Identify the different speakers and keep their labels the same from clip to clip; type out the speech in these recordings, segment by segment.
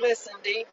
Speaker 1: Listen, D.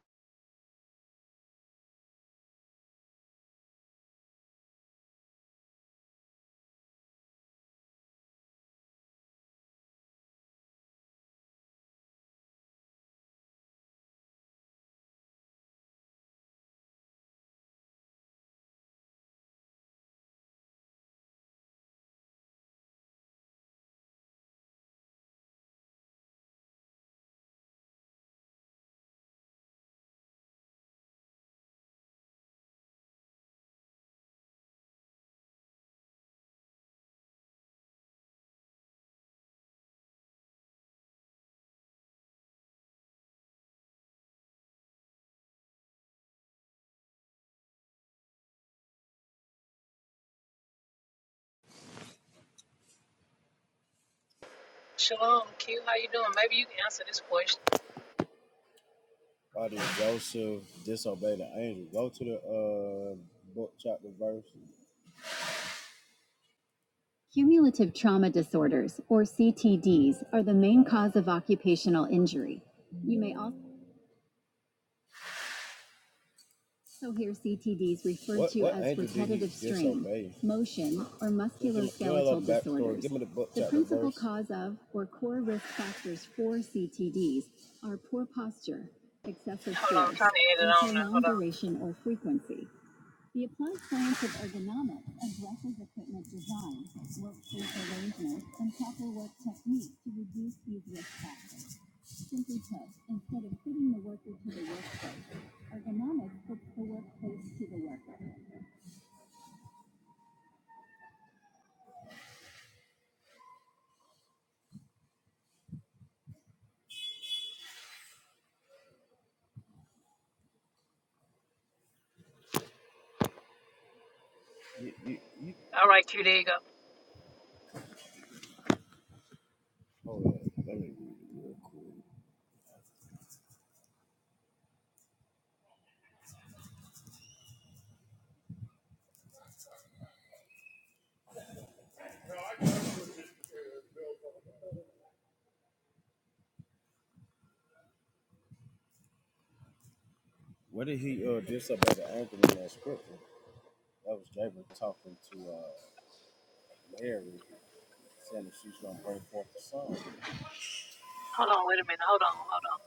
Speaker 1: Shalom, Q. How you doing? Maybe you can answer this question.
Speaker 2: Why did Joseph disobey the angel? Go to the uh book chapter verse. Cumulative trauma disorders, or CTDs, are the main cause of occupational injury. You may also hear CTDs referred What to what as repetitive strain, motion, or musculoskeletal backstory. Give disorders. me the book chapter principal verse. cause of or core risk factors for CTDs are poor posture, excessive
Speaker 1: Hold on, I'm
Speaker 2: force,
Speaker 1: trying to add it
Speaker 2: and
Speaker 1: on now. Hold
Speaker 2: prolonged
Speaker 1: on.
Speaker 2: duration or frequency. The applied science of ergonomics addresses equipment design, workspace arrangement, and proper work technique to reduce these risk factors. Simply put, instead of fitting the worker to the workspace, ergonomics fits the workplace to the worker. You, you, you,
Speaker 1: All right, Q. There you go.
Speaker 2: hold on, let me read it real quick. What did he uh diss about the anchor in that scripture? That was David talking to uh Mary, saying that she's gonna bring forth the
Speaker 1: Hold on. Wait a minute. Hold on. Hold on.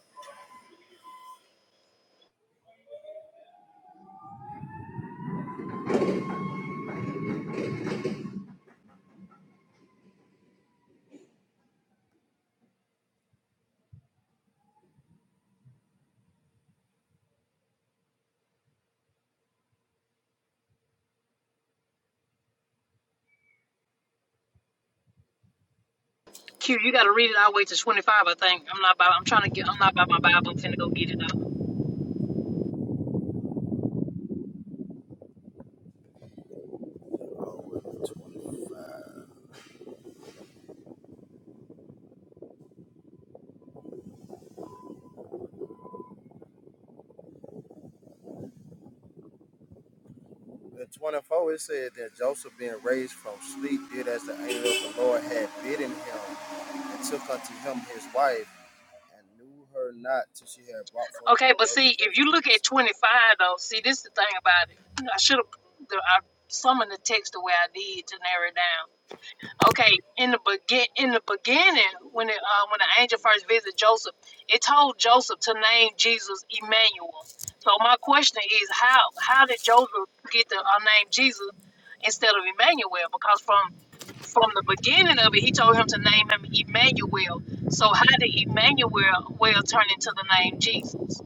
Speaker 1: Q. You got to read it all the way to 25. I think I'm not. By, I'm trying to get. I'm not by my Bible. I'm finna go get it up.
Speaker 2: son. The 24, it said that Joseph, being raised from sleep, did as the angel of the Lord had bidden him, and took unto him his wife, and knew her not till she had brought forth her
Speaker 1: Okay, but see, if you
Speaker 2: firstborn
Speaker 1: look at
Speaker 2: son.
Speaker 1: 25 though, see, this is the thing about it. I should have. I summoned the text the way I did to narrow it down. Okay, in the begin in the beginning, when it, uh, when the angel first visited Joseph, it told Joseph to name Jesus Emmanuel. So my question is, how how did Joseph get the uh, name Jesus instead of Emmanuel? Because from from the beginning of it, he told him to name him Emmanuel. So how did Emmanuel well turn into the name Jesus?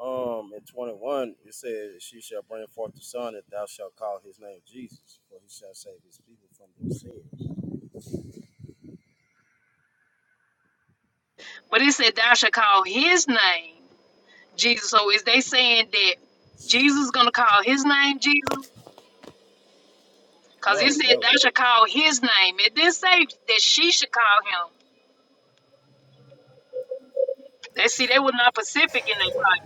Speaker 2: Um, in 21, it says, She shall bring forth the son, and thou shalt call his name Jesus, for he shall save his people from their sins.
Speaker 1: But it said thou shalt call his name Jesus. So is they saying that Jesus is gonna call his name Jesus? Because it
Speaker 2: Hello,
Speaker 1: said
Speaker 2: that,
Speaker 1: they should call his name. It didn't say that she should call him. They see they were not Pacific in their like,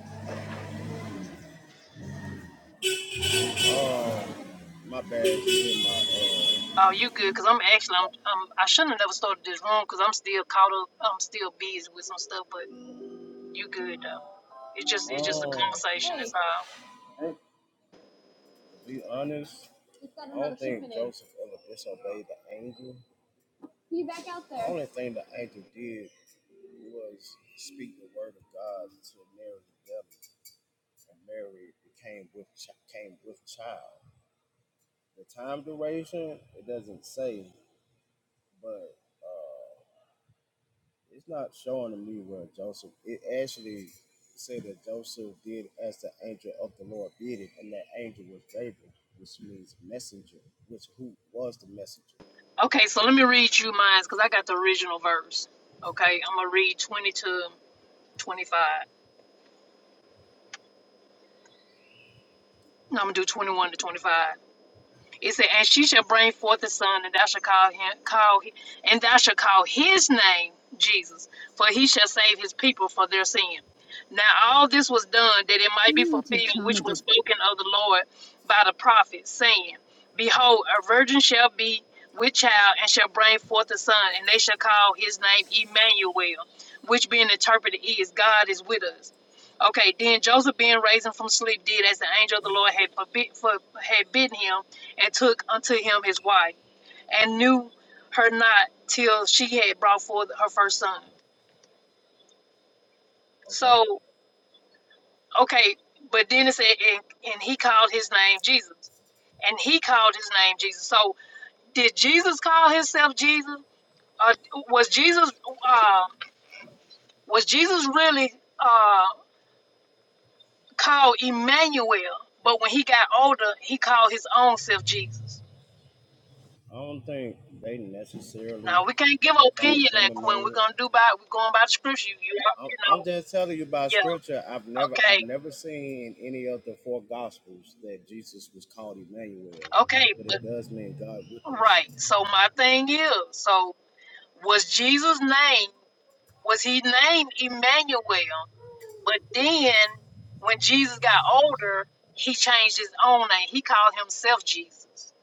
Speaker 2: uh, my bad. you hit my, uh, jo-
Speaker 1: oh, you good? Because I'm actually, I'm, I'm, I shouldn't have never started this room because I'm still caught up. I'm still busy with some stuff, but you good though. It's just, it's just a
Speaker 2: Oh.
Speaker 1: conversation. That's
Speaker 2: Hey.
Speaker 1: all.
Speaker 2: Hey. To be honest, I don't think Joseph ever disobeyed the angel. You back out there. The only thing the angel did was speak the word of God to Mary's belly, and Mary became with came with child. The time duration it doesn't say, but it's not showing to me where Joseph. It actually said that Joseph did as the angel of the Lord did it, and that angel was Gabriel, which means messenger, which who was the messenger.
Speaker 1: Okay, so let me read you mine because I got the original verse. Okay, I'm gonna read 20 to 25. No, I'm gonna do 21 to 25. It said, and she shall bring forth a son, and thou shalt call him call and thou shalt call his name Jesus, for he shall save his people for their sin. Now all this was done that it might be
Speaker 2: Cumulative
Speaker 1: fulfilled, which
Speaker 2: trauma
Speaker 1: was
Speaker 2: does
Speaker 1: spoken of the Lord by the prophet, saying, Behold, a virgin shall be with child and shall bring forth a son, and they shall call his name Emmanuel, which being interpreted is God is with us. Okay, then Joseph, being raised from sleep, did as the angel of the Lord had forbid, for, had bidden him, and took unto him his wife, and knew her not till she had brought forth her first son.
Speaker 2: Okay.
Speaker 1: So, okay, but then it said, and, and he called his name Jesus. And he called his name Jesus. So, did Jesus call himself Jesus? Uh, was Jesus uh, was Jesus really uh, called Emmanuel? But when he got older, he called his own self Jesus.
Speaker 2: I don't think they necessarily
Speaker 1: Now we can't give
Speaker 2: called
Speaker 1: opinion
Speaker 2: him
Speaker 1: that Quinn. We're
Speaker 2: Emmanuel.
Speaker 1: gonna do by we're going by the scripture. You, you
Speaker 2: I'm, I'm
Speaker 1: know,
Speaker 2: just telling you by
Speaker 1: yeah.
Speaker 2: scripture. I've never
Speaker 1: Okay,
Speaker 2: I've never seen in any of the four gospels that Jesus was called Emmanuel,
Speaker 1: okay,
Speaker 2: but
Speaker 1: but
Speaker 2: it does mean God with us.
Speaker 1: right. So my thing is, so was Jesus' name was he named Emmanuel? But then when Jesus got older, he changed his own name. He called himself Jesus.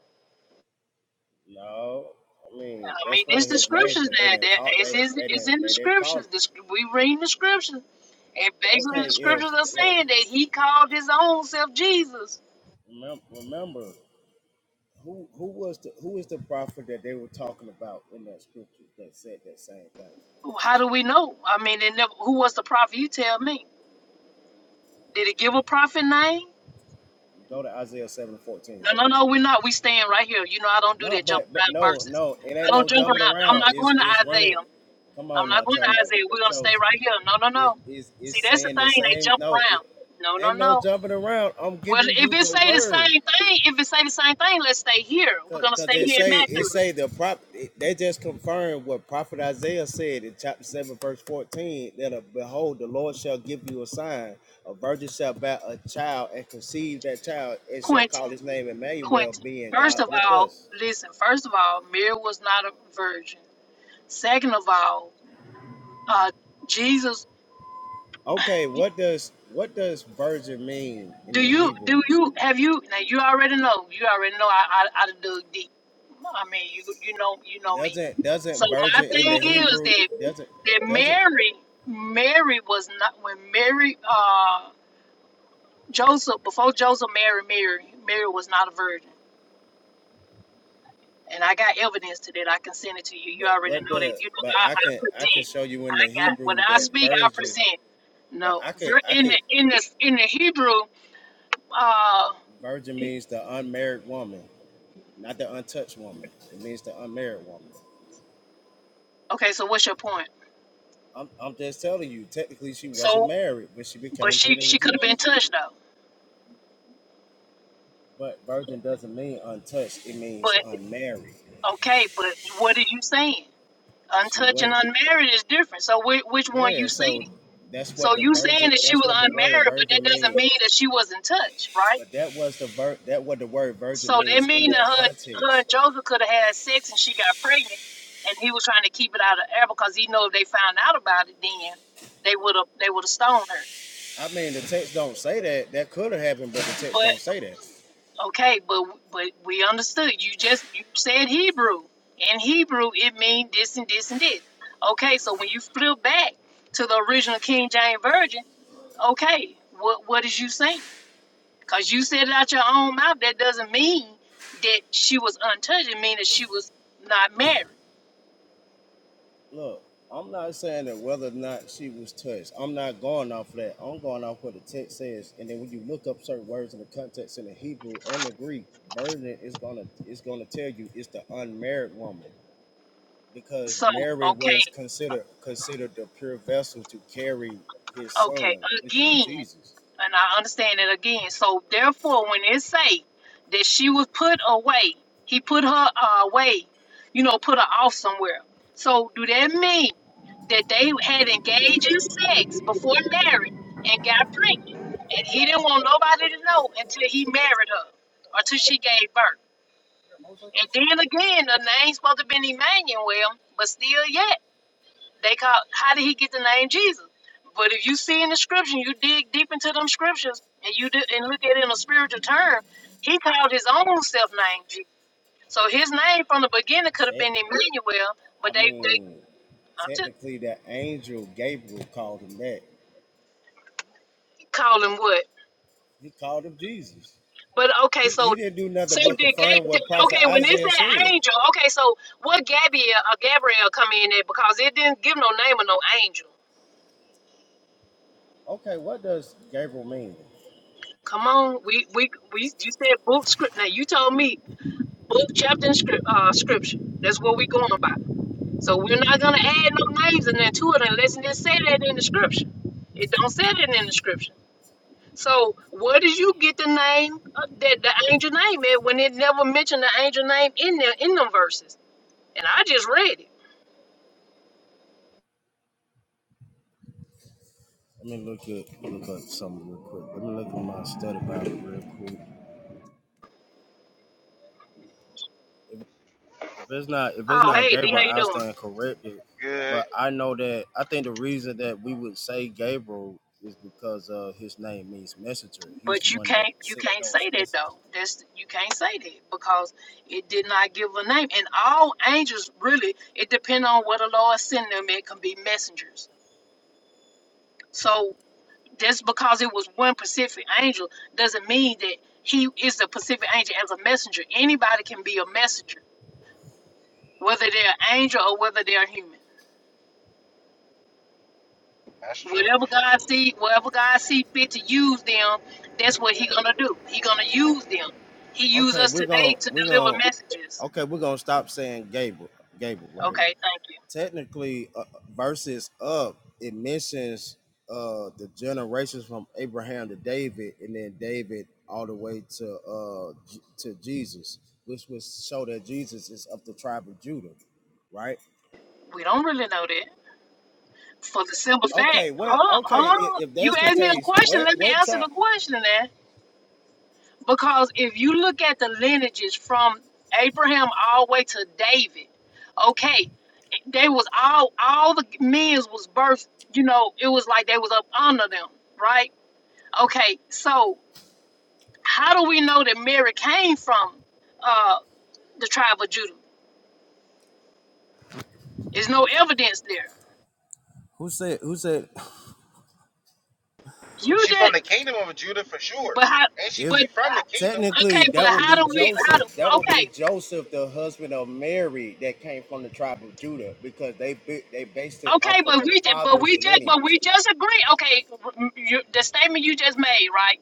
Speaker 2: No, I mean
Speaker 1: I mean,
Speaker 2: that's one
Speaker 1: it's
Speaker 2: of
Speaker 1: the
Speaker 2: his names,
Speaker 1: scriptures
Speaker 2: but they
Speaker 1: that
Speaker 2: didn't
Speaker 1: that
Speaker 2: call
Speaker 1: it's,
Speaker 2: they
Speaker 1: it's,
Speaker 2: they
Speaker 1: it's
Speaker 2: didn't
Speaker 1: in the
Speaker 2: they didn't call. it.
Speaker 1: scriptures. The, sc- we read the scriptures, and basically
Speaker 2: Okay,
Speaker 1: the
Speaker 2: if
Speaker 1: scriptures are
Speaker 2: if
Speaker 1: saying that he called his own self Jesus.
Speaker 2: remember, remember who who was the who is the prophet that they were talking about in that scripture that said that same thing?
Speaker 1: How do we know? I mean, and never, who was the prophet? You tell me. Did it give a prophet name?
Speaker 2: Go to Isaiah seven and fourteen.
Speaker 1: No, no, no, we're not. We staying right here. You know, I don't do
Speaker 2: No,
Speaker 1: that jump
Speaker 2: but but
Speaker 1: around
Speaker 2: no,
Speaker 1: verses.
Speaker 2: no, it
Speaker 1: I
Speaker 2: ain't
Speaker 1: don't
Speaker 2: no
Speaker 1: jump
Speaker 2: jumping
Speaker 1: around. I'm
Speaker 2: around.
Speaker 1: not
Speaker 2: It's
Speaker 1: going to
Speaker 2: it's running.
Speaker 1: Isaiah.
Speaker 2: Come
Speaker 1: I'm
Speaker 2: on
Speaker 1: not
Speaker 2: now,
Speaker 1: going to
Speaker 2: chosen,
Speaker 1: Isaiah. We're gonna stay
Speaker 2: chosen.
Speaker 1: right here. No, no,
Speaker 2: It
Speaker 1: no.
Speaker 2: is
Speaker 1: See,
Speaker 2: it's
Speaker 1: that's the
Speaker 2: saying the
Speaker 1: thing. They
Speaker 2: same.
Speaker 1: jump
Speaker 2: No, it
Speaker 1: around. No, no,
Speaker 2: ain't no
Speaker 1: no.
Speaker 2: jumping around. I'm
Speaker 1: Well,
Speaker 2: giving
Speaker 1: if
Speaker 2: you
Speaker 1: it
Speaker 2: the
Speaker 1: say the
Speaker 2: word.
Speaker 1: same thing, if it say the same thing, let's stay here. We're
Speaker 2: Cause,
Speaker 1: gonna
Speaker 2: 'cause
Speaker 1: stay
Speaker 2: they
Speaker 1: here in
Speaker 2: say it
Speaker 1: Matthew.
Speaker 2: say the prop they just confirmed what prophet Isaiah said in chapter seven verse fourteen that uh, behold the Lord shall give you a sign a virgin shall bear a child and conceive that child and shall
Speaker 1: Quentin,
Speaker 2: call his name Emmanuel
Speaker 1: Quentin.
Speaker 2: being
Speaker 1: First of
Speaker 2: God with
Speaker 1: all,
Speaker 2: us
Speaker 1: listen. First of all, Mary was not a virgin. Second of all, uh, Jesus.
Speaker 2: Okay, what does what does virgin mean in
Speaker 1: Do
Speaker 2: the
Speaker 1: you
Speaker 2: Hebrew?
Speaker 1: do you have you now? You already know. You already know. I I, I do deep. I mean, you you know you know me.
Speaker 2: Doesn't
Speaker 1: So
Speaker 2: doesn't
Speaker 1: my
Speaker 2: virgin in
Speaker 1: thing
Speaker 2: the
Speaker 1: is
Speaker 2: Hebrew
Speaker 1: that
Speaker 2: doesn't
Speaker 1: that
Speaker 2: doesn't
Speaker 1: Mary Mary was not when Mary uh Joseph before Joseph married Mary Mary was not a virgin, and I got evidence to that. I can send it to you. You
Speaker 2: but
Speaker 1: already
Speaker 2: what
Speaker 1: know that.
Speaker 2: the
Speaker 1: You
Speaker 2: but
Speaker 1: know I,
Speaker 2: I
Speaker 1: I
Speaker 2: can I can
Speaker 1: present.
Speaker 2: show you in the
Speaker 1: I got when
Speaker 2: Hebrew
Speaker 1: I
Speaker 2: that
Speaker 1: speak, I
Speaker 2: virgin
Speaker 1: present.
Speaker 2: but
Speaker 1: No,
Speaker 2: I could I
Speaker 1: in the
Speaker 2: could
Speaker 1: in the in the Hebrew. uh
Speaker 2: virgin means the unmarried woman, not the untouched woman. It means the unmarried woman.
Speaker 1: Okay, so what's your point?
Speaker 2: I'm I'm just telling you, technically she wasn't
Speaker 1: So,
Speaker 2: married when she
Speaker 1: but
Speaker 2: became
Speaker 1: she
Speaker 2: pregnant
Speaker 1: she
Speaker 2: with
Speaker 1: could have been
Speaker 2: Jesus.
Speaker 1: touched though.
Speaker 2: But virgin doesn't mean untouched, it means
Speaker 1: But
Speaker 2: unmarried.
Speaker 1: okay, but what are you saying?
Speaker 2: She
Speaker 1: Untouched
Speaker 2: was
Speaker 1: and
Speaker 2: not
Speaker 1: unmarried is different. So which which one
Speaker 2: Yeah,
Speaker 1: you
Speaker 2: so
Speaker 1: saying?
Speaker 2: that's
Speaker 1: So
Speaker 2: what the
Speaker 1: you
Speaker 2: virgin.
Speaker 1: saying that she
Speaker 2: That's
Speaker 1: was
Speaker 2: what the word
Speaker 1: unmarried, but that
Speaker 2: virgin
Speaker 1: doesn't
Speaker 2: means.
Speaker 1: mean that she wasn't touched, right?
Speaker 2: But that was the ver- That what the word virgin
Speaker 1: So that
Speaker 2: means in
Speaker 1: mean that
Speaker 2: that
Speaker 1: her, her
Speaker 2: context.
Speaker 1: and Joseph could have had sex and she got pregnant, and he was trying to keep it out of air because he know if they found out about it, then they would have they would have stoned her.
Speaker 2: I mean, the text don't say that. That could have happened, but the text
Speaker 1: But.
Speaker 2: don't say that.
Speaker 1: Okay, but but we understood. You just you said Hebrew. In Hebrew, it means this and this and this. Okay, so when you flip back to the original King James Version, okay, what what is you saying? Because you said it out your own mouth. That doesn't mean that she was untouched. It means that she was not married.
Speaker 2: Look, I'm not saying that whether or not she was touched. I'm not going off that. I'm going off what the text says. And then when you look up certain words in the context in the Hebrew and the Greek, virgin is gonna is gonna tell you it's the unmarried woman. because
Speaker 1: So
Speaker 2: Mary
Speaker 1: okay,
Speaker 2: was considered considered the pure vessel to carry his
Speaker 1: okay,
Speaker 2: son, which is
Speaker 1: again.
Speaker 2: Jesus.
Speaker 1: and I understand it again. So therefore, when it say that she was put away, he put her uh, away, you know, put her off somewhere. So do that mean that they had engaged in sex before marriage and got pregnant, and he didn't want nobody to know until he married her or till she gave birth? And then again, the name's supposed to have been Emmanuel, but still yet. They call how did he get the name Jesus? But if you see in the scripture, you dig deep into them scriptures and you do, and look at it in a spiritual term, he called his own self name Jesus. So his name from the beginning could have
Speaker 2: Te-
Speaker 1: been Emmanuel, but
Speaker 2: I
Speaker 1: they they
Speaker 2: mean,
Speaker 1: I'm just
Speaker 2: technically, the angel Gabriel called him that.
Speaker 1: call him what?
Speaker 2: He called him Jesus.
Speaker 1: But okay,
Speaker 2: He
Speaker 1: so
Speaker 2: he didn't do
Speaker 1: so
Speaker 2: nothing but
Speaker 1: did
Speaker 2: confirm
Speaker 1: Gab-
Speaker 2: what
Speaker 1: okay
Speaker 2: Prophet
Speaker 1: when it
Speaker 2: Isaiah
Speaker 1: said
Speaker 2: said.
Speaker 1: angel, okay, so what Gabriel or Gabriel come in at because it didn't give no name of no angel.
Speaker 2: Okay, what does Gabriel mean?
Speaker 1: Come on, we we we you said book script. Now you told me book, chapter, and script, uh, scripture. That's what we're going by. So we're not gonna add no names and then to it unless it just say that in the scripture. It don't say that in the scripture. So where did you get the name of that the angel name at when it never mentioned the angel name in there in them verses? And I just read it.
Speaker 2: Let me look at look up something real quick. Let me look at my study Bible real quick. if it's not if it's
Speaker 1: Oh
Speaker 2: not
Speaker 1: hey, D, how
Speaker 2: Gabriel,
Speaker 1: you
Speaker 2: I'll stand
Speaker 1: doing?
Speaker 2: corrected.
Speaker 3: Good.
Speaker 2: But I know that I think the reason that we would say Gabriel is because uh his name means messenger. He's
Speaker 1: But
Speaker 2: the
Speaker 1: you
Speaker 2: one that
Speaker 1: can't you
Speaker 2: sent
Speaker 1: can't
Speaker 2: those
Speaker 1: say that though.
Speaker 2: messages.
Speaker 1: That's you can't say that because it did not give a name. And all angels really it depends on what the Lord send them. It can be messengers. So Just because it was one Pacific angel doesn't mean that he is the Pacific angel as a messenger. Anybody can be a messenger, whether they're an angel or whether they're human.
Speaker 3: That's true.
Speaker 1: Whatever God see, whatever God see fit to use them, that's what He gonna do. He gonna
Speaker 2: O-
Speaker 1: use them. He used
Speaker 2: Okay,
Speaker 1: us
Speaker 2: we're
Speaker 1: today
Speaker 2: gonna
Speaker 1: to
Speaker 2: we're
Speaker 1: deliver
Speaker 2: gonna
Speaker 1: messages.
Speaker 2: okay we're gonna stop saying Gabriel Gabriel, right?
Speaker 1: Okay, thank you.
Speaker 2: technically uh, verses up it mentions uh the generations from Abraham to David and then David all the way to uh J- to Jesus which would show that Jesus is of the tribe of Judah right
Speaker 1: We don't really know that for the simple fact.
Speaker 2: okay
Speaker 1: Hold
Speaker 2: what
Speaker 1: on,
Speaker 2: okay if,
Speaker 1: hold on.
Speaker 2: if
Speaker 1: You
Speaker 2: that's the
Speaker 1: asked me a
Speaker 2: case
Speaker 1: question.
Speaker 2: what
Speaker 1: Let me
Speaker 2: what
Speaker 1: answer
Speaker 2: tribe
Speaker 1: the question, then. Because if you look at the lineages from Abraham all the way to David, okay, they was all all the men's was birthed, you know, it was like they was up under them, right? Okay, so how do we know that Mary came from uh the tribe of Judah? There's no evidence there.
Speaker 2: who said who said
Speaker 1: You
Speaker 3: She from
Speaker 1: just
Speaker 3: the kingdom of Judah for sure.
Speaker 1: but how
Speaker 3: Ain't she,
Speaker 2: If
Speaker 1: but
Speaker 3: she from the
Speaker 1: uh,
Speaker 3: kingdom?
Speaker 1: okay,
Speaker 2: technically
Speaker 1: but
Speaker 2: that would
Speaker 1: how
Speaker 2: be
Speaker 1: do we how do
Speaker 2: Joseph, that would be
Speaker 1: okay
Speaker 2: Joseph, the husband of Mary, that came from the tribe of Judah, because they bi- they based it off
Speaker 1: Okay,
Speaker 2: of
Speaker 1: but
Speaker 2: the
Speaker 1: we ju- but we
Speaker 2: father's
Speaker 1: just but
Speaker 2: lineage.
Speaker 1: we just agree. Okay, you, the statement you just made, right?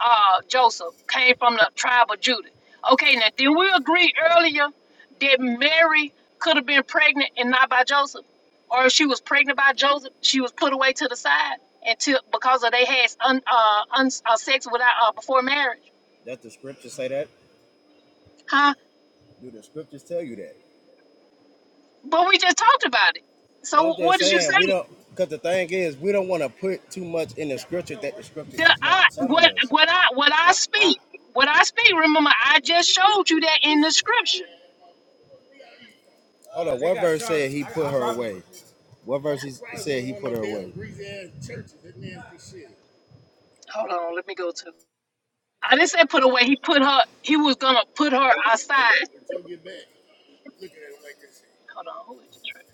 Speaker 1: uh, Joseph came from the tribe of Judah. Okay, now did we agree earlier that Mary could have been pregnant and not by Joseph? Or if she was pregnant by Joseph, she was put away to the side until because of they had un, uh, un, uh, sex without uh, before marriage,
Speaker 2: Does the scripture say that?
Speaker 1: huh?
Speaker 2: Do the scriptures tell you that?
Speaker 1: But we just talked about it.
Speaker 2: But
Speaker 1: So
Speaker 2: I'm
Speaker 1: what
Speaker 2: just
Speaker 1: did you
Speaker 2: saying we
Speaker 1: say?
Speaker 2: don't, because the thing is we don't want to put too much in the scripture that the scripture
Speaker 1: Did
Speaker 2: is
Speaker 1: I
Speaker 2: not telling
Speaker 1: what
Speaker 2: us.
Speaker 1: what I what I
Speaker 2: I, I
Speaker 1: speak? What I speak? Remember, I just showed you that in the scripture.
Speaker 2: hold on. What verse said he put her away? What verse he said he put her away?
Speaker 1: Hold on, let me go to. I didn't say put away. He put her. He was gonna put her outside. Hold on. Who is this? right-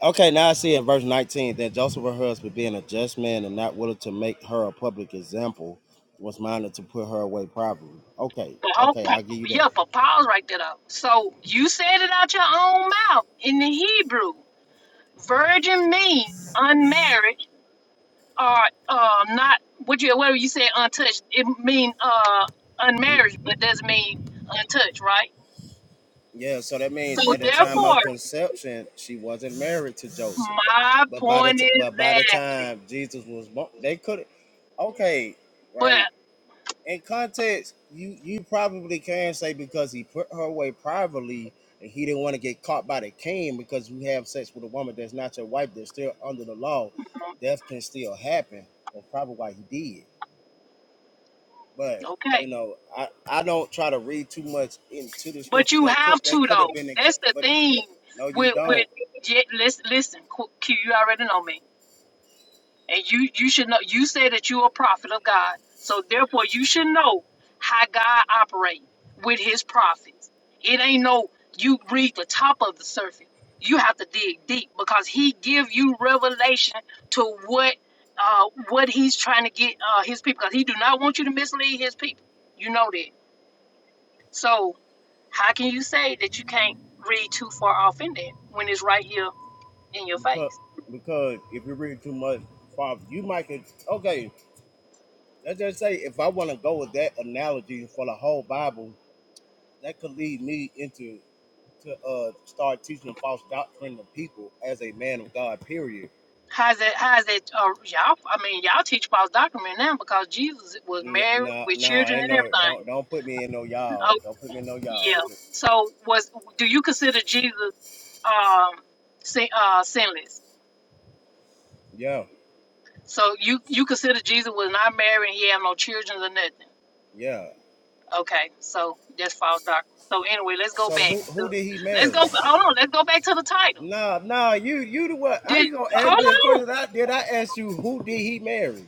Speaker 2: Okay, now I see in verse 19 that Joseph her husband, being a just man and not willing to make her a public example, was minded to put her away privately. Okay,
Speaker 1: But hold,
Speaker 2: okay,
Speaker 1: pa-
Speaker 2: I'll give you
Speaker 1: yeah,
Speaker 2: that.
Speaker 1: but pause right there. Though. So you said it out your own mouth in the Hebrew. Virgin mean unmarried or um not. What you whatever you say untouched. It mean uh
Speaker 2: Mm,
Speaker 1: unmarried, but doesn't mean untouched, right?
Speaker 2: Yeah, so that means
Speaker 1: So
Speaker 2: at the time of
Speaker 1: therefore,
Speaker 2: conception, she wasn't married to Joseph.
Speaker 1: my
Speaker 2: But by the
Speaker 1: point
Speaker 2: t-
Speaker 1: is
Speaker 2: but by the
Speaker 1: that.
Speaker 2: time Jesus was born, they could not okay,
Speaker 1: But
Speaker 2: right? in context, you you probably can say because he put her away privately and he didn't want to get caught by the king because you have sex with a woman that's not your wife, that's still under the law. Death can still happen. That's probably why he did. But
Speaker 1: okay.
Speaker 2: you know, I, I don't try to read too much into the
Speaker 1: But
Speaker 2: scripture.
Speaker 1: you
Speaker 2: That could
Speaker 1: have
Speaker 2: that
Speaker 1: to
Speaker 2: could
Speaker 1: though.
Speaker 2: have been the ca-
Speaker 1: That's the
Speaker 2: but
Speaker 1: thing.
Speaker 2: no, you
Speaker 1: With with
Speaker 2: don't
Speaker 1: yeah, listen, listen, Q, Q, you already know me, and you you should know. You said that you're a prophet of God, so therefore you should know how God operates with His prophets. It ain't no you read the top of the surface. You have to dig deep because He give you revelation to what uh what He's trying to get uh His people. Because He do not want you to mislead His people. You know that. So. How can you say that you can't read too far off in that when it's right here in your
Speaker 2: because
Speaker 1: face?
Speaker 2: because if you read too much, Father, you might could okay. Let's just say if I want to go with that analogy for the whole Bible, that could lead me into to uh start teaching false doctrine to people as a man of God. Period.
Speaker 1: How's that? How's that? Uh, y'all, I mean, y'all teach false doctrine right now because Jesus was
Speaker 2: N-
Speaker 1: married
Speaker 2: Nah,
Speaker 1: with
Speaker 2: no, nah,
Speaker 1: children
Speaker 2: ain't
Speaker 1: and
Speaker 2: no don't
Speaker 1: everything.
Speaker 2: don't put me in no y'all.
Speaker 1: Oh,
Speaker 2: Don't put me in no y'all.
Speaker 1: yeah. So, was do you consider Jesus um, sin, uh, sinless?
Speaker 2: Yeah,
Speaker 1: So you you consider Jesus was not married and he had no children or nothing.
Speaker 2: yeah.
Speaker 1: Okay, so that's false doctrine. So anyway, let's go
Speaker 2: So
Speaker 1: back.
Speaker 2: who
Speaker 1: To,
Speaker 2: who did he
Speaker 1: let's
Speaker 2: marry?
Speaker 1: go. Hold on. Let's go back to the title.
Speaker 2: Nah, nah. You you the what? How
Speaker 1: Did
Speaker 2: you gonna ask me a
Speaker 1: hold
Speaker 2: question? I did I ask you who did he marry?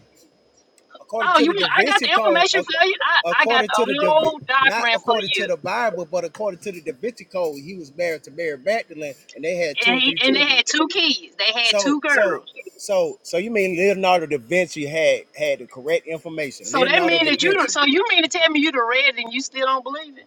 Speaker 2: According
Speaker 1: Oh,
Speaker 2: to
Speaker 1: you
Speaker 2: the
Speaker 1: want?
Speaker 2: Da
Speaker 1: I got
Speaker 2: Vinci
Speaker 1: the
Speaker 2: Code,
Speaker 1: information
Speaker 2: uh,
Speaker 1: for you. I, I got
Speaker 2: according
Speaker 1: the
Speaker 2: to the Da Vin-
Speaker 1: whole
Speaker 2: not
Speaker 1: document for
Speaker 2: according to
Speaker 1: you.
Speaker 2: the Bible, but according to the Da Vinci Code, he was married to Mary Magdalene, and they had two
Speaker 1: And
Speaker 2: or
Speaker 1: he,
Speaker 2: three
Speaker 1: and they
Speaker 2: children.
Speaker 1: had two kids. They had two
Speaker 2: So so
Speaker 1: girls.
Speaker 2: so so you mean Leonardo da Vinci had had the correct information?
Speaker 1: So that
Speaker 2: Leonardo
Speaker 1: mean
Speaker 2: da
Speaker 1: that you. don't-
Speaker 2: Vinci.
Speaker 1: So you mean to tell me you the red and you still don't believe it?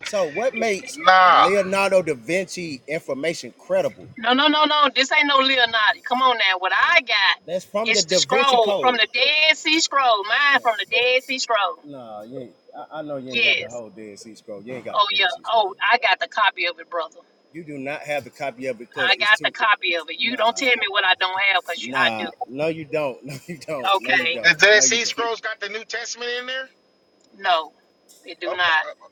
Speaker 2: So what makes
Speaker 3: Nah.
Speaker 2: Leonardo da Vinci information credible?
Speaker 1: No, no, no, no. This ain't no Leonardo. Come on now. What I
Speaker 2: That's
Speaker 1: got
Speaker 2: from the
Speaker 1: is the
Speaker 2: Da Vinci
Speaker 1: scroll from
Speaker 2: Code.
Speaker 1: the Dead Sea Scroll. Mine
Speaker 2: Man,
Speaker 1: from the Dead Sea Scroll.
Speaker 2: nah, you ain't, I, I know you ain't got the
Speaker 1: Yes.
Speaker 2: whole Dead Sea Scroll. You ain't got
Speaker 1: Oh
Speaker 2: the
Speaker 1: yeah.
Speaker 2: Dead Sea
Speaker 1: Oh,
Speaker 2: Scroll.
Speaker 1: I got the copy of it, brother.
Speaker 2: You do not have the copy of it
Speaker 1: I
Speaker 2: because it's
Speaker 1: got the
Speaker 2: too.
Speaker 1: copy of it. You don't
Speaker 2: Nah,
Speaker 1: tell me what I don't have, cause you, I do.
Speaker 2: nah, no, you don't. No, you don't. No, you
Speaker 1: Okay.
Speaker 3: The
Speaker 2: don't.
Speaker 3: Dead
Speaker 2: No, you
Speaker 3: Sea
Speaker 2: don't.
Speaker 3: Scrolls got the New Testament in there?
Speaker 1: No, it do
Speaker 3: Okay.
Speaker 1: not.
Speaker 3: Uh,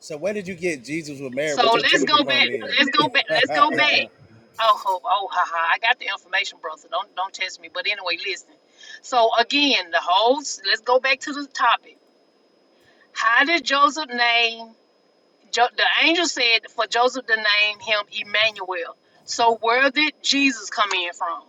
Speaker 2: So where did you get Jesus was married with
Speaker 1: So
Speaker 2: two
Speaker 1: let's
Speaker 2: children
Speaker 1: go
Speaker 2: from
Speaker 1: back.
Speaker 2: then?
Speaker 1: Let's go back. Let's go back. Oh, oh, oh, ha, ha. I got the information, brother. Don't don't test me. But anyway, listen. So again, the whole. s- Let's go back to the topic. How did Joseph name? Jo, the angel said for Joseph to name him Emmanuel. So where did Jesus come in from?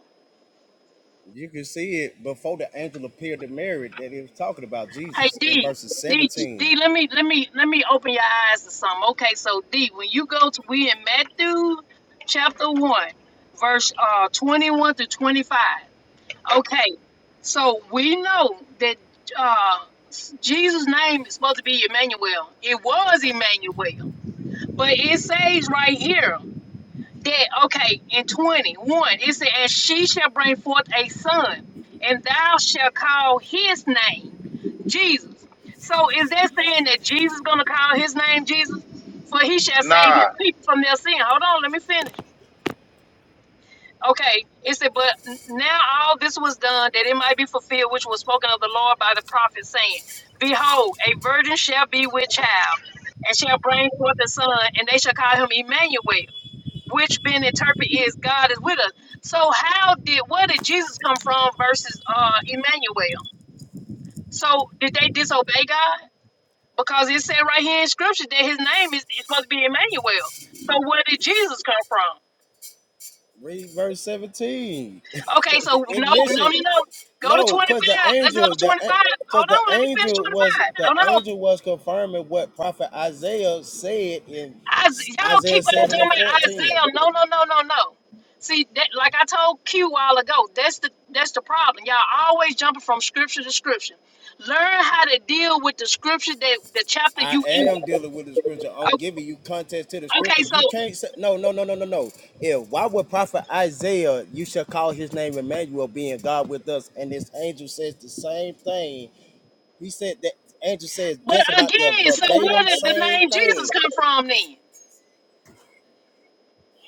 Speaker 2: You can see it before the angel appeared to Mary that it was talking about
Speaker 1: Hey
Speaker 2: Jesus in
Speaker 1: D,
Speaker 2: verses
Speaker 1: D,
Speaker 2: 17.
Speaker 1: D. Let me let me let me open your eyes to something. Okay, so D, when you go to we in Matthew chapter one, verse uh twenty one to twenty five. Okay, so we know that uh, Jesus' name is supposed to be Emmanuel. It was Emmanuel, but it says right here that okay in twenty one it says, "And she shall bring forth a son, and thou shalt call his name Jesus." So is that saying that Jesus gonna call his name Jesus, for he shall save
Speaker 3: nah.
Speaker 1: his people from their sin? Hold on, let me finish. Okay, it said, but now all this was done that it might be fulfilled, which was spoken of the Lord by the prophet, saying, Behold, a virgin shall be with child, and shall bring forth a son, and they shall call him Emmanuel, which being interpreted is God is with us. So, how did where did Jesus come from versus uh, Emmanuel? So, did they disobey God? Because it said right here in Scripture that his name is, is supposed to be Emmanuel. So, where did Jesus come from?
Speaker 2: Read verse 17.
Speaker 1: Okay, so
Speaker 2: it
Speaker 1: no, no, no,
Speaker 2: mentioned
Speaker 1: no. Go to
Speaker 2: no, because the
Speaker 1: 25. Let's go
Speaker 2: angel,
Speaker 1: to
Speaker 2: the
Speaker 1: 25.
Speaker 2: because
Speaker 1: Hold
Speaker 2: the
Speaker 1: on, let me finish
Speaker 2: angel was
Speaker 1: 25. No,
Speaker 2: the
Speaker 1: no, no.
Speaker 2: angel was confirming what prophet Isaiah said in
Speaker 1: I, y'all
Speaker 2: Isaiah
Speaker 1: keep on
Speaker 2: 7
Speaker 1: talking
Speaker 2: and
Speaker 1: about
Speaker 2: 14.
Speaker 1: Isaiah. No, no, no, no, no. See, that, like I told Q a while ago, that's the that's the problem. Y'all always jumping from scripture to scripture. Learn how to deal with the scripture that the chapter
Speaker 2: I
Speaker 1: you in.
Speaker 2: am dealing with the scripture. I'm
Speaker 1: O-
Speaker 2: giving you context to the
Speaker 1: Okay,
Speaker 2: scripture.
Speaker 1: so
Speaker 2: You can't say no, no, no, no, no, no. If why would prophet Isaiah, you shall call his name Emmanuel, being God with us, and this angel says the same thing. He said that angel says
Speaker 1: but
Speaker 2: just about the
Speaker 1: again, so where
Speaker 2: verbatim
Speaker 1: did the
Speaker 2: same
Speaker 1: name Jesus
Speaker 2: thing.
Speaker 1: come from then?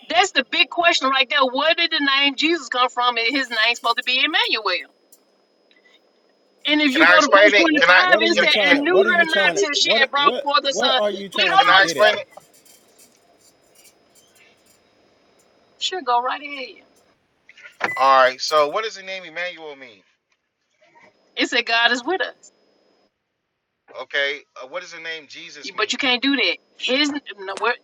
Speaker 1: That's the big question right there. Where did the name Jesus come from? And his name's supposed to be Emmanuel. And if
Speaker 3: Can
Speaker 1: you
Speaker 3: I
Speaker 1: go to verse
Speaker 3: explain it?
Speaker 2: What
Speaker 3: Can I
Speaker 1: 25,
Speaker 2: what are
Speaker 1: it
Speaker 3: can,
Speaker 2: you
Speaker 1: said,
Speaker 2: trying
Speaker 3: can,
Speaker 1: and
Speaker 2: to
Speaker 1: knew
Speaker 2: what are
Speaker 1: her
Speaker 2: you
Speaker 1: not
Speaker 2: trying to
Speaker 1: till she had
Speaker 2: what
Speaker 1: brought
Speaker 2: what
Speaker 1: forth a
Speaker 2: what
Speaker 1: son.
Speaker 2: are you
Speaker 1: Wait,
Speaker 2: trying
Speaker 3: can
Speaker 2: to
Speaker 3: I
Speaker 1: hold
Speaker 2: get
Speaker 1: on.
Speaker 3: explain
Speaker 2: at?
Speaker 3: it?
Speaker 1: Sure, go right ahead.
Speaker 3: All right. So what does the name Emmanuel mean?
Speaker 1: It said, God is with us.
Speaker 3: Okay. Uh, what does the name
Speaker 1: You-
Speaker 3: Jesus
Speaker 1: But you
Speaker 3: mean?
Speaker 1: can't do that. His, no, what,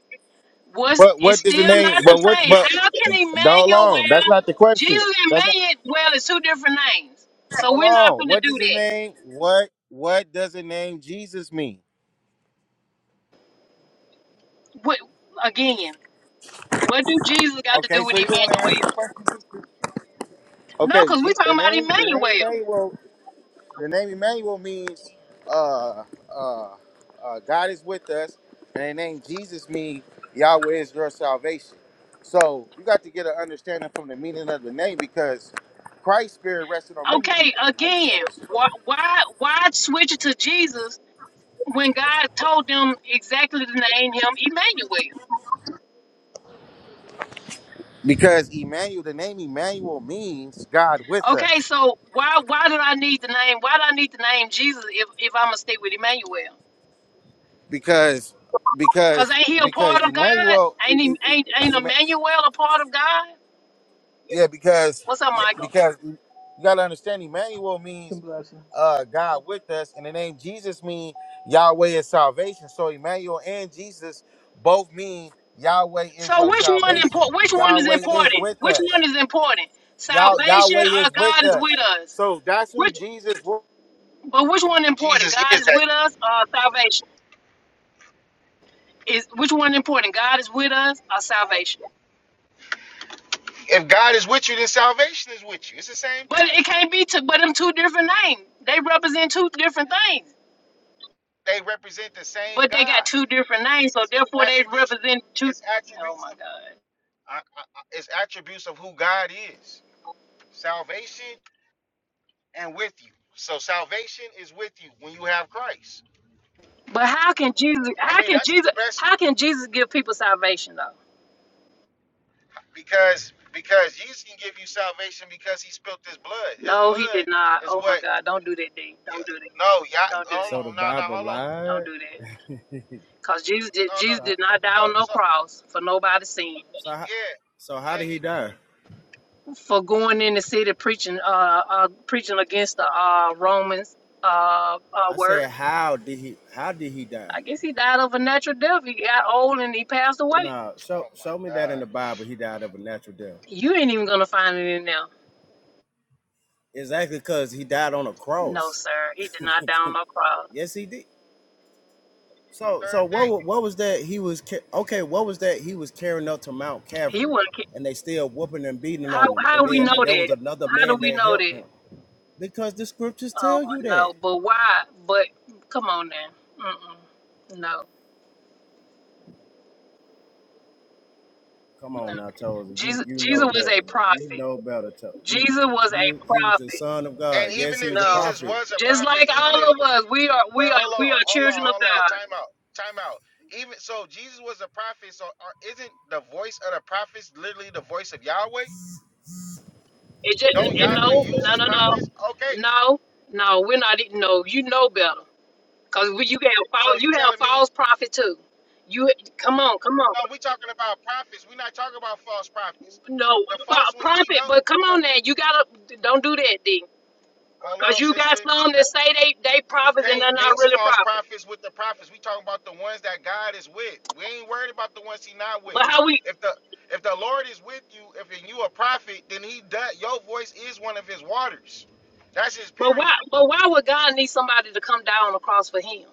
Speaker 1: was,
Speaker 3: But
Speaker 1: it's
Speaker 3: what does the
Speaker 1: still
Speaker 3: name?
Speaker 1: not the
Speaker 3: But what?
Speaker 1: same.
Speaker 3: But
Speaker 1: How can
Speaker 3: hold
Speaker 1: Emmanuel,
Speaker 3: on. That's not the question.
Speaker 1: Jesus and
Speaker 3: That's not.
Speaker 1: Emmanuel is two different names. So
Speaker 3: Hold
Speaker 1: we're not
Speaker 3: on.
Speaker 1: going to
Speaker 3: What
Speaker 1: do
Speaker 3: does the
Speaker 1: that.
Speaker 3: name? What? What does the name Jesus mean?
Speaker 1: What, again, what do Jesus got to do
Speaker 3: Okay,
Speaker 1: with
Speaker 3: so you don't want to answer
Speaker 1: Emmanuel?
Speaker 3: the question.
Speaker 1: No,
Speaker 3: Okay,
Speaker 1: because we're
Speaker 3: G,
Speaker 1: talking
Speaker 3: the
Speaker 1: about
Speaker 3: name the name
Speaker 1: Emmanuel.
Speaker 3: Emmanuel the name Emmanuel means uh uh uh God is with us, and the name Jesus means Yahweh is your salvation. So you got to get an understanding from the meaning of the name because Christ's spirit rested on many
Speaker 1: Okay,
Speaker 3: people. Like,
Speaker 1: again,
Speaker 3: like you said.
Speaker 1: why, why, why switch it to Jesus when God told them exactly to name him Emmanuel.
Speaker 3: Because Emmanuel, the name Emmanuel means God with
Speaker 1: Okay,
Speaker 3: us.
Speaker 1: so why why did I need the name? Why do I need the name Jesus if, if I'm gonna stay with Emmanuel?
Speaker 3: Because
Speaker 1: Cause
Speaker 3: because
Speaker 1: ain't he a
Speaker 3: because
Speaker 1: part of God?
Speaker 3: Emmanuel,
Speaker 1: Ain't he, ain't ain't Emmanuel a part of God?
Speaker 3: yeah, because
Speaker 1: What's up, Michael?
Speaker 3: because you gotta understand Emmanuel means
Speaker 4: Some blessings.
Speaker 3: uh God with us. And the name Jesus mean Yahweh is salvation. So Emmanuel and Jesus both mean Yahweh
Speaker 1: So
Speaker 3: is your
Speaker 1: which one
Speaker 3: salvation.
Speaker 1: important? Which one is
Speaker 3: Yahweh is
Speaker 1: important?
Speaker 3: with
Speaker 1: Which one
Speaker 3: us.
Speaker 1: is important?
Speaker 3: Yah-
Speaker 1: Salvation
Speaker 3: Yahweh
Speaker 1: or
Speaker 3: is
Speaker 1: God
Speaker 3: with
Speaker 1: is with
Speaker 3: us.
Speaker 1: us?
Speaker 3: So that's who
Speaker 1: Which
Speaker 3: Jesus wa-
Speaker 1: but which one
Speaker 3: who
Speaker 1: important?
Speaker 3: Jesus
Speaker 1: God
Speaker 3: is.
Speaker 1: is
Speaker 3: That
Speaker 1: with us or salvation? Is which one important? God is with us or salvation?
Speaker 3: if God is with you, then salvation is with you. It's the same
Speaker 1: But
Speaker 3: thing.
Speaker 1: it can't be to but them two different names. They represent two different things.
Speaker 3: They represent the same
Speaker 1: But they
Speaker 3: God.
Speaker 1: got two different names, so
Speaker 3: It's, it's
Speaker 1: therefore they
Speaker 3: attributes.
Speaker 1: represent two.
Speaker 3: It's
Speaker 1: Oh
Speaker 3: attributes
Speaker 1: my
Speaker 3: of.
Speaker 1: God.
Speaker 3: I, I, I- it's attributes of who God is. Salvation. and with you. So salvation is with you when you have Christ.
Speaker 1: But how can Jesus
Speaker 3: I
Speaker 1: how
Speaker 3: mean,
Speaker 1: can
Speaker 3: that's
Speaker 1: Jesus
Speaker 3: the best
Speaker 1: how can Jesus give people salvation though?
Speaker 3: because because Jesus can give you salvation because he spilt his blood. His
Speaker 1: No, he
Speaker 3: blood
Speaker 1: did not.
Speaker 3: is
Speaker 1: Oh my
Speaker 3: what
Speaker 1: God, don't do that, D.
Speaker 3: y-
Speaker 1: Don't do that.
Speaker 3: no, yeah,
Speaker 1: Don't do
Speaker 3: hold
Speaker 2: So the
Speaker 1: that.
Speaker 3: on, no, no,
Speaker 2: Bible
Speaker 3: hold on.
Speaker 1: Don't
Speaker 2: lied.
Speaker 1: do that. Cause Jesus did
Speaker 3: No, no,
Speaker 1: Jesus
Speaker 2: So
Speaker 1: did not die
Speaker 3: no,
Speaker 1: on no
Speaker 3: so
Speaker 1: cross for nobody's sin.
Speaker 2: so how-
Speaker 3: yeah,
Speaker 2: so how
Speaker 3: yeah,
Speaker 2: did
Speaker 3: he
Speaker 2: he die?
Speaker 1: For going in the city preaching uh, uh preaching against the uh Romans uh, uh
Speaker 2: I
Speaker 1: word
Speaker 2: said how did he how did he die?
Speaker 1: I guess he died of a natural death. He got old and he passed away.
Speaker 2: Nah, show
Speaker 3: oh my
Speaker 2: show me that
Speaker 3: god.
Speaker 2: in the Bible he died of a natural death.
Speaker 1: You ain't even gonna find it in there.
Speaker 2: Exactly because he died on a
Speaker 1: No,
Speaker 2: cross.
Speaker 1: sir. He did not die on no cross.
Speaker 2: yes, he did. So
Speaker 3: Third
Speaker 2: so what
Speaker 3: day.
Speaker 2: wa- what was that he was ca- okay? What was that he was carrying up to Mount
Speaker 1: He
Speaker 2: Calvary,
Speaker 1: wasn't. ki-
Speaker 2: and they still whooping and beating
Speaker 1: How
Speaker 2: on him,
Speaker 1: how
Speaker 2: and
Speaker 1: we
Speaker 2: then
Speaker 1: know
Speaker 2: uh, there
Speaker 1: that?
Speaker 2: was another
Speaker 1: How do
Speaker 2: man
Speaker 1: we
Speaker 2: that
Speaker 1: know
Speaker 2: helped
Speaker 1: that?
Speaker 2: him because the scriptures
Speaker 1: Oh
Speaker 2: tell you that.
Speaker 1: no, but why? But come on now. Mm-mm. No,
Speaker 2: Come on now, Tozer, you
Speaker 1: Jesus.
Speaker 2: you
Speaker 1: Jesus
Speaker 2: know
Speaker 1: was a
Speaker 2: better. You
Speaker 1: prophet.
Speaker 2: know better, Tozer. You
Speaker 1: Jesus was
Speaker 2: he was
Speaker 1: a
Speaker 2: he was the
Speaker 1: prophet.
Speaker 2: son of God.
Speaker 3: And
Speaker 2: Yes,
Speaker 3: even
Speaker 2: he
Speaker 3: if
Speaker 2: was a
Speaker 1: No,
Speaker 3: Jesus
Speaker 2: prophet.
Speaker 3: was a
Speaker 1: just
Speaker 3: prophet,
Speaker 1: like
Speaker 3: even
Speaker 1: all
Speaker 3: if
Speaker 1: of us, we are
Speaker 3: well,
Speaker 1: we are
Speaker 3: hold
Speaker 1: we are
Speaker 3: on, hold
Speaker 1: children
Speaker 3: on,
Speaker 1: of
Speaker 3: hold on,
Speaker 1: God.
Speaker 3: time out, time out. Even so, Jesus was a prophet. So, are, isn't the voice of the prophets literally the voice of Yahweh?
Speaker 1: It just
Speaker 3: Don't
Speaker 1: it, no
Speaker 3: Yahweh use
Speaker 1: no
Speaker 3: his
Speaker 1: no no
Speaker 3: prophets? Okay,
Speaker 1: no no. We're not. e-, No, you know better. Cause we- you have false,
Speaker 3: so you
Speaker 1: you have
Speaker 3: telling me?
Speaker 1: false prophet too. You come on, come on.
Speaker 3: No, we talking about prophets. We're not talking about false prophets.
Speaker 1: No
Speaker 3: The
Speaker 1: fa-
Speaker 3: false ones we
Speaker 1: prophet,
Speaker 3: know.
Speaker 1: but come
Speaker 3: The,
Speaker 1: on now.
Speaker 3: the-
Speaker 1: You gotta don't do that, D.
Speaker 3: hold
Speaker 1: Cause
Speaker 3: on,
Speaker 1: you
Speaker 3: sister.
Speaker 1: got some
Speaker 3: Now,
Speaker 1: that say they they
Speaker 3: We
Speaker 1: prophets and
Speaker 3: can't
Speaker 1: they're not
Speaker 3: mix
Speaker 1: really
Speaker 3: false
Speaker 1: prophets.
Speaker 3: prophets with the prophets. We talking about the ones that God is with. We ain't worried about the ones He not with.
Speaker 1: But how we?
Speaker 3: If the if the Lord is with you, if and you a prophet, then He does. Your voice is one of His waters. That's His
Speaker 1: But why?
Speaker 3: period.
Speaker 1: But why would God need somebody to come down on the cross for Him?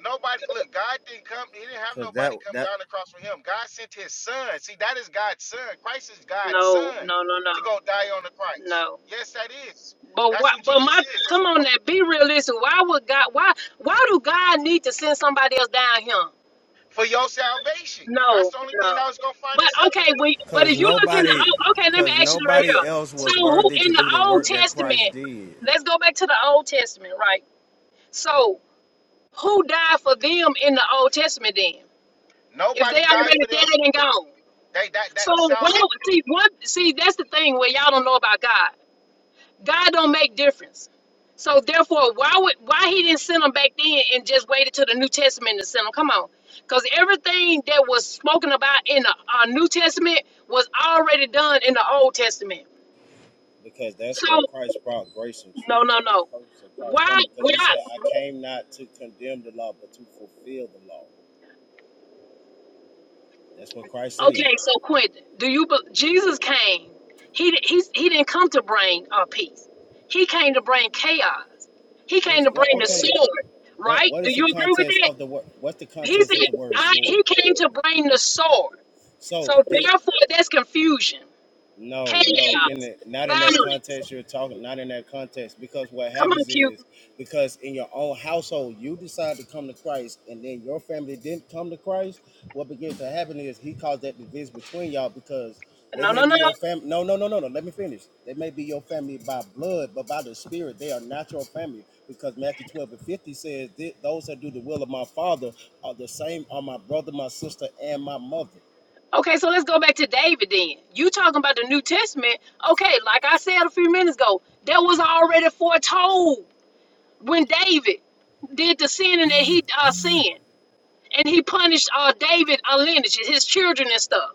Speaker 3: Nobody look, God didn't come, he didn't have
Speaker 2: Cause that
Speaker 3: nobody come
Speaker 2: that
Speaker 3: down the cross for him. God sent his son. See, that is God's son. Christ is God's
Speaker 1: No,
Speaker 3: son
Speaker 1: no, no, no,
Speaker 3: to go die on the cross.
Speaker 1: no.
Speaker 3: Yes, that is.
Speaker 1: But
Speaker 3: That's
Speaker 1: why?
Speaker 3: who
Speaker 1: But my
Speaker 3: Jesus is. It's
Speaker 1: come
Speaker 3: the
Speaker 1: on
Speaker 3: one-
Speaker 1: now. Be realistic. Why would God? Why? Why do God need to send somebody else down here?
Speaker 3: for your salvation. That's
Speaker 1: No,
Speaker 3: the only thing
Speaker 1: no.
Speaker 3: I was gonna find
Speaker 1: But okay,
Speaker 3: acceptable.
Speaker 1: we, but
Speaker 2: Cause
Speaker 1: if you look in the
Speaker 2: nobody,
Speaker 1: old, okay, let me
Speaker 2: cause
Speaker 1: ask you right
Speaker 2: nobody
Speaker 1: here.
Speaker 2: else
Speaker 1: So
Speaker 2: was
Speaker 1: who
Speaker 2: worthy to
Speaker 1: in the
Speaker 2: do the
Speaker 1: Old
Speaker 2: work that
Speaker 1: Testament?
Speaker 2: Christ did.
Speaker 1: Let's go back to the Old Testament, right? So who died for them in the Old Testament then? If they
Speaker 3: Nobody died
Speaker 1: already
Speaker 3: for them.
Speaker 1: dead and gone.
Speaker 3: They that
Speaker 1: So
Speaker 3: that
Speaker 1: why would-
Speaker 3: salvation
Speaker 1: see one see that's the thing where y'all don't know about God. God don't make difference. So therefore, why would why he didn't send them back then and just waited till the New Testament to send them? Come on, because everything that was spoken about in the uh, New Testament was already done in the Old Testament.
Speaker 2: Because that's
Speaker 1: So
Speaker 2: what Christ brought grace and
Speaker 1: no,
Speaker 2: truth.
Speaker 1: no,
Speaker 2: That's the
Speaker 1: no.
Speaker 2: purpose of Christ
Speaker 1: Why?
Speaker 2: coming. Because
Speaker 1: Why?
Speaker 2: He said, "I came not to condemn the law, but to fulfill the law." That's what Christ said.
Speaker 1: Okay, so Quentin, do you? be- Jesus came. He di- he he didn't come to bring uh, peace. He came to bring chaos. He came
Speaker 2: What's
Speaker 1: to
Speaker 2: well,
Speaker 1: bring the
Speaker 2: okay?
Speaker 1: sword.
Speaker 2: What
Speaker 1: Right?
Speaker 2: what
Speaker 1: Do
Speaker 2: is the
Speaker 1: you agree with
Speaker 2: context
Speaker 1: that?
Speaker 2: of the word? What's the
Speaker 1: He
Speaker 2: context of
Speaker 1: said
Speaker 2: the word
Speaker 1: God,
Speaker 2: sword?
Speaker 1: he came to bring the sword.
Speaker 2: So
Speaker 1: So
Speaker 2: you
Speaker 1: therefore, there's confusion,
Speaker 2: No, no, in
Speaker 1: chaos,
Speaker 2: the not in that
Speaker 1: violence.
Speaker 2: context you're talking, not in that context. Because what
Speaker 1: Come on,
Speaker 2: happens
Speaker 1: Q.
Speaker 2: is because in your own household you decide to come to Christ and then your family didn't come to Christ, what begins to happen is he caused that division between y'all because they
Speaker 1: No,
Speaker 2: may
Speaker 1: no,
Speaker 2: be
Speaker 1: no.
Speaker 2: your family. No, no, no, no, no. Let me finish. They may be your family by blood, but by the spirit, they are not your family. Because Matthew 12 and 50 says, "Th- Those that do the will of my father are the same are my brother, my sister, and my mother.
Speaker 1: Okay, so let's go back to David then. You talking about the New Testament. Okay, like I said a few minutes ago, that was already foretold when David did the sin and that he uh, sinned. And he punished uh, David, uh, lineage, his children and stuff.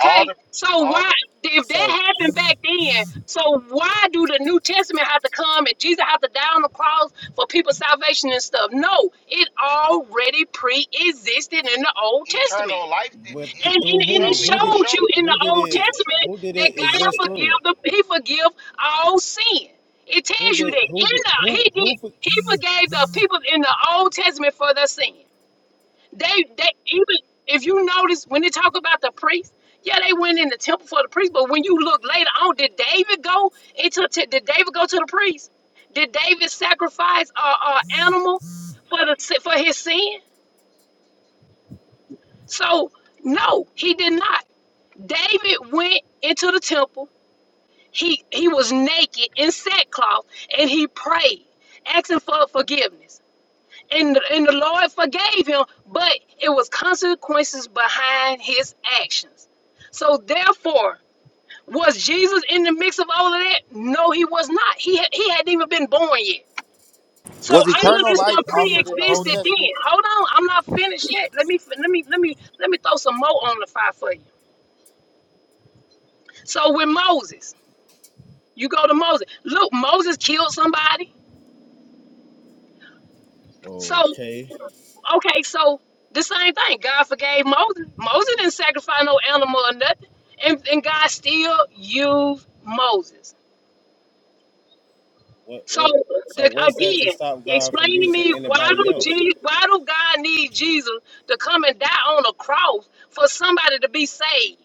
Speaker 3: all the
Speaker 1: so
Speaker 3: all
Speaker 1: why,
Speaker 3: the
Speaker 1: if that
Speaker 2: So
Speaker 1: happened back then, so why do the New Testament have to come and Jesus have to die on the cross for people's salvation and stuff? No, it already pre existed in the Old Testament.
Speaker 3: eternal life that
Speaker 2: But
Speaker 3: it
Speaker 2: th-
Speaker 1: And, and,
Speaker 2: through
Speaker 1: and
Speaker 3: show
Speaker 1: it
Speaker 2: who?
Speaker 3: me,
Speaker 2: Who did
Speaker 1: showed
Speaker 3: show me.
Speaker 1: you in
Speaker 2: who
Speaker 1: the
Speaker 2: did
Speaker 1: Old
Speaker 2: it
Speaker 3: sh-
Speaker 1: Testament
Speaker 2: who did
Speaker 1: that
Speaker 2: it
Speaker 1: God
Speaker 2: exist
Speaker 1: forgive
Speaker 2: through?
Speaker 1: the He forgive all sin. It
Speaker 2: Who
Speaker 1: tells you
Speaker 2: did
Speaker 1: that in
Speaker 2: who did
Speaker 1: the
Speaker 2: who
Speaker 1: He
Speaker 2: who
Speaker 1: did
Speaker 2: for
Speaker 1: He forgave the people in the Old Testament for their sin. They they even if you notice when they talk about the priest, yeah, they went in the temple for the priest. But when you look later on, did David go into t- did David go to the priest? Did David sacrifice a uh, uh, animal for the si- for his sin? So no, he did not. David went into the temple. He he was naked in sackcloth and he prayed, asking for forgiveness. and and the Lord forgave him, but it was consequences behind his actions. So therefore, was Jesus in the mix of all of that? No, he was not. He had, he hadn't even been born yet. So
Speaker 3: Was
Speaker 1: all of
Speaker 3: eternal
Speaker 1: this
Speaker 3: life
Speaker 1: stuff
Speaker 3: offered in the Old
Speaker 1: pre-existed then.
Speaker 3: Testament?
Speaker 1: Hold on, I'm not finished yet. Let me let me let me let me throw some more on the fire for you. So with Moses, you go to Moses. Look, Moses killed somebody. So
Speaker 2: Okay.
Speaker 1: Okay, so the same thing. God forgave Moses. Moses didn't sacrifice no animal or nothing, and, and God still used Moses.
Speaker 2: What
Speaker 1: So
Speaker 2: what
Speaker 1: the,
Speaker 2: so what's that to
Speaker 1: again,
Speaker 2: stop God from
Speaker 1: explain to
Speaker 2: using
Speaker 1: me why
Speaker 2: anybody
Speaker 1: do
Speaker 2: else?
Speaker 1: Jesus, why do God need Jesus to come and die on a cross for somebody to be saved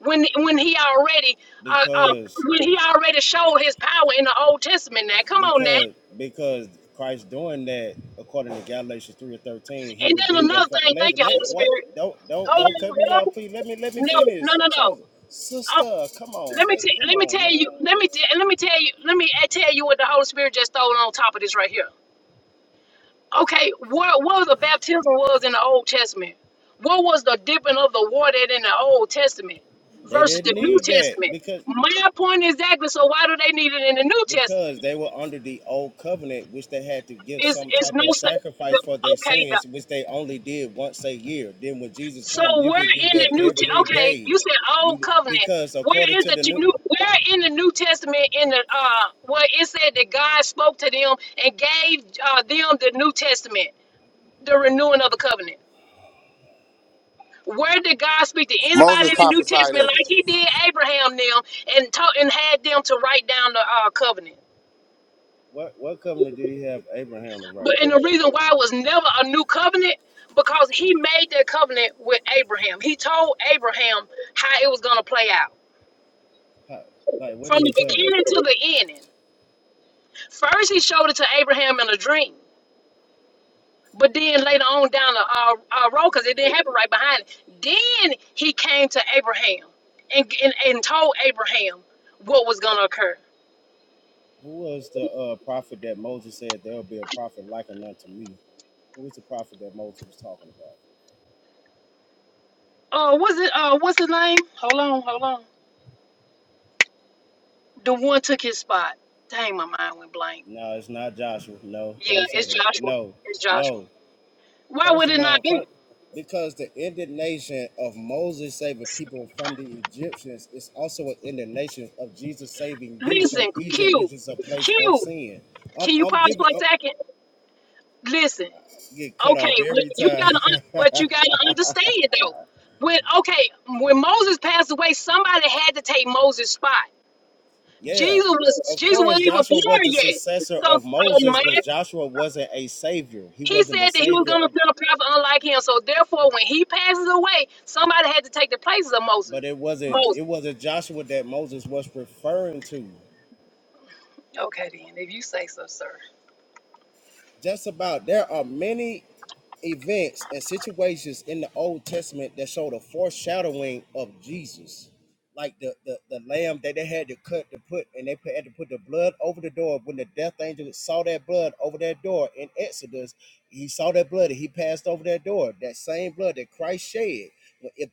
Speaker 1: when when he already uh, uh,
Speaker 2: Because
Speaker 1: when he already showed his power in the Old Testament? Now, come on
Speaker 2: because
Speaker 1: now.
Speaker 2: because Christ doing that according to Galatians three and thirteen, he
Speaker 1: And then
Speaker 2: redeemed us
Speaker 1: another
Speaker 2: from
Speaker 1: thing.
Speaker 2: let,
Speaker 1: Thank you,
Speaker 2: let
Speaker 1: Holy
Speaker 2: what
Speaker 1: Spirit.
Speaker 2: don't don't
Speaker 1: Hold
Speaker 2: don't cut
Speaker 1: on,
Speaker 2: me
Speaker 1: hold
Speaker 2: off,
Speaker 1: on.
Speaker 2: please. Let me let me
Speaker 1: No,
Speaker 2: finish.
Speaker 1: no, no,
Speaker 2: Chosen.
Speaker 1: no. Um,
Speaker 2: Sister, come on,
Speaker 1: Let me
Speaker 2: babe.
Speaker 1: tell
Speaker 2: Come
Speaker 1: let me
Speaker 2: on
Speaker 1: tell you
Speaker 2: now.
Speaker 1: let me t- let me tell you let me I tell you what the Holy Spirit just stole on top of this right here. Okay, what what the baptism was in the Old Testament? What was the dipping of the water in the Old Testament
Speaker 2: They
Speaker 1: versus the
Speaker 2: didn't
Speaker 1: New
Speaker 2: need that
Speaker 1: Testament?
Speaker 2: because
Speaker 1: My point is exactly. So why do they need it in the New
Speaker 2: because
Speaker 1: Testament?
Speaker 2: they were under the old covenant, which they had to give
Speaker 1: Is
Speaker 2: some
Speaker 1: is
Speaker 2: type
Speaker 1: no
Speaker 2: of
Speaker 1: su-
Speaker 2: sacrifice
Speaker 1: the-
Speaker 2: for their
Speaker 1: okay?
Speaker 2: sins, which they only did once a year. Then when Jesus
Speaker 1: So
Speaker 2: comes, you
Speaker 1: where
Speaker 2: could do
Speaker 1: in the
Speaker 2: that
Speaker 1: New Te-
Speaker 2: every
Speaker 1: okay,
Speaker 2: day.
Speaker 1: you said old
Speaker 2: You
Speaker 1: covenant.
Speaker 2: because according
Speaker 1: Where is
Speaker 2: to
Speaker 1: the
Speaker 2: the
Speaker 1: t-
Speaker 2: new
Speaker 1: new where in the New Testament in the uh where it said that God spoke to them and gave uh, them the New Testament, the renewing of the covenant? Where did God speak to anybody
Speaker 3: Moses
Speaker 1: in the New
Speaker 3: prophesied
Speaker 1: Testament
Speaker 3: of it.
Speaker 1: like he did Abraham them and taught and had them to write down the uh, covenant?
Speaker 2: what what covenant did he have Abraham to write
Speaker 1: But and the
Speaker 2: down?
Speaker 1: reason why it was never a new covenant because he made that covenant with Abraham. He told Abraham how it was gonna play out.
Speaker 2: How, like what
Speaker 1: From
Speaker 2: did he
Speaker 1: the
Speaker 2: tell him?
Speaker 1: beginning to the ending. First, he showed it to Abraham in a dream. But then later on down the uh, uh, road, because it didn't happen right behind it, then he came to Abraham and, and, and told Abraham what was going to occur.
Speaker 2: Who was the uh, prophet that Moses said there will be a prophet likened unto me? Who was the prophet that Moses was talking about?
Speaker 1: Uh, was it, uh, what's his name? Hold on, hold on. The one took his spot. Dang, my mind went blank.
Speaker 2: No, it's not Joshua. No,
Speaker 1: Yeah,
Speaker 2: don't say
Speaker 1: it's
Speaker 2: that.
Speaker 1: Joshua.
Speaker 2: No,
Speaker 1: It's Joshua.
Speaker 2: no.
Speaker 1: Why
Speaker 2: First
Speaker 1: would
Speaker 2: of
Speaker 1: it not
Speaker 2: all, fir-
Speaker 1: be?
Speaker 2: because the indignation of Moses saving people from the Egyptians is also an indignation of Jesus saving you
Speaker 1: Listen,
Speaker 2: from Egypt,
Speaker 1: Q,
Speaker 2: which is a place of
Speaker 1: Q,
Speaker 2: sin. I'm,
Speaker 1: can you
Speaker 2: I'm
Speaker 1: pause for
Speaker 2: giving, I'm
Speaker 1: a second? Listen,
Speaker 2: get cut
Speaker 1: Okay,
Speaker 2: off
Speaker 1: well,
Speaker 2: every
Speaker 1: you
Speaker 2: time.
Speaker 1: gotta, un- but you gotta understand though. When okay, when Moses passed away, somebody had to take Moses' spot.
Speaker 2: yeah,
Speaker 1: Jesus was
Speaker 2: of
Speaker 1: Jesus wasn't
Speaker 2: course,
Speaker 1: even
Speaker 2: Joshua was
Speaker 1: born
Speaker 2: the
Speaker 1: yet.
Speaker 2: successor
Speaker 1: So
Speaker 2: of
Speaker 1: oh
Speaker 2: Moses,
Speaker 1: man,
Speaker 2: but Joshua wasn't a savior. He
Speaker 1: he
Speaker 2: wasn't the
Speaker 1: said that he was
Speaker 2: savior
Speaker 1: gonna
Speaker 2: of,
Speaker 1: send a prophet unlike him. So therefore, when he passes away, somebody had to take the places of Moses.
Speaker 2: but it wasn't,
Speaker 1: Moses.
Speaker 2: it wasn't Joshua that Moses was referring to.
Speaker 1: Okay then, if you say so, sir.
Speaker 2: Just about there are many events and situations in the Old Testament that show the foreshadowing of Jesus. Like the, the, the lamb that they had to cut to put, and they put, had to put the blood over the door. When the death angel saw that blood over that door in Exodus, he saw that blood and he passed over that door. That same blood that Christ shed. But If,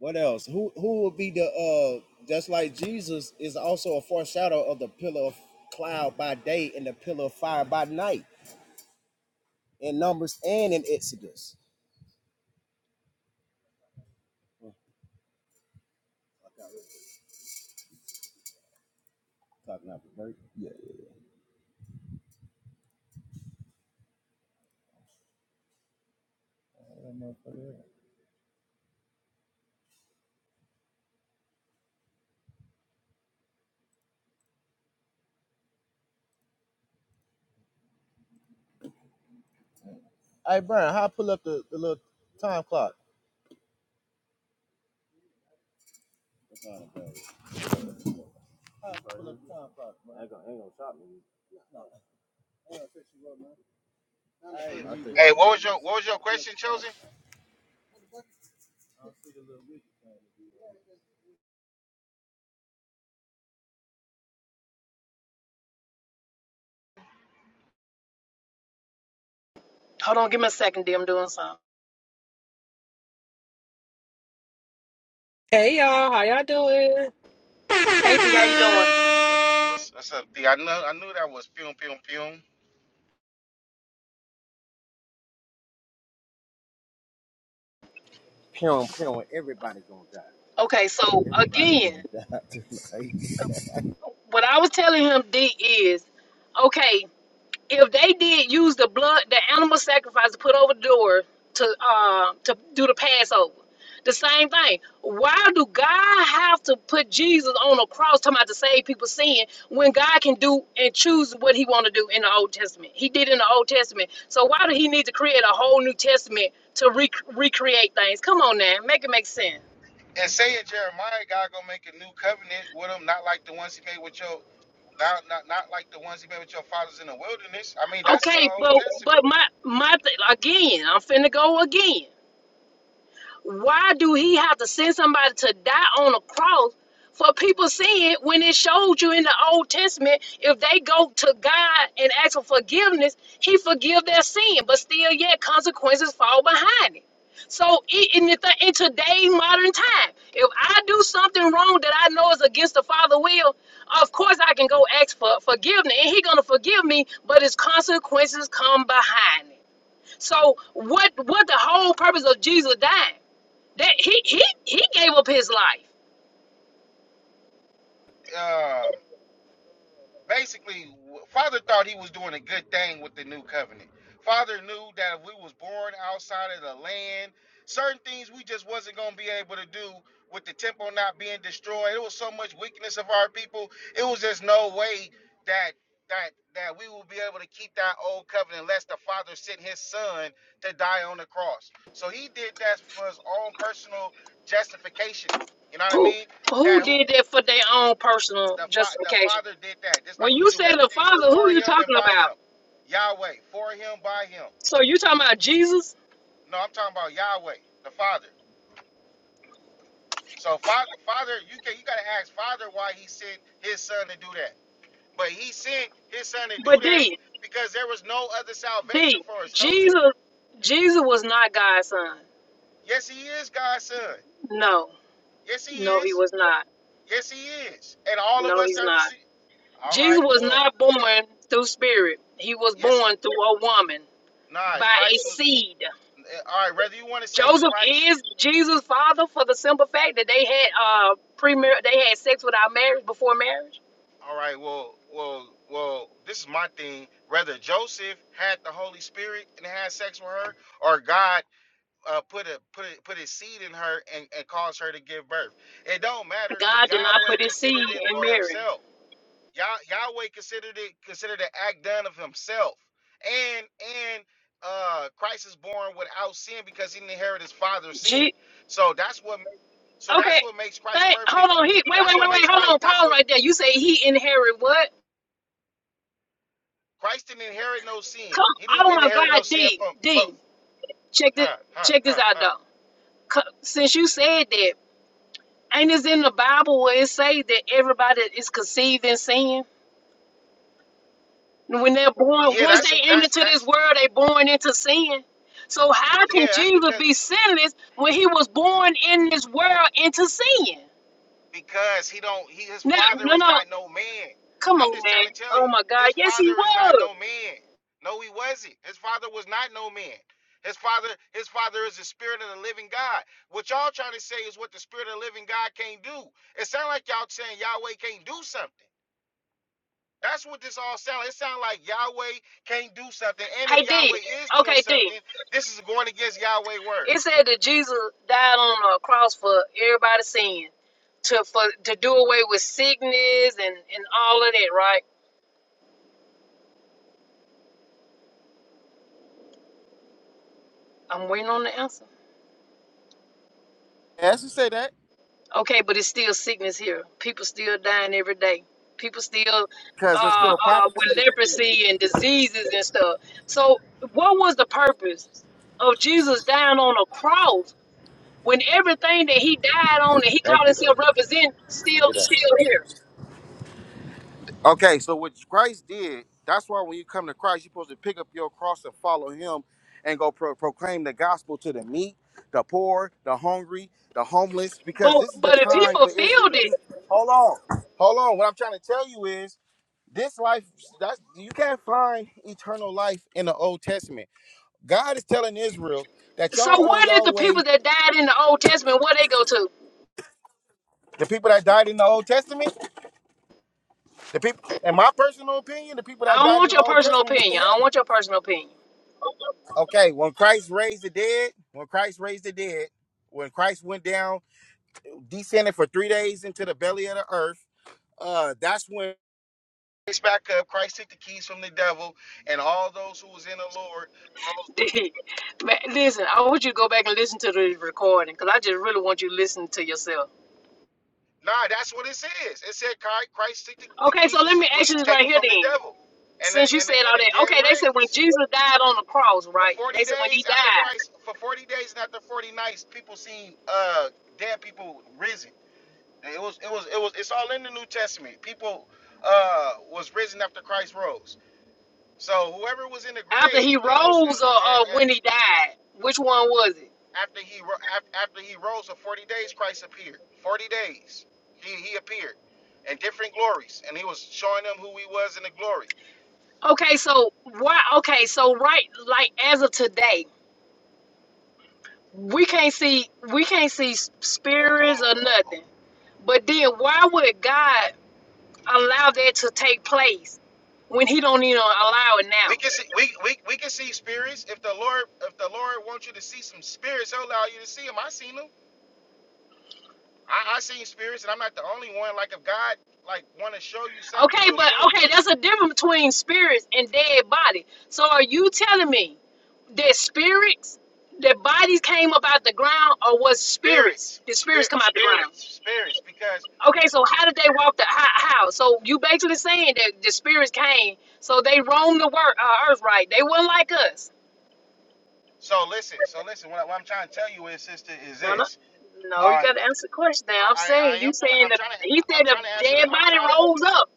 Speaker 2: what else? Who who would be the uh just like Jesus is also a foreshadow of the pillar of cloud by day and the pillar of fire by night in Numbers and in Exodus. Talking about the break. Yeah. yeah. Hey, Brian, how I pull up the, the little time clock? Pull up the time clock, man. I Ain't gonna, ain't gonna stop me. Hey, I think, I
Speaker 3: Hey, what was
Speaker 2: think
Speaker 3: your
Speaker 2: it's-
Speaker 3: what was your question, chosen?
Speaker 1: Hold on, give me a second, D. I'm doing something.
Speaker 5: Hey y'all, how y'all doing?
Speaker 1: Hey D, how
Speaker 3: I
Speaker 1: you
Speaker 3: knew that
Speaker 1: doing?
Speaker 3: was was that's a I knew I knew that was pum pum pum.
Speaker 2: Pew, pew, everybody gonna die.
Speaker 1: Okay, so
Speaker 2: Everybody
Speaker 1: again,
Speaker 2: gonna die tonight.
Speaker 1: what I was telling him, D, is okay. if they did use the blood, the animal sacrifice to put over the door to uh to do the Passover, the same thing. Why do God have to put Jesus on a cross talking about to save people's sin when God can do and choose what He want to do in the Old Testament? He did in the Old Testament, so why do He need to create a whole New Testament to re- recreate things? Come on now, make it make sense.
Speaker 3: And saying Jeremiah, God gonna make a new covenant with him, not like the ones he made with your not not not like the ones he made with your fathers in the wilderness. I mean, that's in the
Speaker 1: Okay,
Speaker 3: Old
Speaker 1: but but
Speaker 3: Testament.
Speaker 1: my my th- again, I'm finna go again Why do he have to send somebody to die on a cross for people sin when it showed you in the Old Testament if they go to God and ask for forgiveness, he forgive their sin, but still yet consequences fall behind it. So i- in, the th- in today's modern time, if I do something wrong that I know is against the Father will, of course I can go ask for forgiveness and he gonna forgive me, but his consequences come behind it. So what what the whole purpose of Jesus dying? That he he he gave up his life.
Speaker 3: Um, basically father thought he was doing a good thing with the new covenant father knew that if we was born outside of the land certain things we just wasn't going to be able to do with the temple not being destroyed it was so much weakness of our people it was just no way that that that we will be able to keep that old covenant unless the father sent his son to die on the cross so he did that for his own personal justification you know what i
Speaker 1: Who
Speaker 3: mean
Speaker 1: who
Speaker 3: that who
Speaker 1: did that for their own personal
Speaker 3: the, fa- the
Speaker 1: justification?
Speaker 3: Father did that, just
Speaker 1: When
Speaker 3: like He
Speaker 1: you
Speaker 3: do
Speaker 1: say the
Speaker 3: everything. It's
Speaker 1: Father, who
Speaker 3: for
Speaker 1: you
Speaker 3: Him and
Speaker 1: talking
Speaker 3: by
Speaker 1: about?
Speaker 3: Him. Yahweh, for Him, by Him.
Speaker 1: So you talking about Jesus?
Speaker 3: No, I'm talking about Yahweh, the Father. So, fa- Father, you can you gotta ask Father why He sent His Son to do that. But He sent His Son to do
Speaker 1: But
Speaker 3: that
Speaker 1: D
Speaker 3: because there was no other salvation
Speaker 1: D
Speaker 3: for us chosen.
Speaker 1: Jesus Jesus was not God's son.
Speaker 3: Yes, He is God's Son.
Speaker 1: No,
Speaker 3: Yes, He
Speaker 1: no, he
Speaker 3: is.
Speaker 1: was not.
Speaker 3: Yes, He is. And all of
Speaker 1: No,
Speaker 3: us
Speaker 1: he's
Speaker 3: that
Speaker 1: not.
Speaker 3: receive. All
Speaker 1: Jesus
Speaker 3: right.
Speaker 1: was
Speaker 3: Well,
Speaker 1: not born through spirit. He was
Speaker 3: yes,
Speaker 1: born
Speaker 3: He.
Speaker 1: through a woman
Speaker 3: Nah,
Speaker 1: by a
Speaker 3: Christ was.
Speaker 1: seed.
Speaker 3: eh, All right. Whether you want to say
Speaker 1: Joseph
Speaker 3: Christ
Speaker 1: is Jesus' father for the simple fact that they had uh premier they had sex without marriage before marriage.
Speaker 3: All right, well, well, well, this is my thing. Whether Joseph had the Holy Spirit and had sex with her, or God uh, put a put a, put his seed in her and, and caused her to give birth. It don't matter.
Speaker 1: God did not
Speaker 3: Yahweh
Speaker 1: put his seed
Speaker 3: considered it
Speaker 1: in
Speaker 3: for
Speaker 1: Mary.
Speaker 3: himself. Yah, Yahweh considered it considered the act done of himself. And and uh Christ is born without sin because he didn't inherit his father's sin.
Speaker 1: G
Speaker 3: So that's what makes so
Speaker 1: okay.
Speaker 3: that's what makes Christ
Speaker 1: Hey,
Speaker 3: perfect.
Speaker 1: hold on. He wait, wait,
Speaker 3: That's what
Speaker 1: wait, wait.
Speaker 3: makes
Speaker 1: Hold on.
Speaker 3: Christ. That's
Speaker 1: Pause
Speaker 3: what.
Speaker 1: right there. You say he inherited what?
Speaker 3: Christ didn't inherit no sin.
Speaker 1: Come.
Speaker 3: He didn't
Speaker 1: Oh my
Speaker 3: inherit
Speaker 1: God,
Speaker 3: no sin
Speaker 1: D
Speaker 3: from from
Speaker 1: D. Check this.
Speaker 3: huh huh
Speaker 1: Check this
Speaker 3: huh
Speaker 1: out
Speaker 3: huh.
Speaker 1: though. Co- Since you said that, ain't this in the Bible where it say that everybody is conceived in sin? When they're born,
Speaker 3: Yeah,
Speaker 1: once
Speaker 3: that's it.
Speaker 1: they enter
Speaker 3: That's
Speaker 1: into this
Speaker 3: that's
Speaker 1: world, they born into sin. So how can
Speaker 3: yeah. That's
Speaker 1: Jesus
Speaker 3: because
Speaker 1: be sinless when he was born in this world into sin?
Speaker 3: because he don't. He his
Speaker 1: No,
Speaker 3: father
Speaker 1: no,
Speaker 3: is
Speaker 1: no.
Speaker 3: not no man.
Speaker 1: Come
Speaker 3: I'm
Speaker 1: on,
Speaker 3: just
Speaker 1: man.
Speaker 3: trying to tell
Speaker 1: Oh
Speaker 3: you,
Speaker 1: my God.
Speaker 3: his
Speaker 1: Yes, he
Speaker 3: father is
Speaker 1: was.
Speaker 3: not no man. No, he wasn't. His father was not no man. His father, his father is the spirit of the living God. What y'all trying to say is what the spirit of the living God can't do. It sounds like y'all saying Yahweh can't do something. That's what this all sounds like. It sounds like Yahweh can't do something. And if
Speaker 1: Hey, D.
Speaker 3: Yahweh is doing
Speaker 1: Okay, D.
Speaker 3: something, this is going against Yahweh's word.
Speaker 1: It said that Jesus died on a cross for everybody's sin, to for to do away with sickness and and all of that, right? I'm waiting on the answer.
Speaker 3: As you say that,
Speaker 1: Okay, but it's still sickness here. People still dying every day. People still
Speaker 3: because there's
Speaker 1: uh,
Speaker 3: still
Speaker 1: uh,
Speaker 3: prophecy
Speaker 1: with
Speaker 3: to fulfill.
Speaker 1: leprosy and diseases and stuff. So, what was the purpose of Jesus dying on a cross when everything that he died on and he
Speaker 3: Thank
Speaker 1: called
Speaker 3: you.
Speaker 1: himself represent still
Speaker 3: good day.
Speaker 1: still here?
Speaker 3: Okay, so what Christ did, that's why when you come to Christ, you're supposed to pick up your cross and follow him and go pro- proclaim the gospel to the meek, the poor, the hungry, the homeless, because
Speaker 1: But
Speaker 3: this is the
Speaker 1: but if he
Speaker 3: time for Israel
Speaker 1: fulfilled
Speaker 3: to
Speaker 1: it,
Speaker 3: do. Hold on. Hold on. What I'm trying to tell you is this life that's you can't find eternal life in the old testament god is telling israel that
Speaker 1: so
Speaker 3: y'all on
Speaker 1: what did the
Speaker 3: y'all way
Speaker 1: people that died in the Old Testament? Where they go to?
Speaker 3: the people that died in the old testament the people in my personal opinion the people that
Speaker 1: I don't
Speaker 3: died in
Speaker 1: want
Speaker 3: the
Speaker 1: your
Speaker 3: old
Speaker 1: personal
Speaker 3: testament went to
Speaker 1: opinion. I don't
Speaker 3: heaven
Speaker 1: want your personal opinion.
Speaker 3: okay when christ raised the dead when christ raised the dead when christ went down descended for three days into the belly of the earth uh that's when Raised back up christ took the keys from the devil and all those who was in the lord
Speaker 1: Dee, man, listen, I want you to go back and listen to the recording because I just really want you to listen to yourself.
Speaker 3: Nah, that's what it says. It said Chi- Christ took the, the
Speaker 1: Okay, so
Speaker 3: keys was
Speaker 1: let me ask
Speaker 3: was
Speaker 1: you this right
Speaker 3: taken
Speaker 1: here
Speaker 3: from the
Speaker 1: then.
Speaker 3: devil, and the,
Speaker 1: Since you
Speaker 3: and the,
Speaker 1: said
Speaker 3: and
Speaker 1: all
Speaker 3: the
Speaker 1: that,
Speaker 3: dead
Speaker 1: okay, they said when
Speaker 3: raised.
Speaker 1: Jesus died on the cross,
Speaker 3: For
Speaker 1: right? They
Speaker 3: forty
Speaker 1: said when he
Speaker 3: days
Speaker 1: died,
Speaker 3: after Christ, for forty days and after forty nights, people seen uh dead people risen. It was it was it was it's all in the New Testament. People uh was risen after Christ rose. So whoever was in the
Speaker 1: after
Speaker 3: grave
Speaker 1: he
Speaker 3: and was
Speaker 1: rose
Speaker 3: and, wa-
Speaker 1: or, or when he died, which one was it?
Speaker 3: After he ro- af- after he rose for forty days, Christ appeared. Forty days, he he appeared in different glories, and he was showing them who he was in the glory.
Speaker 1: Okay, so why? Okay, so right, like as of today, we can't see we can't see s-
Speaker 3: Oh,
Speaker 1: spirits
Speaker 3: hold on,
Speaker 1: or
Speaker 3: hold on.
Speaker 1: nothing. But then why would God? allow that to take place when he don't even allow it
Speaker 3: We can
Speaker 1: now.
Speaker 3: see we, we we can see spirits. If the Lord if the Lord wants you to see some spirits, He'll allow you to see them. I seen them. I I seen spirits, and I'm not the only one. Like if God like want to show you something,
Speaker 1: Okay,
Speaker 3: He'll
Speaker 1: but
Speaker 3: show you
Speaker 1: okay, that's a difference between spirits and dead body. So are you telling me that spirits, that bodies came up out the ground, or was spirits?
Speaker 3: spirits,
Speaker 1: Did spirits
Speaker 3: spirit,
Speaker 1: come out the ground?
Speaker 3: spirits, spirits. Because
Speaker 1: Okay, so how did they walk the how? how? So you basically saying that the spirits came, so they roamed the work, uh, earth, right? They weren't like us.
Speaker 3: so listen, so listen. What, I, what I'm trying to tell you is, sister, is
Speaker 1: No, no,
Speaker 3: this.
Speaker 1: no.
Speaker 3: All
Speaker 1: You
Speaker 3: right,
Speaker 1: got
Speaker 3: li-
Speaker 1: to answer the question.
Speaker 3: I,
Speaker 1: Now I'm
Speaker 3: I
Speaker 1: saying
Speaker 3: I
Speaker 1: you
Speaker 3: am trying to
Speaker 1: saying
Speaker 3: I'm
Speaker 1: that
Speaker 3: trying to
Speaker 1: he
Speaker 3: I'm
Speaker 1: said the
Speaker 3: trying to answer the
Speaker 1: dead
Speaker 3: I'm
Speaker 1: body
Speaker 3: trying to
Speaker 1: rose up.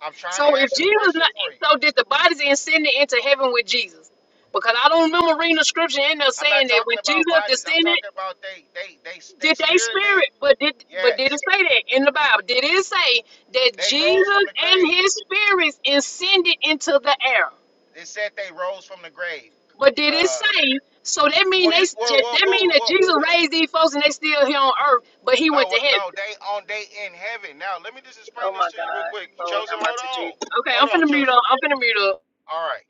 Speaker 3: I'm trying
Speaker 1: So
Speaker 3: to
Speaker 1: if
Speaker 3: answer the
Speaker 1: Jesus,
Speaker 3: question
Speaker 1: not,
Speaker 3: for you.
Speaker 1: so did the bodies then ascended into heaven with Jesus? Because I don't remember reading the scripture in there
Speaker 3: I'm
Speaker 1: saying
Speaker 3: not
Speaker 1: that when
Speaker 3: talking about
Speaker 1: Jesus
Speaker 3: bodies. I'm
Speaker 1: descended,
Speaker 3: talking about they they they s- they
Speaker 1: did they
Speaker 3: spirit man.
Speaker 1: spirit? But did but did it
Speaker 3: Yes,
Speaker 1: say that in the Bible? Did it say that
Speaker 3: they rose
Speaker 1: Jesus
Speaker 3: from the
Speaker 1: and
Speaker 3: grave.
Speaker 1: his spirits ascended into the air?
Speaker 3: They said they rose from the grave.
Speaker 1: But did it
Speaker 3: Uh,
Speaker 1: say? So that mean
Speaker 3: well
Speaker 1: they
Speaker 3: you well well
Speaker 1: that
Speaker 3: well,
Speaker 1: mean
Speaker 3: well,
Speaker 1: that
Speaker 3: well
Speaker 1: Jesus
Speaker 3: th-
Speaker 1: raised these folks and they still here on earth, but he went
Speaker 3: no
Speaker 1: to
Speaker 3: well, no
Speaker 1: heaven.
Speaker 3: they on they in heaven. Now let me just explain
Speaker 1: Oh
Speaker 3: this
Speaker 1: my
Speaker 3: to you real
Speaker 1: God!
Speaker 3: quick.
Speaker 1: Lord
Speaker 3: Chosen,
Speaker 1: have mercy,
Speaker 3: hold on,
Speaker 1: Jesus. Okay, I'm
Speaker 3: hold on,
Speaker 1: finna mute
Speaker 3: chosen.
Speaker 1: up. I'm finna mute up.
Speaker 3: All right.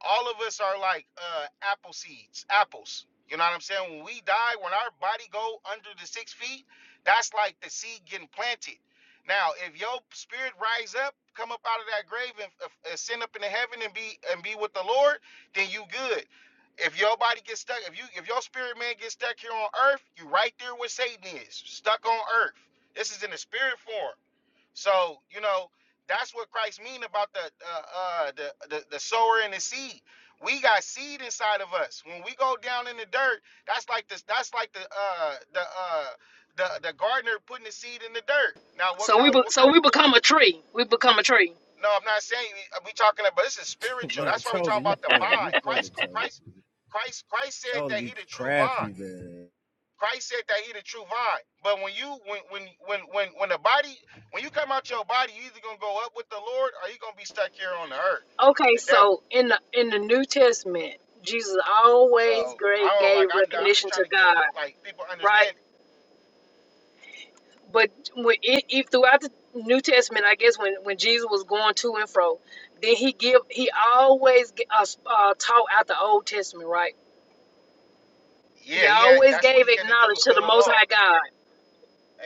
Speaker 3: all of us are like uh apple seeds apples you know what i'm saying when we die when our body go under the six feet that's like the seed getting planted now if your spirit rise up come up out of that grave and uh, ascend up into heaven and be and be with the lord then you good if your body gets stuck if you if your spirit man gets stuck here on earth you right there where satan is stuck on earth this is in the spirit form so you know that's what Christ mean about the uh, uh, the, the the sower and the seed. We got seed inside of us. When we go down in the dirt, that's like this. That's like the uh, the uh, the the gardener putting the seed in the dirt. Now what
Speaker 1: So we
Speaker 3: comes?
Speaker 1: be,
Speaker 3: What
Speaker 1: so
Speaker 3: kind?
Speaker 1: we become a tree. We become a tree.
Speaker 3: No, I'm not saying we talking about this is spiritual.
Speaker 2: man,
Speaker 3: That's why we
Speaker 2: Charles,
Speaker 3: talking
Speaker 2: you
Speaker 3: about the
Speaker 2: funny. You
Speaker 3: vine.
Speaker 2: funny,
Speaker 3: Christ,
Speaker 2: Charles.
Speaker 3: Christ, Christ, Christ said
Speaker 2: Charles
Speaker 3: that he
Speaker 2: be
Speaker 3: the true vine.
Speaker 2: crafty, man.
Speaker 3: Christ said that he the true vine. But when you when when when when when the body when you come out your body, you either gonna go up with the Lord or you gonna be stuck here on the earth with
Speaker 1: Okay,
Speaker 3: the devil.
Speaker 1: so in the in the New Testament, Jesus always
Speaker 3: So I
Speaker 1: great
Speaker 3: don't
Speaker 1: gave
Speaker 3: like I'm I'm just
Speaker 1: recognition to
Speaker 3: trying to give
Speaker 1: God,
Speaker 3: like people
Speaker 1: right?
Speaker 3: understand.
Speaker 1: But when if if throughout the New Testament, I guess when when Jesus was going to and fro, then he give he always g- uh, s- uh, taught out the Old Testament, right? He
Speaker 3: Yeah, he had
Speaker 1: always
Speaker 3: that's what
Speaker 1: gave
Speaker 3: he came to do,
Speaker 1: acknowledge to
Speaker 3: fulfill
Speaker 1: the
Speaker 3: the
Speaker 1: Most
Speaker 3: law.
Speaker 1: High God.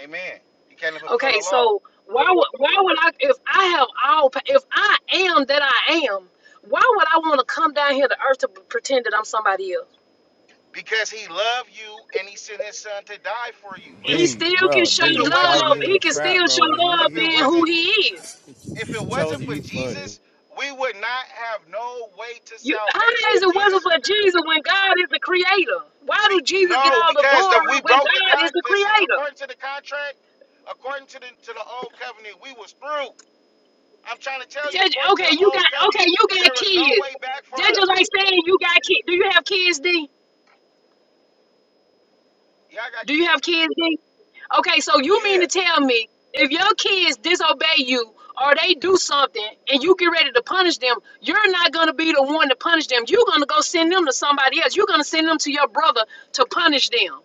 Speaker 3: Amen. He came to fulfill
Speaker 1: Okay,
Speaker 3: the law.
Speaker 1: so why would why would I if I have all pa- if I am that I am, why would I want to come down here to earth to pretend that I'm somebody else?
Speaker 3: Because he loved you and he sent his son to die for you.
Speaker 1: He
Speaker 3: Listen,
Speaker 2: D,
Speaker 1: still can
Speaker 2: bro,
Speaker 1: show
Speaker 2: D,
Speaker 3: if it
Speaker 2: you fall
Speaker 3: wasn't for
Speaker 1: love.
Speaker 2: into the
Speaker 1: He can
Speaker 2: trap,
Speaker 1: still show
Speaker 2: bro. He,
Speaker 3: if
Speaker 1: love
Speaker 2: he
Speaker 3: it
Speaker 1: being
Speaker 2: put
Speaker 1: who
Speaker 3: wasn't
Speaker 1: he is.
Speaker 3: if it
Speaker 2: the... Charles,
Speaker 3: wasn't for
Speaker 2: you funny.
Speaker 3: Jesus, we would not have no way to
Speaker 1: You,
Speaker 3: salvation.
Speaker 1: how is
Speaker 3: If
Speaker 1: it
Speaker 3: Jesus
Speaker 1: wasn't for Jesus when God is the creator? Why
Speaker 3: Be,
Speaker 1: do Jesus get
Speaker 3: no,
Speaker 1: all the
Speaker 3: because the,
Speaker 1: glory
Speaker 3: we
Speaker 1: when
Speaker 3: broke the
Speaker 1: God is
Speaker 3: con.
Speaker 1: the
Speaker 3: Listen,
Speaker 1: creator?
Speaker 3: according to the contract, according to the to the old covenant, we was through. I'm trying to tell you,
Speaker 1: That-
Speaker 3: according to
Speaker 1: okay,
Speaker 3: the
Speaker 1: you
Speaker 3: old
Speaker 1: got okay,
Speaker 3: covenant,
Speaker 1: you got
Speaker 3: there was no
Speaker 1: kids.
Speaker 3: way back for
Speaker 1: That's just like
Speaker 3: us.
Speaker 1: saying you got kids. Do you have kids, D?
Speaker 3: Yeah, I got
Speaker 1: Do you have
Speaker 3: kids.
Speaker 1: kids, D? Okay, so you mean
Speaker 3: Yeah,
Speaker 1: to tell me if your kids disobey you or they do something and you get ready to punish them, you're not going to be the one to punish them. You're going to go send them to somebody else. You're going to send them to your brother to punish them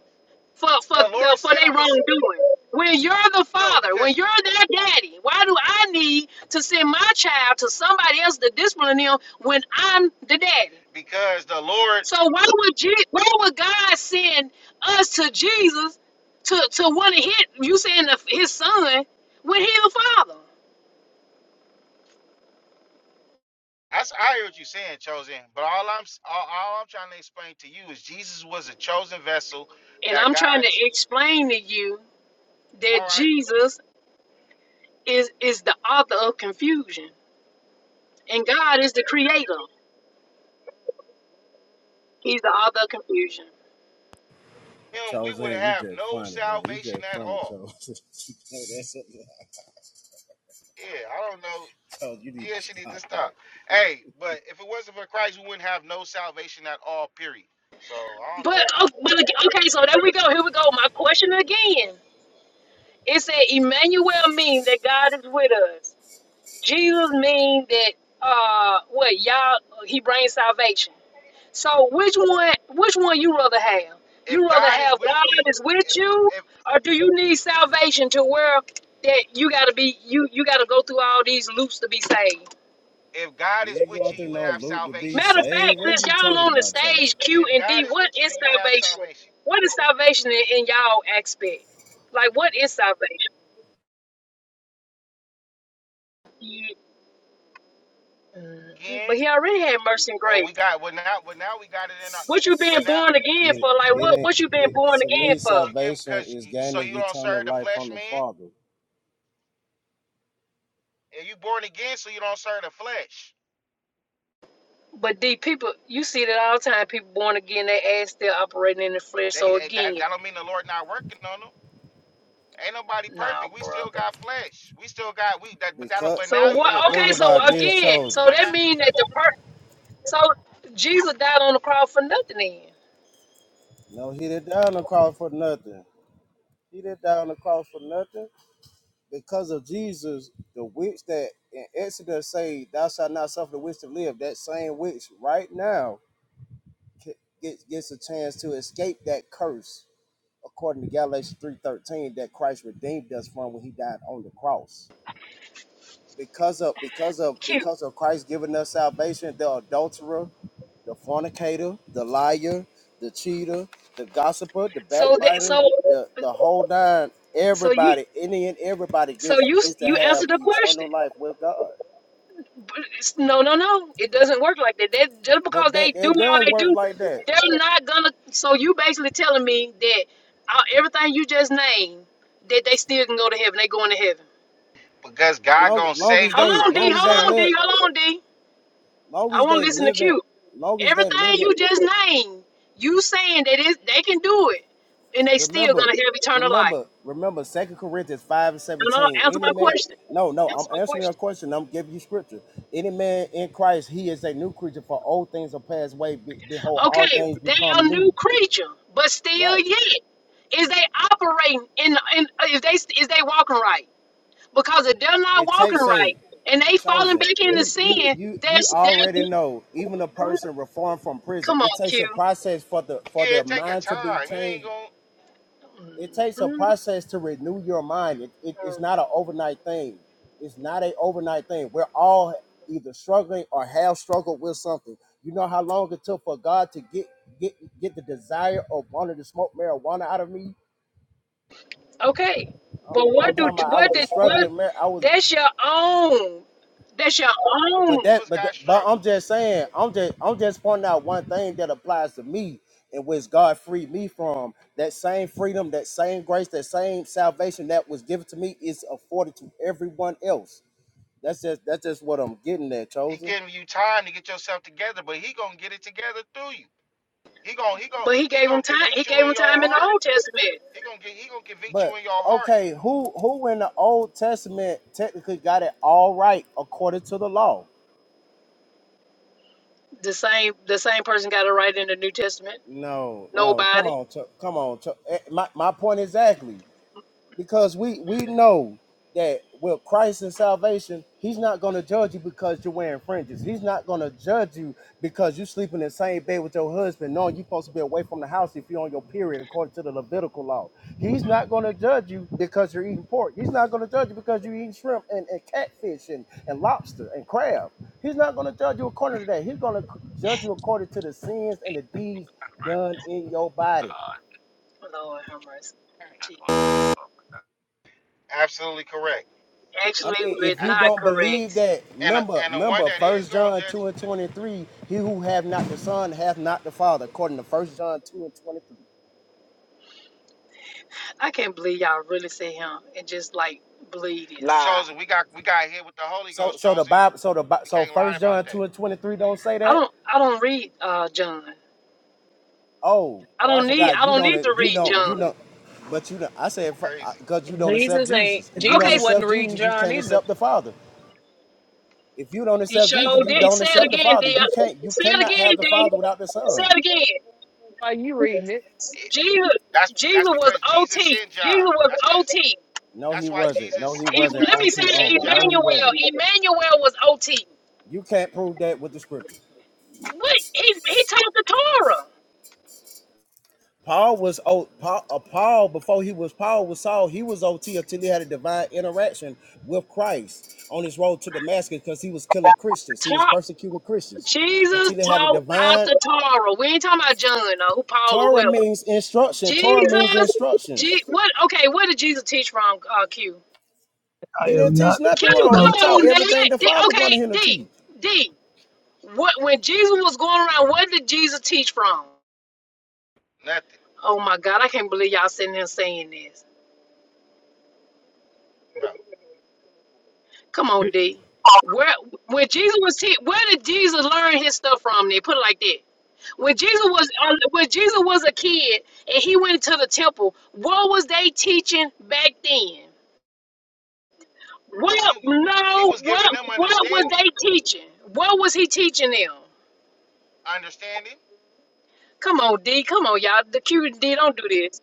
Speaker 1: for for
Speaker 3: the
Speaker 1: the,
Speaker 3: Lord
Speaker 1: for
Speaker 3: said
Speaker 1: their
Speaker 3: I'm a s-
Speaker 1: wrongdoing. When you're the
Speaker 3: no
Speaker 1: father, when
Speaker 3: because
Speaker 1: you're their daddy, why do I need to send my child to somebody else to discipline them when I'm the daddy?
Speaker 3: because the Lord.
Speaker 1: So why would Je- why would God send us to Jesus to to want to hit you saying the, his son when he the father?
Speaker 3: That's I hear what you're saying, chosen. But all I'm s- all, all I'm trying to explain to you is Jesus was a chosen vessel
Speaker 1: And
Speaker 3: that
Speaker 1: I'm trying to
Speaker 3: God's
Speaker 1: explain to you that
Speaker 3: all right.
Speaker 1: Jesus is is the author of confusion, and God is the creator. He's the author of confusion.
Speaker 3: Him, we
Speaker 2: Chose
Speaker 3: would
Speaker 2: in, you
Speaker 3: have
Speaker 2: just
Speaker 3: no
Speaker 2: funny, man. You
Speaker 3: salvation
Speaker 2: just
Speaker 3: at
Speaker 2: funny,
Speaker 3: all.
Speaker 2: Chose. no, that's it.
Speaker 3: Yeah, I don't know.
Speaker 2: Chose, you need to
Speaker 3: Yeah, she needs to
Speaker 2: stop that.
Speaker 3: stop. Hey, but if it wasn't for Christ, we wouldn't have no salvation at all. Period. So I don't
Speaker 1: But
Speaker 3: know
Speaker 1: oh, but ag- okay, so there we go. Here we go. My question again. It said Emmanuel means that God is with us. Jesus means that uh what y'all he brings salvation. So which one which one you rather have?
Speaker 3: if
Speaker 1: You rather
Speaker 3: God is
Speaker 1: have
Speaker 3: with
Speaker 1: God
Speaker 3: you.
Speaker 1: is with
Speaker 3: i-
Speaker 1: you
Speaker 3: If
Speaker 1: or do you need salvation to where that you gotta be you you gotta go through all these loops to be saved?
Speaker 3: if God
Speaker 2: You
Speaker 3: is
Speaker 2: ain't
Speaker 3: with
Speaker 2: going
Speaker 3: you,
Speaker 2: through
Speaker 3: you
Speaker 2: no
Speaker 3: have
Speaker 2: loop to be
Speaker 3: salvation.
Speaker 1: Matter of fact,
Speaker 2: saved. What are
Speaker 1: since
Speaker 2: you
Speaker 1: y'all
Speaker 2: talking
Speaker 1: on the
Speaker 2: about, Chose?
Speaker 1: stage Q
Speaker 3: If
Speaker 1: and D,
Speaker 3: God is
Speaker 1: what
Speaker 3: with you,
Speaker 1: is
Speaker 3: then you have
Speaker 1: salvation?
Speaker 3: salvation.
Speaker 1: What is salvation in, in y'all aspect? Like what is salvation? Ye- mm,
Speaker 3: Again,
Speaker 1: But he already had mercy and
Speaker 3: well,
Speaker 1: grace.
Speaker 3: we got well now, but now we got it in our.
Speaker 1: What you been
Speaker 3: But now,
Speaker 1: born again
Speaker 2: Get
Speaker 1: for?
Speaker 2: it,
Speaker 1: Like
Speaker 2: get
Speaker 1: what
Speaker 2: it,
Speaker 1: what you been
Speaker 2: it.
Speaker 1: born
Speaker 2: To
Speaker 1: again
Speaker 2: me,
Speaker 1: for?
Speaker 3: what you getting?
Speaker 2: salvation
Speaker 3: Because
Speaker 2: is
Speaker 3: you, so
Speaker 2: gaining
Speaker 3: you don't
Speaker 2: eternal
Speaker 3: serve the
Speaker 2: life from
Speaker 3: flesh,
Speaker 2: the
Speaker 3: man.
Speaker 2: Father.
Speaker 3: And you born again, so you don't serve the flesh.
Speaker 1: But the people, you see that all the time. People born again, they ass still operating in the flesh.
Speaker 3: They,
Speaker 1: So
Speaker 3: they that
Speaker 1: again,
Speaker 3: that don't mean the Lord not working on them. Ain't nobody
Speaker 1: nah,
Speaker 3: perfect. We still
Speaker 1: brother.
Speaker 3: got flesh. We still got we that but that
Speaker 2: Because
Speaker 3: but
Speaker 1: So
Speaker 3: now you
Speaker 1: what?
Speaker 3: have
Speaker 2: think,
Speaker 3: an
Speaker 2: think
Speaker 1: Okay, so
Speaker 2: about
Speaker 3: opportunity,
Speaker 2: this,
Speaker 1: again,
Speaker 2: chosen.
Speaker 1: so
Speaker 3: but
Speaker 1: that
Speaker 3: now
Speaker 1: mean that the per so Jesus died on the cross for nothing. Then
Speaker 2: No, he didn't die on the cross for nothing. He didn't die on the cross for nothing because of Jesus. The witch that in Exodus say, "Thou shalt not suffer the witch to live." That same witch right now gets gets a chance to escape that curse, according to Galatians three thirteen, that Christ redeemed us from when He died on the cross. Because of because of
Speaker 1: cute.
Speaker 2: because of Christ giving us salvation, the adulterer, the fornicator, the liar, the cheater, the gossiper, the
Speaker 1: So that
Speaker 2: backbiter,
Speaker 1: so
Speaker 2: the the whole nine,
Speaker 1: so you
Speaker 2: everybody, any and everybody
Speaker 1: so
Speaker 2: gets
Speaker 1: you
Speaker 2: gets to
Speaker 1: you
Speaker 2: have
Speaker 1: answered the question.
Speaker 2: eternal life with God.
Speaker 1: But it's- No, no, no. It doesn't work like that. that. Just because
Speaker 2: But
Speaker 1: they
Speaker 2: that
Speaker 1: do
Speaker 2: that
Speaker 1: all
Speaker 2: does
Speaker 1: they
Speaker 2: work
Speaker 1: do,
Speaker 2: like that.
Speaker 1: they're not gonna. So you basically telling me that uh, everything you just named, that they still can go to heaven. They going to heaven.
Speaker 3: because God
Speaker 2: Long
Speaker 3: gonna
Speaker 2: long as
Speaker 3: save them
Speaker 1: Hold
Speaker 2: they
Speaker 1: on,
Speaker 3: from
Speaker 1: D.
Speaker 2: long as
Speaker 1: Hold
Speaker 2: they
Speaker 1: on,
Speaker 2: live
Speaker 1: D.
Speaker 3: themselves.
Speaker 1: Hold on, D.
Speaker 2: long
Speaker 1: I
Speaker 2: as
Speaker 1: want to
Speaker 2: they
Speaker 1: listen to
Speaker 2: live it,
Speaker 1: Q.
Speaker 2: long as they
Speaker 1: Everything
Speaker 2: live it.
Speaker 1: you just named, you saying that it, they can do it, and they still
Speaker 2: Remember,
Speaker 1: gonna have eternal life.
Speaker 2: remember, remember. Second Corinthians five and
Speaker 1: No, no,
Speaker 2: seventeen.
Speaker 1: answer
Speaker 2: Any
Speaker 1: my
Speaker 2: man,
Speaker 1: question.
Speaker 2: no, no.
Speaker 1: Answer
Speaker 2: I'm
Speaker 1: my
Speaker 2: answering your
Speaker 1: question.
Speaker 2: question. I'm giving you scripture. Any man in Christ, he is a new creature. For old things are passed away. Be, behold, all
Speaker 1: Okay,
Speaker 2: things
Speaker 1: they a
Speaker 2: become
Speaker 1: new
Speaker 2: new.
Speaker 1: creature, but still
Speaker 2: Right.
Speaker 1: yet, is they operating in? in is they is they walking right? Because if they're not
Speaker 2: It
Speaker 1: walking
Speaker 2: takes
Speaker 1: right
Speaker 2: a
Speaker 1: and they falling
Speaker 2: chosen.
Speaker 1: back into
Speaker 2: You you
Speaker 1: sin,
Speaker 2: you you
Speaker 1: that's that.
Speaker 2: already know. Even a person reformed from prison,
Speaker 1: Come
Speaker 2: it
Speaker 1: on,
Speaker 2: takes a
Speaker 1: Q.
Speaker 2: process for the for
Speaker 3: Yeah,
Speaker 2: their
Speaker 3: It take a
Speaker 2: mind to be
Speaker 3: time. You ain't
Speaker 2: changed
Speaker 3: gonna
Speaker 2: it takes a
Speaker 1: Mm-hmm.
Speaker 2: process to renew your mind. It, it, it's not an overnight thing. It's not a overnight thing. We're all either struggling or have struggled with something. You know how long it took for God to get get get the desire of wanting to smoke marijuana out of me.
Speaker 1: Okay, but
Speaker 2: I'm
Speaker 1: what do
Speaker 2: talking about I
Speaker 1: what
Speaker 2: was a
Speaker 1: did what?
Speaker 2: struggling man. I was
Speaker 1: That's your own. That's your own.
Speaker 2: But
Speaker 3: all of
Speaker 2: that,
Speaker 3: us
Speaker 2: but th-
Speaker 3: got
Speaker 2: but I'm
Speaker 3: struggles.
Speaker 2: just saying, I'm just I'm just pointing out one thing that applies to me, and which God freed me from that same freedom, that same grace, that same salvation that was given to me is afforded to everyone else. That's just that's just what I'm getting at,
Speaker 3: He
Speaker 2: chosen.
Speaker 3: giving you time to get yourself together, but he gonna get it together through you. He gonna he gonna
Speaker 1: But he
Speaker 3: he
Speaker 1: gave him
Speaker 3: gonna
Speaker 1: time. He
Speaker 3: convict you
Speaker 1: gave
Speaker 3: in
Speaker 1: him
Speaker 3: your
Speaker 1: time in the
Speaker 3: heart.
Speaker 1: Old Testament.
Speaker 3: He gonna get he gonna convict you
Speaker 2: But
Speaker 3: in your heart.
Speaker 2: okay, who who in the Old Testament technically got it all right according to the law?
Speaker 1: The same the same person got a right in the New Testament.
Speaker 2: No, no, come
Speaker 1: Nobody.
Speaker 2: on, Cho- come on. Cho- eh, My my point exactly. because we we know that with Christ and salvation, He's not going to judge you because you're wearing fringes. He's not going to judge you because you sleep in the same bed with your husband. No, you're supposed to be away from the house if you're on your period according to the Levitical law. He's not going to judge you because you're eating pork. He's not going to judge you because you're eating shrimp and, and catfish and, and lobster and crab. He's not going to judge you according to that. He's going to judge you according to the sins and the deeds done in your body.
Speaker 1: Lord have mercy. Jesus.
Speaker 3: Absolutely correct.
Speaker 2: I
Speaker 1: Actually,
Speaker 2: mean,
Speaker 1: we're
Speaker 2: if
Speaker 3: I,
Speaker 2: you
Speaker 1: not
Speaker 2: don't believe
Speaker 1: correct.
Speaker 2: that,
Speaker 3: and a,
Speaker 2: remember,
Speaker 3: and the one
Speaker 2: remember,
Speaker 3: that is
Speaker 2: First
Speaker 3: gonna
Speaker 2: John two
Speaker 3: judge
Speaker 2: and twenty three. He who have not the Son hath not the Father, according to First John two and twenty three.
Speaker 1: I can't believe y'all really say him and just like believe this.
Speaker 5: Nah,
Speaker 3: chosen. We got we got hit with the Holy
Speaker 2: So,
Speaker 3: Ghost
Speaker 2: so the
Speaker 3: chosen.
Speaker 2: Bible, so the Bi-
Speaker 3: We
Speaker 2: so
Speaker 3: can't lie
Speaker 2: First
Speaker 3: about
Speaker 2: John
Speaker 3: that.
Speaker 2: two and twenty three don't say
Speaker 1: I
Speaker 2: that.
Speaker 1: don't. I don't read uh John.
Speaker 2: Oh,
Speaker 1: I
Speaker 2: oh, I
Speaker 1: don't need.
Speaker 2: forgot.
Speaker 1: I
Speaker 2: You
Speaker 1: don't
Speaker 2: don't,
Speaker 1: need to
Speaker 2: you
Speaker 1: read
Speaker 2: don't, you
Speaker 1: John.
Speaker 2: don't. But you, don't, I said,
Speaker 3: Crazy.
Speaker 2: because you don't accept
Speaker 5: Jesus ain't
Speaker 2: Jesus, and you don't
Speaker 5: Jesus
Speaker 1: Okay,
Speaker 5: wasn't
Speaker 2: accept Jesus,
Speaker 5: reading
Speaker 2: you
Speaker 5: John
Speaker 2: can't
Speaker 5: either.
Speaker 2: accept the Father. If you don't
Speaker 1: You
Speaker 2: accept Jesus,
Speaker 1: sure
Speaker 2: you
Speaker 1: did.
Speaker 2: don't
Speaker 1: Say it
Speaker 2: accept the
Speaker 1: again,
Speaker 2: Father.
Speaker 1: D.
Speaker 2: You can't, you
Speaker 1: Say it
Speaker 2: cannot
Speaker 1: again,
Speaker 2: have the
Speaker 1: D.
Speaker 2: Father without the
Speaker 1: Say
Speaker 2: Son.
Speaker 1: it again.
Speaker 5: Why you reading it?
Speaker 3: It-
Speaker 1: Jesus,
Speaker 3: that's
Speaker 1: Jesus
Speaker 3: that's
Speaker 1: was
Speaker 3: because Jesus
Speaker 1: OT.
Speaker 3: sent
Speaker 1: Jesus
Speaker 3: John.
Speaker 1: was
Speaker 3: That's because
Speaker 1: OT. E-
Speaker 2: No,
Speaker 3: that's
Speaker 2: he
Speaker 3: why
Speaker 2: wasn't. No,
Speaker 3: Jesus.
Speaker 2: he
Speaker 3: That's
Speaker 2: wasn't.
Speaker 3: because
Speaker 1: let me say
Speaker 2: OT
Speaker 3: Jesus sent
Speaker 2: only.
Speaker 1: it,
Speaker 2: No,
Speaker 3: John.
Speaker 2: he
Speaker 1: Emmanuel.
Speaker 2: wasn't.
Speaker 1: Emmanuel was OT.
Speaker 2: You can't prove that with the scripture.
Speaker 1: What? He, he taught the Torah.
Speaker 2: Paul was O Paul, uh, Paul before he was Paul was Saul. He was OT until he had a divine interaction with Christ on his road to Damascus because he was killing Christians. He was
Speaker 1: Taught
Speaker 2: persecuting Christians
Speaker 3: He was
Speaker 1: Jesus
Speaker 2: until
Speaker 3: doing
Speaker 2: he had a
Speaker 1: taught out
Speaker 2: divine
Speaker 1: the Torah. We ain't talking about John or who Paul or
Speaker 2: Torah
Speaker 1: whoever.
Speaker 2: means instruction. Torah means
Speaker 1: Jesus, Je-
Speaker 2: instructions.
Speaker 1: what? Okay, where did Jesus teach from? Uh, Q.
Speaker 4: I
Speaker 2: He
Speaker 4: have
Speaker 2: didn't teach
Speaker 4: not
Speaker 2: nothing
Speaker 1: Q,
Speaker 2: wrong.
Speaker 4: come.
Speaker 2: He
Speaker 1: come
Speaker 2: taught
Speaker 1: on, man.
Speaker 2: everything the
Speaker 1: D,
Speaker 2: Father
Speaker 1: okay,
Speaker 2: wanted him to
Speaker 1: D,
Speaker 2: teach.
Speaker 1: D. What when Jesus was going around, what did Jesus teach from?
Speaker 3: nothing,
Speaker 1: Oh my God, I can't believe y'all sitting there saying this.
Speaker 3: bro.
Speaker 1: Come on,
Speaker 4: It
Speaker 1: D. Where when Jesus was te- where did Jesus learn his stuff from? They put it like that. When Jesus was uh, when Jesus was a kid and he went to the temple, what was they teaching back then?
Speaker 3: He was
Speaker 1: What
Speaker 3: giving he
Speaker 1: no,
Speaker 3: was
Speaker 1: what
Speaker 3: giving them
Speaker 1: what was
Speaker 3: understanding,
Speaker 1: they teaching? What was he teaching them?
Speaker 3: understanding,
Speaker 1: Come on, D. Come on, y'all. The Q and D don't do this.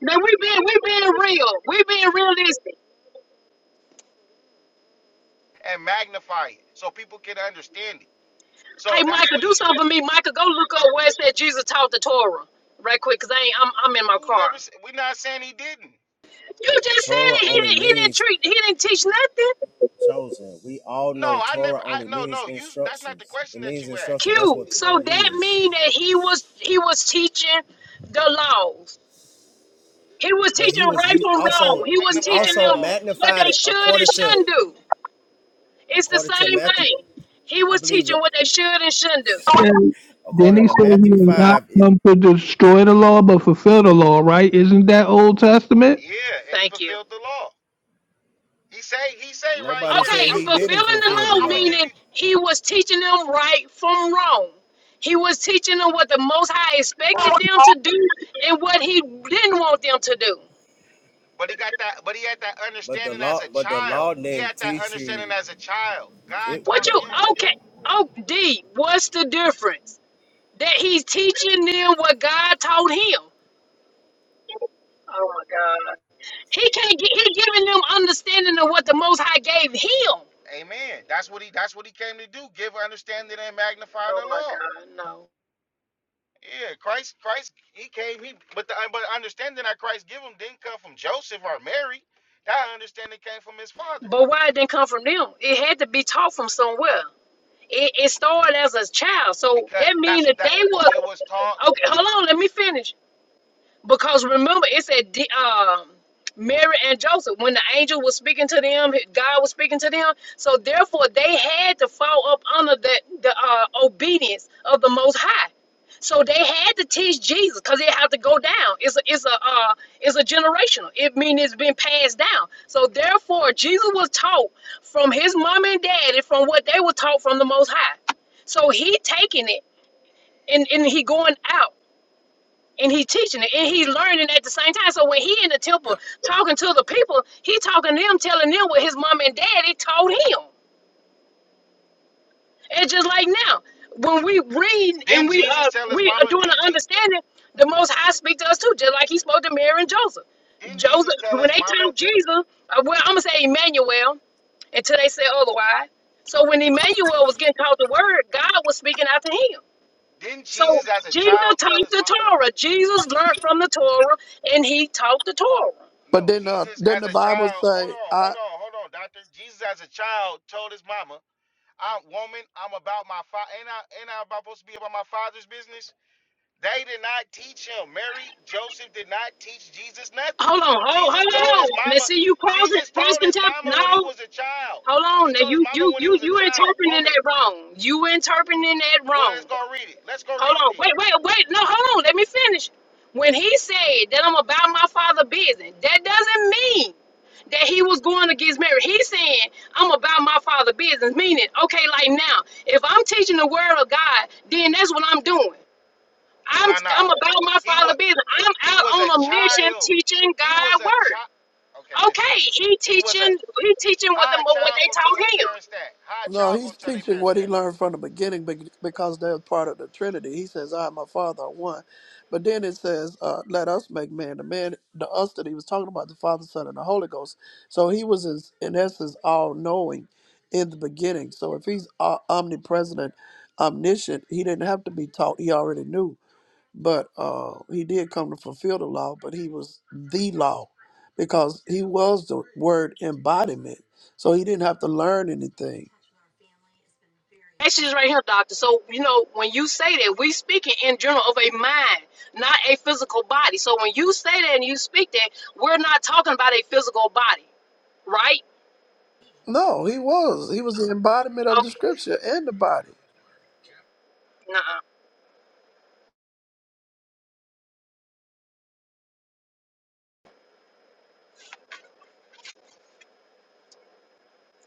Speaker 1: No, we being we being real. We being realistic.
Speaker 3: and magnify it so people can understand it.
Speaker 1: Hey,
Speaker 3: So that's
Speaker 1: Micah,
Speaker 3: what
Speaker 1: do
Speaker 3: he.
Speaker 1: something for me. Micah, go look up where it said Jesus taught the Torah, right quick, cause I ain't, I'm I'm in my
Speaker 3: Who
Speaker 1: car.
Speaker 3: never? s- We're not saying he didn't.
Speaker 1: You just said
Speaker 2: Torah
Speaker 1: it. He
Speaker 2: only
Speaker 1: didn't he didn't
Speaker 2: means
Speaker 1: treat he didn't teach nothing.
Speaker 2: chosen. We all
Speaker 3: No,
Speaker 2: know
Speaker 3: I never.
Speaker 2: Torah only
Speaker 3: I no
Speaker 2: means
Speaker 3: no. You. That's not the
Speaker 2: instructions.
Speaker 3: question
Speaker 2: It
Speaker 3: that
Speaker 2: means
Speaker 3: you
Speaker 2: instruction.
Speaker 3: asked.
Speaker 2: That's
Speaker 1: Q.
Speaker 2: what
Speaker 1: So
Speaker 2: Torah
Speaker 1: that
Speaker 2: is.
Speaker 1: mean that he was he was teaching the laws. He was
Speaker 2: but
Speaker 1: teaching
Speaker 2: he was
Speaker 1: right
Speaker 2: he
Speaker 1: from wrong.
Speaker 2: also
Speaker 1: He was
Speaker 2: he
Speaker 1: teaching
Speaker 3: Magnifying the
Speaker 2: also
Speaker 1: them
Speaker 3: laws.
Speaker 1: what
Speaker 2: magnified
Speaker 1: they
Speaker 2: it
Speaker 1: should and
Speaker 2: according to
Speaker 1: shouldn't do. It's the
Speaker 2: according to
Speaker 1: same
Speaker 2: Matthew
Speaker 1: thing. He
Speaker 2: I
Speaker 1: was
Speaker 2: believe
Speaker 1: teaching
Speaker 2: it
Speaker 1: what they should and shouldn't do.
Speaker 4: said- Then
Speaker 2: according
Speaker 4: he
Speaker 2: to
Speaker 4: said he
Speaker 2: Matthew
Speaker 4: did not
Speaker 2: five it
Speaker 4: come to destroy the law, but fulfill the law. Right? Isn't that Old Testament?
Speaker 3: Yeah, and he
Speaker 1: Thank you.
Speaker 3: fulfilled the law. He say he say right
Speaker 2: nobody
Speaker 3: here.
Speaker 1: Okay,
Speaker 2: said he didn't
Speaker 1: fulfilling the
Speaker 3: I'm I'm
Speaker 2: fulfill the
Speaker 1: law
Speaker 3: I'm gonna
Speaker 2: law
Speaker 3: give you.
Speaker 1: meaning he was teaching them right from wrong. He was teaching them what the Most High expected
Speaker 4: Up
Speaker 1: them to do and what he didn't want them to do.
Speaker 3: But he got that, but he had that
Speaker 2: but the
Speaker 3: understanding as
Speaker 2: law
Speaker 3: a
Speaker 2: but the
Speaker 3: child.
Speaker 2: law
Speaker 3: He had
Speaker 2: didn't
Speaker 3: that
Speaker 2: teach
Speaker 3: understanding
Speaker 2: you
Speaker 3: as a child. God
Speaker 2: it
Speaker 1: What
Speaker 3: taught
Speaker 2: but
Speaker 1: you
Speaker 3: him.
Speaker 1: okay? Oh, D, what's the difference? That he's teaching them what God told him. Oh my God, he can't. Get, he giving them understanding of what the Most High gave him.
Speaker 3: Amen. That's what he that's what he came to do. Give understanding and magnify
Speaker 1: Oh
Speaker 3: the
Speaker 1: my
Speaker 3: law.
Speaker 1: God, no.
Speaker 3: Yeah, Christ, Christ, he came, he but the but the understanding that Christ gave him didn't come from Joseph or Mary. That understanding came from his father.
Speaker 1: But why it didn't come from them? It had to be taught from somewhere. It, it started as a child, so
Speaker 3: Because
Speaker 1: that means
Speaker 3: that's what
Speaker 1: that
Speaker 3: that
Speaker 1: they was
Speaker 3: it was taught.
Speaker 1: okay.
Speaker 3: It
Speaker 1: Hold
Speaker 3: was
Speaker 1: on, let me finish. Because remember, it said D- um, Mary and Joseph, when the angel was speaking to them, God was speaking to them. So therefore, they had to fall up under the, the uh, obedience of the Most High. So they had to teach Jesus because it had to go down. It's a, it's a uh, it's a generational. It means it's been passed down. So therefore, Jesus was taught from his mom and daddy from what they were taught from the Most High. So he taking it and and he going out and he teaching it and he learning at the same time. So when he in the temple talking to the people, he talking to them, telling them what his mom and daddy told him. It's just like now when we read and
Speaker 3: didn't
Speaker 1: we uh
Speaker 3: Jesus tell his
Speaker 1: we are
Speaker 3: mama,
Speaker 1: doing
Speaker 3: didn't,
Speaker 1: the
Speaker 3: Je,
Speaker 1: understanding, the Most High speak to us too, just like he spoke to Mary and Joseph.
Speaker 3: didn't
Speaker 1: Joseph,
Speaker 3: Jesus tell
Speaker 1: when
Speaker 3: his
Speaker 1: they
Speaker 3: mama,
Speaker 1: told Jesus, uh, well, I'm gonna say Emmanuel until they say otherwise. So when Emmanuel was getting taught the word, God was speaking out to him.
Speaker 3: didn't
Speaker 1: So
Speaker 3: Jesus as a
Speaker 1: Jesus
Speaker 3: child tell
Speaker 1: taught
Speaker 3: his
Speaker 1: the
Speaker 3: mama?
Speaker 1: Torah. Jesus learned from the Torah and he taught the Torah.
Speaker 6: But
Speaker 3: No,
Speaker 6: then, uh,
Speaker 3: Jesus
Speaker 6: did
Speaker 3: as
Speaker 6: the
Speaker 3: a
Speaker 6: Bible
Speaker 3: child. Hold
Speaker 6: say,
Speaker 3: on,
Speaker 6: "I"?
Speaker 3: hold on, hold on, doctor. Jesus as a child told his mama, "I'm woman. I'm about my father. Ain't I? Ain't I about supposed to be about my father's business?" They did not teach him. Mary, Joseph did not teach Jesus nothing.
Speaker 1: Hold on, hold,
Speaker 3: Jesus
Speaker 1: hold
Speaker 3: told his
Speaker 1: on. Now
Speaker 3: mama.
Speaker 1: see you crossing
Speaker 3: Jesus
Speaker 1: cross
Speaker 3: told his
Speaker 1: contempt.
Speaker 3: mama when he
Speaker 1: No,
Speaker 3: was a child.
Speaker 1: hold on.
Speaker 3: He
Speaker 1: Now
Speaker 3: told his
Speaker 1: you
Speaker 3: mama
Speaker 1: you
Speaker 3: when he
Speaker 1: you
Speaker 3: was a
Speaker 1: you
Speaker 3: child,
Speaker 1: interpreting
Speaker 3: woman.
Speaker 1: that wrong. You interpreting that
Speaker 3: Well,
Speaker 1: wrong.
Speaker 3: let's go read it. Let's go
Speaker 1: Hold
Speaker 3: read it
Speaker 1: on. Wait,
Speaker 3: then.
Speaker 1: wait, wait. No, hold on. Let me finish. When he said that I'm about my father's business, that doesn't mean that he was going against Mary. He's saying, I'm about my father's business. Meaning, okay, like now, if I'm teaching the word of God, then that's what I'm doing. I'm
Speaker 3: Nah,
Speaker 1: I'm
Speaker 3: nah.
Speaker 1: about my
Speaker 3: He
Speaker 1: father's
Speaker 3: was
Speaker 1: business. I'm
Speaker 3: he
Speaker 1: out
Speaker 3: was
Speaker 1: on
Speaker 3: a
Speaker 1: a mission
Speaker 3: child.
Speaker 1: teaching
Speaker 3: He was
Speaker 1: God
Speaker 3: a
Speaker 1: word.
Speaker 3: child. Okay, listen.
Speaker 1: Okay, he
Speaker 3: He was a
Speaker 1: teaching he teaching what
Speaker 3: How
Speaker 1: them
Speaker 3: a
Speaker 1: what
Speaker 3: child
Speaker 1: they
Speaker 3: gonna tell their
Speaker 1: taught him.
Speaker 3: parents that? How a
Speaker 6: No,
Speaker 3: child
Speaker 6: he's
Speaker 3: gonna tell their
Speaker 6: teaching
Speaker 3: parents
Speaker 6: what
Speaker 3: that?
Speaker 6: he learned from the beginning be- because they're part of the Trinity. He says, "I and my Father are one." But then it says, uh, "Let us make man." The man, the us that he was talking about, the Father, Son, and the Holy Ghost. So he was, in, in essence, all knowing in the beginning. So if he's uh, omnipresent, omniscient, he didn't have to be taught; he already knew. but uh, he did come to fulfill the law, but he was the law because he was the word embodiment. So he didn't have to learn anything.
Speaker 1: That's just right here, doctor. So you know when you say that, we speaking in general of a mind, not a physical body. So when you say that and you speak that, we're not talking about a physical body, right?
Speaker 6: No, he was. He was the embodiment of the
Speaker 1: Okay,
Speaker 6: scripture and the body.
Speaker 1: nah,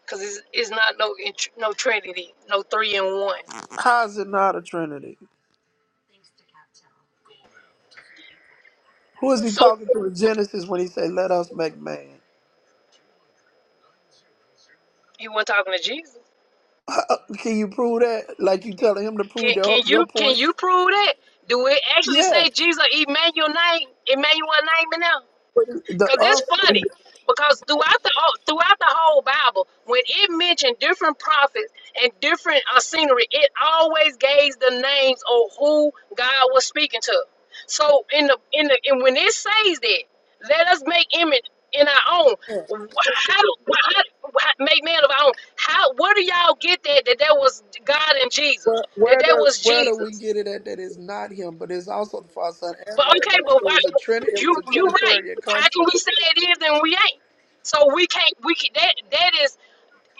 Speaker 1: because it's, it's not no int- no trinity, no three in one.
Speaker 6: How is it not a trinity? Who is he
Speaker 1: So
Speaker 6: talking to in Genesis when he say, "Let us make man"?
Speaker 1: you were talking to Jesus.
Speaker 6: Can you prove that? Like you telling him to
Speaker 1: Can
Speaker 6: prove your
Speaker 1: can
Speaker 6: your
Speaker 1: you can
Speaker 6: point?
Speaker 1: you prove that? Do it actually
Speaker 6: Yeah,
Speaker 1: say Jesus Emmanuel name Emmanuel name in there?
Speaker 6: but the
Speaker 1: Cause it's
Speaker 6: us.
Speaker 1: funny because throughout the whole- throughout the whole Bible, when it mentioned different prophets and different uh, scenery, it always gave the names of who God was speaking to. So in the in the and when it says that, let us make image in our own. How do how, how, make man of our own? How where do y'all get that that that was God and Jesus?
Speaker 6: Where
Speaker 1: That
Speaker 6: where
Speaker 1: that
Speaker 6: do
Speaker 1: was
Speaker 6: where do we
Speaker 1: Jesus?
Speaker 6: get it at that is not him, but it's also the Father, Son, and
Speaker 1: But
Speaker 6: Holy
Speaker 1: okay,
Speaker 6: Ghost?
Speaker 1: but
Speaker 6: It
Speaker 1: why?
Speaker 6: was a trin it
Speaker 1: You
Speaker 6: was a
Speaker 1: you right.
Speaker 6: Trinitarian
Speaker 1: How can we
Speaker 6: concept.
Speaker 1: say it is and we ain't? So we can't. We can, that that is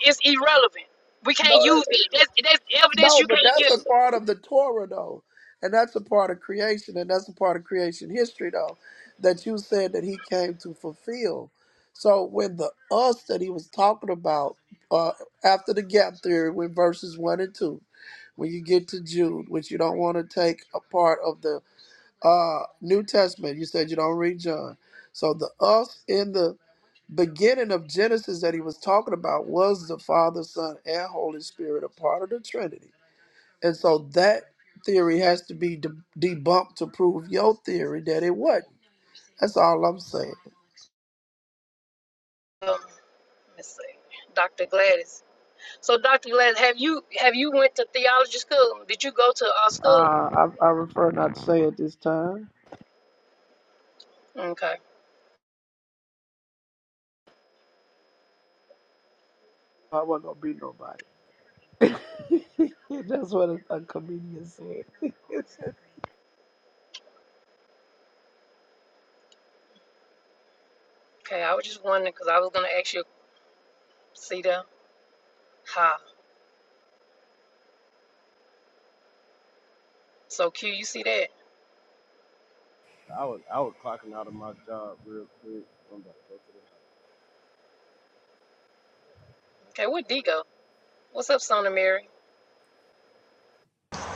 Speaker 1: is irrelevant. We
Speaker 6: No,
Speaker 1: can't
Speaker 6: that,
Speaker 1: use it. That's, that's evidence
Speaker 6: no,
Speaker 1: you
Speaker 6: but
Speaker 1: can't
Speaker 6: that's
Speaker 1: use.
Speaker 6: a part of the Torah though, and that's a part of creation, and that's a part of creation history though, that you said that he came to fulfill. So when the us that he was talking about uh, after the gap theory, when verses one and two, when you get to Jude, which you don't want to take a part of the uh New Testament. You said you don't read John. So the us in the beginning of Genesis that he was talking about was the Father, Son, and Holy Spirit, a part of the Trinity. And so that theory has to be de- debunked to prove your theory that it wasn't. That's all I'm saying.
Speaker 1: Um, let's see, Dr. Gladys. So Dr. Gladys, have you have you went to theology school? Did you go to our
Speaker 6: Uh,
Speaker 1: school?
Speaker 6: I, I prefer not to say at this time.
Speaker 1: Okay,
Speaker 6: I wasn't gonna be nobody. That's what a, a comedian said.
Speaker 1: okay. I was just wondering because I was gonna ask you. See that? Ha. So Q, you see that?
Speaker 2: I was I was clocking out of my job real quick I'm about to go to the house
Speaker 1: Okay. Where D go? What's up, Sona Mary?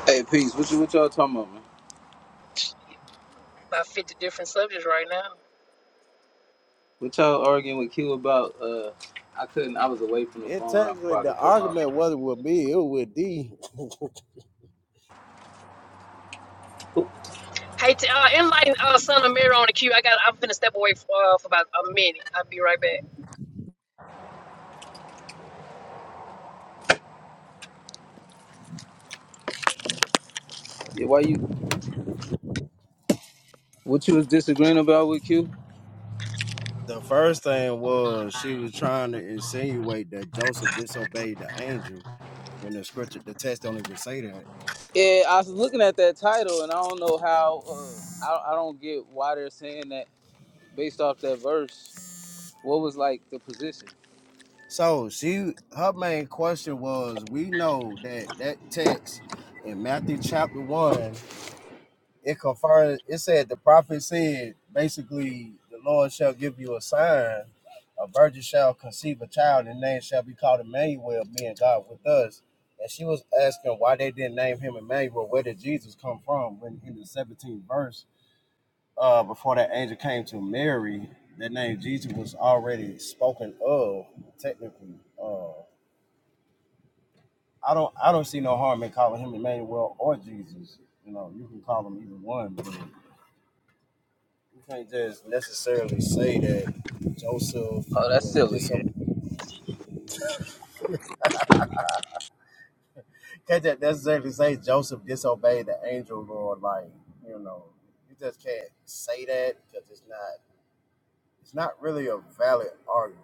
Speaker 7: Hey, peace. What, you, what y'all talking about, man?
Speaker 1: About fifty different subjects right now.
Speaker 7: What y'all arguing with Q about? Uh, I couldn't. I was away from the
Speaker 2: it
Speaker 7: phone. I
Speaker 2: technically
Speaker 7: probably
Speaker 2: the
Speaker 7: could come out.
Speaker 2: argument wasn't with me it was with D
Speaker 7: Who-
Speaker 1: Hey, t- uh, enlighten uh, son of Mary on the queue. I got. I'm finna step away for, uh, for about a minute. I'll be right back.
Speaker 7: Yeah, why you? What you was disagreeing about with Q?
Speaker 2: the first thing was she was trying to insinuate that Joseph disobeyed the angel when the scripture the text don't even say that.
Speaker 7: Yeah, I was looking at that title, and I don't know how. Uh, I I don't get why they're saying that based off that verse. What was like the position?
Speaker 2: So she her main question was we know that that text in Matthew chapter one it confirmed it said the prophet said basically the lord shall give you a sign a virgin shall conceive a child and name shall be called emmanuel being god with us and she was asking why they didn't name him emmanuel where did jesus come from when in the 17th verse uh before that angel came to mary that name jesus was already spoken of technically uh i don't i don't see no harm in calling him emmanuel or jesus you know you can call him either one but You can't just necessarily say that Joseph
Speaker 7: Oh, that's
Speaker 2: was
Speaker 7: silly. Yeah.
Speaker 2: disobeyed. You Can't just necessarily say Joseph disobeyed the angel Lord. Like you know, you just can't say that because it's not. It's not really a valid argument.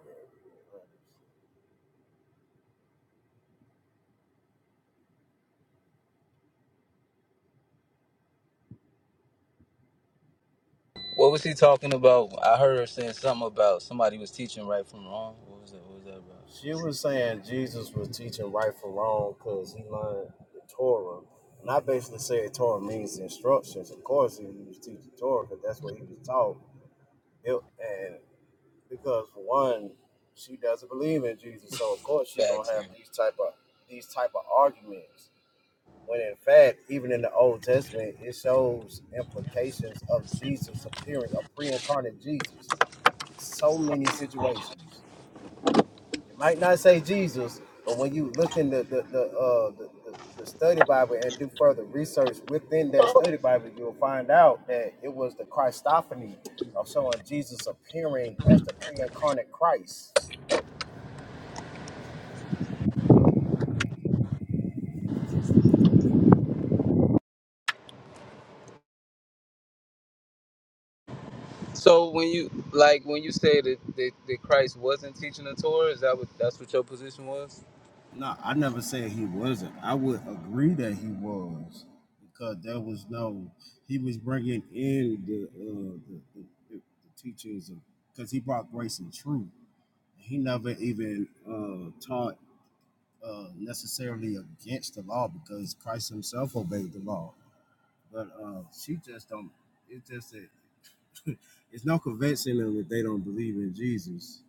Speaker 7: What was he talking about? I heard her saying something about somebody was teaching right from wrong. What was that? What was that about?
Speaker 2: She was saying Jesus was teaching right from wrong because he learned the Torah. And I basically said Torah means instructions. Of course, he was teaching Torah because that's what he was taught. It- and because one, she doesn't believe in Jesus, so of course she's gonna
Speaker 7: Facts. yeah.
Speaker 2: have these type of these type of arguments. When in fact, even in the Old Testament, it shows implications of Jesus appearing, a pre-incarnate Jesus, in so many situations. It might not say Jesus, but when you look in the the the, uh, the, the the study Bible and do further research within that study Bible, you'll find out that it was the Christophany of showing Jesus appearing as the pre-incarnate Christ
Speaker 7: So when you like when you say that, that, that Christ wasn't teaching the Torah, is that what that's what your position was?
Speaker 2: No, I never said he wasn't. I would agree that he was because there was no. He was bringing in the uh, the, the, the teachings of because he brought grace and truth. He never even uh, taught uh, necessarily against the law because Christ Himself obeyed the law. But uh, she just don't. It's just that it's no convincing them that they don't believe in Jesus.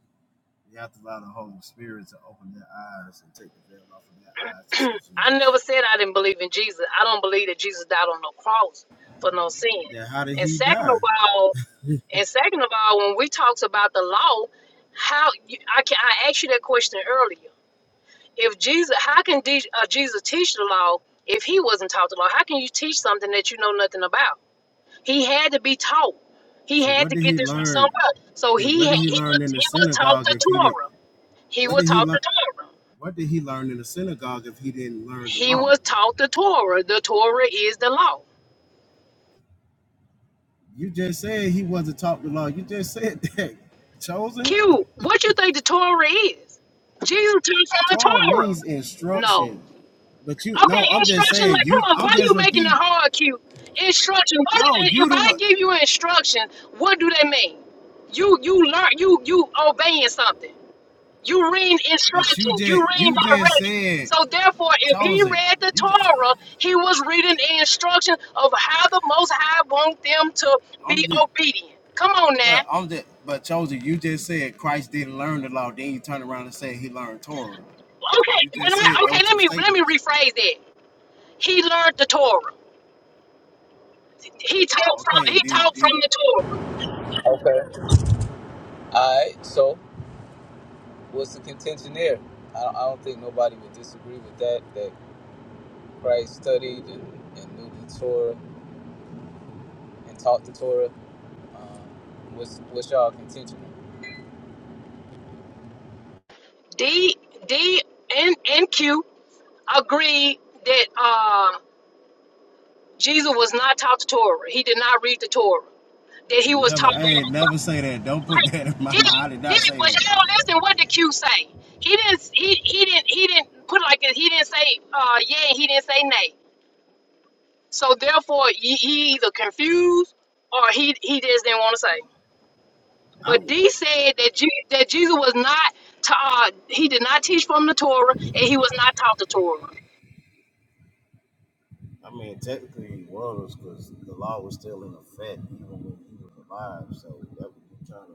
Speaker 2: You have to allow the Holy Spirit to open their eyes and take the veil off of their eyes to see
Speaker 1: I never
Speaker 2: Jesus.
Speaker 1: said I didn't believe in Jesus. I don't believe that Jesus died on no cross for no sin.
Speaker 2: Then how did
Speaker 1: And
Speaker 2: he
Speaker 1: second
Speaker 2: die?
Speaker 1: of all, and second of all, when we talked about the law, how you, I can I asked you that question earlier. If Jesus, how can D, uh, Jesus teach the law if he wasn't taught the law? How can you teach something that you know nothing about? He had to be taught. He
Speaker 2: So
Speaker 1: had
Speaker 2: what
Speaker 1: to
Speaker 2: did
Speaker 1: get
Speaker 2: he
Speaker 1: this from
Speaker 2: learn?
Speaker 1: somebody. So
Speaker 2: Then
Speaker 1: he
Speaker 2: what
Speaker 1: had,
Speaker 2: did he
Speaker 1: he was
Speaker 2: learn in the
Speaker 1: he was taught
Speaker 2: synagogue
Speaker 1: the
Speaker 2: if he didn't?
Speaker 1: Torah. He
Speaker 2: What
Speaker 1: was
Speaker 2: did he
Speaker 1: taught the
Speaker 2: learn?
Speaker 1: Torah.
Speaker 2: What did he learn in the synagogue if he didn't learn the
Speaker 1: He
Speaker 2: law?
Speaker 1: was taught the Torah. The Torah is the law.
Speaker 2: You just said he wasn't taught the law. You just said that. Chosen
Speaker 1: Q, what you think the Torah is? Jesus taught from the
Speaker 2: Torah
Speaker 1: Torah.
Speaker 2: means
Speaker 1: No.
Speaker 2: instruction, but you
Speaker 1: Okay,
Speaker 2: no. I'm just
Speaker 1: instruction.
Speaker 2: saying
Speaker 1: Like,
Speaker 2: you.
Speaker 1: come on, why
Speaker 2: I'm
Speaker 1: are you
Speaker 2: just
Speaker 1: making it
Speaker 2: repeat.
Speaker 1: hard, Q? Instruction. What
Speaker 2: No,
Speaker 1: is it, if
Speaker 2: you the
Speaker 1: I
Speaker 2: what?
Speaker 1: give you instruction, what do they mean? You you learn you you obeying something. You read instruction.
Speaker 2: But you
Speaker 1: You
Speaker 2: just
Speaker 1: read
Speaker 2: you just
Speaker 1: direction.
Speaker 2: said
Speaker 1: So therefore, if he
Speaker 2: chosen.
Speaker 1: read the
Speaker 2: You just
Speaker 1: Torah, he was reading the instruction of how the Most High want them to be
Speaker 2: I'm just.
Speaker 1: obedient. Come on now.
Speaker 2: But I'm just, but chosen. You just said Christ didn't learn the law. Then you turn around and say he learned Torah.
Speaker 1: Okay,
Speaker 2: You
Speaker 1: and
Speaker 2: just said
Speaker 1: I, okay.
Speaker 2: those
Speaker 1: Let
Speaker 2: two
Speaker 1: me let me
Speaker 2: statements.
Speaker 1: rephrase that. He learned the Torah. He taught from
Speaker 2: Okay,
Speaker 1: he
Speaker 2: did he?
Speaker 1: taught from
Speaker 2: Did he?
Speaker 1: the Torah.
Speaker 7: Okay. All right. So what's the contention there? I don't, I don't think nobody would disagree with that. That Christ studied and, and knew the Torah and taught the Torah. What's what's y'all contention?
Speaker 1: D D and and Q agreed that uh, Jesus was not taught the Torah. He did not read the Torah. That he was
Speaker 2: Never.
Speaker 1: taught.
Speaker 2: I ain't never say that. Don't put
Speaker 1: like
Speaker 2: that in my mind.
Speaker 1: Diddy,
Speaker 2: I did not
Speaker 1: Diddy,
Speaker 2: say
Speaker 1: but
Speaker 2: that.
Speaker 1: y'all listen what did Q say. He didn't he he didn't he didn't put it like this. He didn't say uh yeah, and he didn't say nay. So therefore he, he either confused or he he just didn't want to say.
Speaker 2: I I
Speaker 1: But D said that Je- that Jesus was not ta- uh, he did not teach from the Torah and he was not taught the Torah.
Speaker 2: mean, technically he was because the law was still in effect even when he was alive. So that would be kind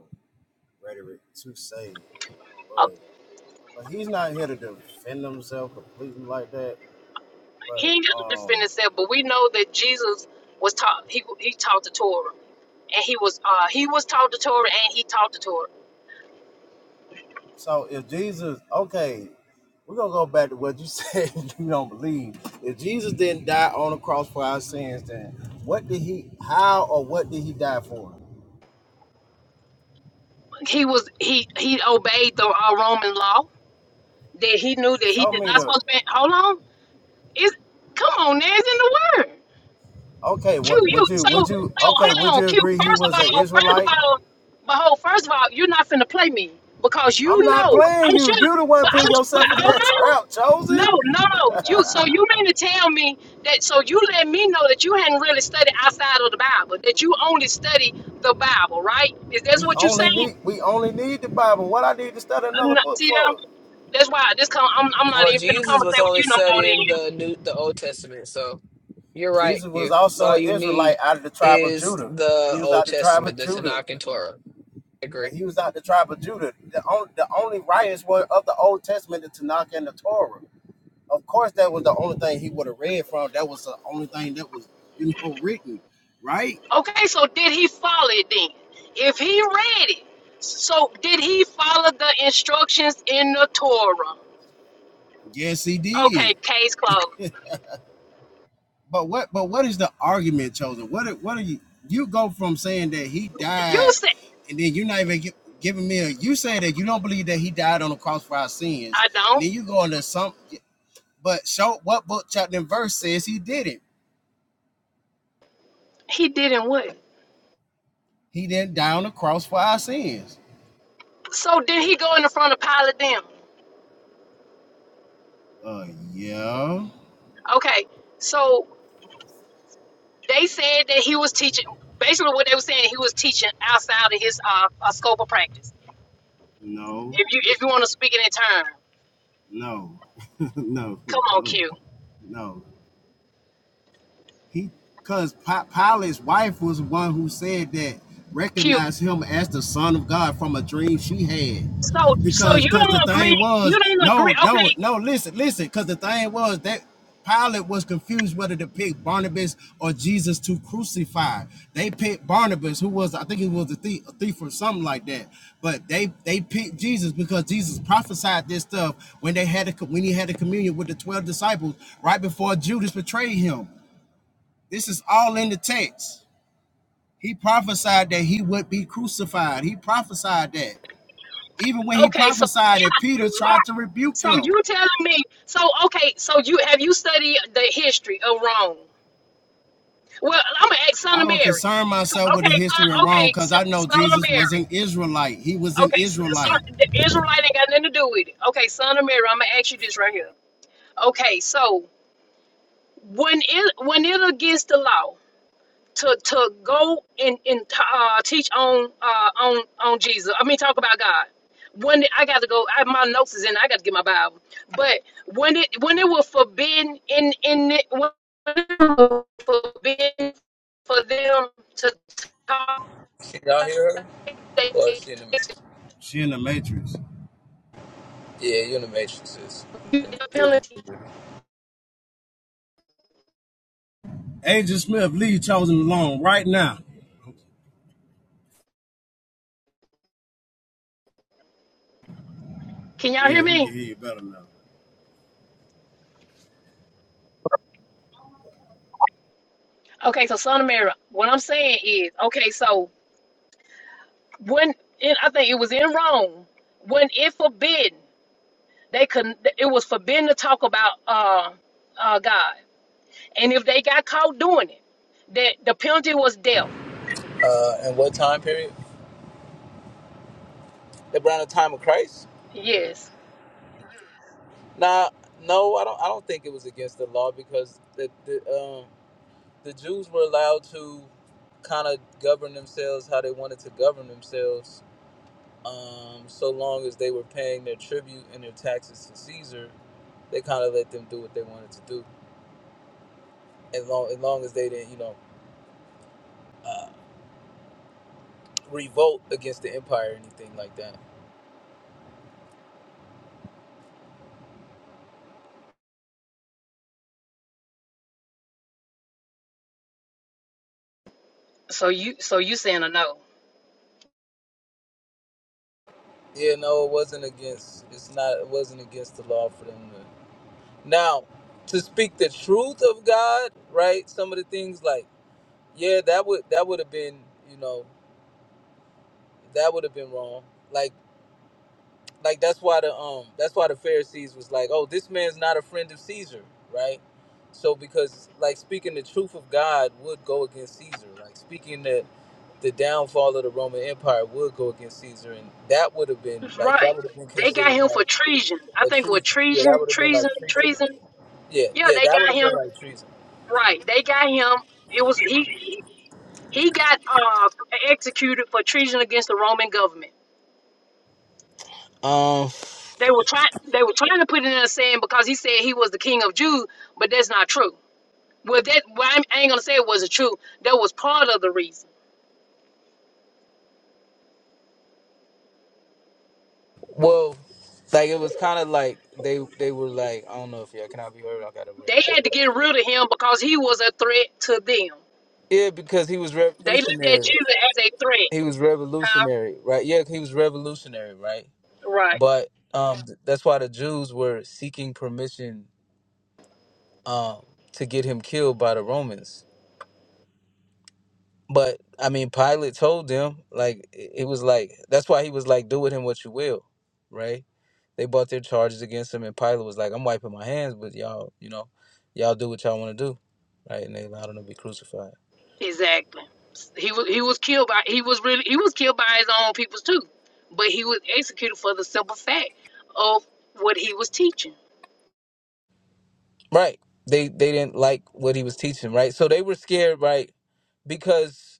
Speaker 2: rhetoric to say,
Speaker 1: Uh,
Speaker 2: but but he's not here to defend himself completely like that.
Speaker 1: he
Speaker 2: But
Speaker 1: ain't got to defend
Speaker 2: um.
Speaker 1: himself, but we know that Jesus was taught he he taught the Torah and he was uh he was taught the Torah and he taught the Torah.
Speaker 2: So if Jesus, okay, we're gonna go back to what you said you don't believe. If Jesus didn't die on the cross for our sins, then what did he how or what did he die for?
Speaker 1: he was he he obeyed the uh, Roman law that he knew that he
Speaker 2: Show
Speaker 1: did
Speaker 2: me
Speaker 1: not
Speaker 2: the
Speaker 1: supposed to be. Hold on, it's come on, now it's in the word.
Speaker 2: okay,
Speaker 1: Q,
Speaker 2: what
Speaker 1: you
Speaker 2: would you
Speaker 1: so so
Speaker 2: would you okay,
Speaker 1: hold
Speaker 2: would
Speaker 1: on,
Speaker 2: you
Speaker 1: Q.
Speaker 2: agree he
Speaker 1: First
Speaker 2: was
Speaker 1: of
Speaker 2: an
Speaker 1: all, first of
Speaker 2: Israelite?
Speaker 1: all, behold. first of all, you're not finna play me because
Speaker 2: I'm
Speaker 1: you
Speaker 2: not
Speaker 1: know
Speaker 2: playing
Speaker 1: I'm
Speaker 2: you.
Speaker 1: sure,
Speaker 2: You the one
Speaker 1: but
Speaker 2: putting
Speaker 1: I'm but
Speaker 2: yourself in
Speaker 1: hold
Speaker 2: that
Speaker 1: on.
Speaker 2: trap,
Speaker 1: No,
Speaker 2: chosen.
Speaker 1: no, no. You so you mean to tell me that so you let me know that you hadn't really studied outside of the Bible, that you only study the Bible, right? Is that
Speaker 2: We
Speaker 1: what you're
Speaker 2: only
Speaker 1: saying?
Speaker 2: need we only need the Bible. What I need to study another
Speaker 1: N-
Speaker 2: book
Speaker 1: See them?
Speaker 2: for?
Speaker 1: That's why this come. I'm, I'm not
Speaker 5: Well,
Speaker 1: even finna
Speaker 5: Jesus was
Speaker 1: conversate with you
Speaker 5: only
Speaker 1: no more.
Speaker 5: studying the
Speaker 1: Then.
Speaker 5: new the Old Testament, so you're right,
Speaker 2: Jesus was
Speaker 5: you. So
Speaker 2: also
Speaker 5: all
Speaker 2: an
Speaker 5: you
Speaker 2: Israelite
Speaker 5: need
Speaker 2: out of the tribe of
Speaker 5: is
Speaker 2: Judah.
Speaker 5: the
Speaker 2: He was
Speaker 5: Old
Speaker 2: out the tribe
Speaker 5: Testament,
Speaker 2: of
Speaker 5: the
Speaker 2: Judah.
Speaker 5: Tanakh and Torah. agree.
Speaker 2: but he was not the tribe of Judah. The only the only writers were of the Old Testament, the Tanakh and the Torah. Of course, that was the only thing he would have read from. That was the only thing that was you know written, right?
Speaker 1: Okay, so did he follow it then? If he read it, so did he follow the instructions in the Torah?
Speaker 2: Yes, he
Speaker 1: Okay,
Speaker 2: did.
Speaker 1: case closed.
Speaker 2: But what but what is the argument chosen? What what are you you go from saying that he
Speaker 1: You
Speaker 2: died,
Speaker 1: said
Speaker 2: and then you're not even gi- giving me a you say that you don't believe that he died on the cross for our sins,
Speaker 1: I
Speaker 2: and
Speaker 1: don't.
Speaker 2: then you go into some but show what book chapter and verse says he didn't.
Speaker 1: He didn't what?
Speaker 2: He didn't die on the cross for our sins
Speaker 1: So did he go in the front of Pilate then?
Speaker 2: Uh, yeah,
Speaker 1: Okay, so they said that he was teaching. Basically, what they were saying, he was teaching outside of his uh, uh scope of practice.
Speaker 2: no,
Speaker 1: If you if you want to speak in that term,
Speaker 2: no, no,
Speaker 1: come on,
Speaker 2: no,
Speaker 1: Q.
Speaker 2: no. He, cause Pilate's wife was one who said that
Speaker 1: Q.
Speaker 2: recognized him as the son of God from a dream she
Speaker 1: So,
Speaker 2: had.
Speaker 1: so
Speaker 2: Because,
Speaker 1: you
Speaker 2: cause
Speaker 1: don't
Speaker 2: the
Speaker 1: agree?
Speaker 2: thing was,
Speaker 1: You don't agree?
Speaker 2: no, no,
Speaker 1: Okay,
Speaker 2: no. Listen, listen. Cause the thing was that Pilate was confused whether to pick Barnabas or Jesus to crucify. They picked Barnabas, who was, I think he was a thief, a thief or something like that. But they they picked Jesus because Jesus prophesied this stuff when they had a, when he had a communion with the twelve disciples right before Judas betrayed him. This is all in the text. He prophesied that he would be crucified. He prophesied that. Even when he
Speaker 1: okay. So,
Speaker 2: prophesied that Peter
Speaker 1: yeah,
Speaker 2: tried to rebuke
Speaker 1: so
Speaker 2: him.
Speaker 1: you telling me? So, okay. So you have you studied the history of Rome? Well, I'm gonna ask Son
Speaker 2: I
Speaker 1: of
Speaker 2: don't
Speaker 1: Mary.
Speaker 2: concern myself with the
Speaker 1: Okay,
Speaker 2: history of
Speaker 1: uh,
Speaker 2: wrong
Speaker 1: okay,
Speaker 2: because
Speaker 1: Son
Speaker 2: I know
Speaker 1: son of
Speaker 2: Jesus was
Speaker 1: Mary.
Speaker 2: an Israelite. He was an
Speaker 1: Okay, so, so
Speaker 2: Israelite.
Speaker 1: the Israelite ain't got nothing to do with it. Okay, Son of Mary. I'm gonna ask you this right here. Okay, so when it when it against the law? to to go and and uh, teach on uh, on on Jesus. I mean, talk about God. When it, I got to go, I, my notes is in. I got to get my Bible. But when it when it was forbidden in in it, when it was forbidden for them to talk,
Speaker 7: Can y'all hear her?
Speaker 1: they
Speaker 7: Or is she in the?
Speaker 2: She in the matrix.
Speaker 7: Yeah, you in the Matrix. sis.
Speaker 1: execute the penalty.
Speaker 2: Agent Smith, leave chosen alone right now.
Speaker 1: Can y'all hear
Speaker 2: Yeah, we
Speaker 1: me?
Speaker 2: can hear you better now.
Speaker 1: Okay, so son of Mary, what I'm saying is, okay, so when in, I think it was in Rome when it forbidden. They couldn't. It was forbidden to talk about uh, uh, God, and if they got caught doing it, that the penalty was death.
Speaker 7: Uh, and what time period? Around the time of Christ?
Speaker 1: Yes.
Speaker 7: Nah, no, I don't. I don't think it was against the law because the the um the Jews were allowed to kind of govern themselves how they wanted to govern themselves, um, so long as they were paying their tribute and their taxes to Caesar. They kind of let them do what they wanted to do, as long as long as they didn't, you know, revolt against the empire or anything like that.
Speaker 1: So you so you saying a no?
Speaker 7: Yeah, no, it wasn't against. It's not. It wasn't against the law for them to. Now, to speak the truth of God, right? Some of the things like, yeah, that would that would have been, you know, that would have been wrong. Like like that's why the um that's why the Pharisees was like, oh, this man's not a friend of Caesar, right? So because like speaking the truth of God would go against Caesar, like speaking the the downfall of the Roman Empire would go against Caesar, and that would have been like that
Speaker 1: Right.
Speaker 7: would have been
Speaker 1: They got
Speaker 7: considered
Speaker 1: him for
Speaker 7: like
Speaker 1: treason. I
Speaker 7: a
Speaker 1: think it was
Speaker 7: treason. Yeah,
Speaker 1: treason,
Speaker 7: that would have been
Speaker 1: treason,
Speaker 7: like treason.
Speaker 1: treason.
Speaker 7: Yeah,
Speaker 1: Yeah,
Speaker 7: yeah,
Speaker 1: they
Speaker 7: that would
Speaker 1: got
Speaker 7: have
Speaker 1: him.
Speaker 7: been like treason.
Speaker 1: Right. They got him. It was he. He he got uh, executed for treason against the Roman government.
Speaker 7: Um,
Speaker 1: They were trying. They were trying to put it in a saying because he said he was the king of Jews, but that's not true. Well, that well, I'm- I ain't gonna say it wasn't true. That was part of the reason.
Speaker 7: well, like it was kind of like they they were like, I don't know if y'all can I be heard? I got a
Speaker 1: They
Speaker 7: red bar.
Speaker 1: had to get rid of him because he was a threat to them.
Speaker 7: Yeah, because he was
Speaker 1: They looked at
Speaker 7: revolutionary.
Speaker 1: Jesus as a threat,
Speaker 7: he was
Speaker 1: huh?
Speaker 7: revolutionary, right? Yeah, he was revolutionary, right?
Speaker 1: Right.
Speaker 7: But um, th- that's why the Jews were seeking permission um, to get him killed by the Romans. But I mean, Pilate told them like it it was like that's why he was like, "Do with him what you will," right? They brought their charges against him, and Pilate was like, "I'm wiping my hands, but y'all, you know, y'all do what y'all want to do, right?" And they allowed him to be crucified,
Speaker 1: Exactly. He was he was killed by he was really he was killed by his own people too, but he was executed for the simple fact of what he was teaching.
Speaker 7: right? They they didn't like what he was teaching, right? So they were scared, right? Because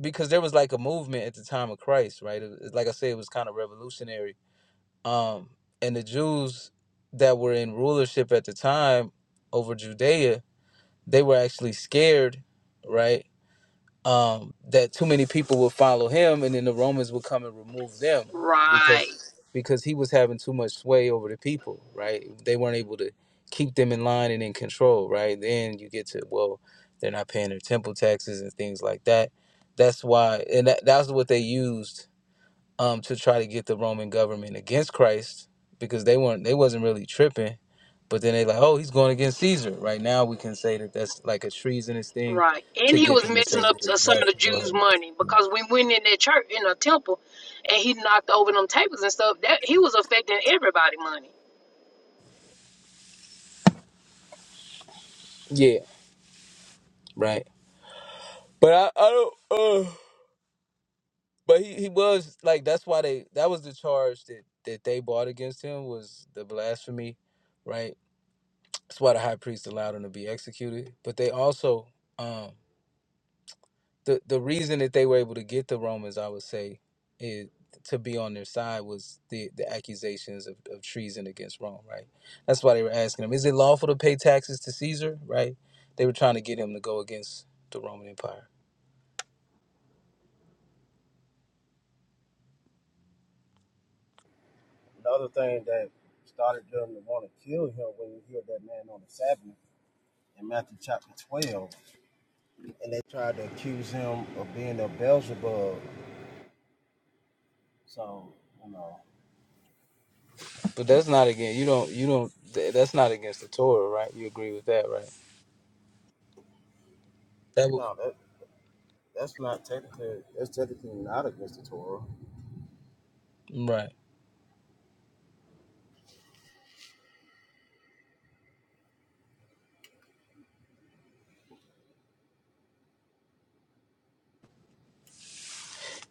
Speaker 7: because there was like a movement at the time of Christ, right? It, it- like I said, it was kind of revolutionary. Um, and the Jews that were in rulership at the time over Judea, they were actually scared, right? um, that too many people would follow him, and then the Romans would come and remove them
Speaker 1: Right.
Speaker 7: because because he was having too much sway over the people, right? They weren't able to keep them in line and in control, right? Then you get to well, they're not paying their temple taxes and things like that. That's why, and that, that's what they used um, to try to get the Roman government against Christ because they weren't they wasn't really tripping, but then they like, oh, he's going against Caesar. Right now, we can say that that's like a treasonous thing
Speaker 1: Right. And
Speaker 7: to
Speaker 1: he
Speaker 7: get
Speaker 1: was
Speaker 7: them to say,
Speaker 1: messing up
Speaker 7: well, you
Speaker 1: s- some of
Speaker 7: guys
Speaker 1: the
Speaker 7: can go ahead
Speaker 1: Jews'
Speaker 7: and
Speaker 1: money
Speaker 7: do that."
Speaker 1: because we went in that church in a temple, and he knocked over them tables and stuff. That he was affecting everybody money
Speaker 7: yeah, right. But I, I don't. Uh, but he, he was like that's why they that was the charge that that they brought against him was the blasphemy, right? That's why the high priest allowed him to be executed. But they also um. the the reason that they were able to get the Romans, I would say, is to be on their side was the the accusations of, of treason against Rome, right? That's why they were asking him, is it lawful to pay taxes to Caesar, right? They were trying to get him to go against the Roman Empire,
Speaker 2: The other thing that started them to want to kill him when he healed that man on the Sabbath in Matthew chapter 12 and they tried to accuse him of being a Beelzebub. So you know,
Speaker 7: but that's not against you don't you don't th- that's not against the Torah, right? You agree with that, right? That
Speaker 2: no, that that's not technically that's technically not against the Torah.
Speaker 7: would, right?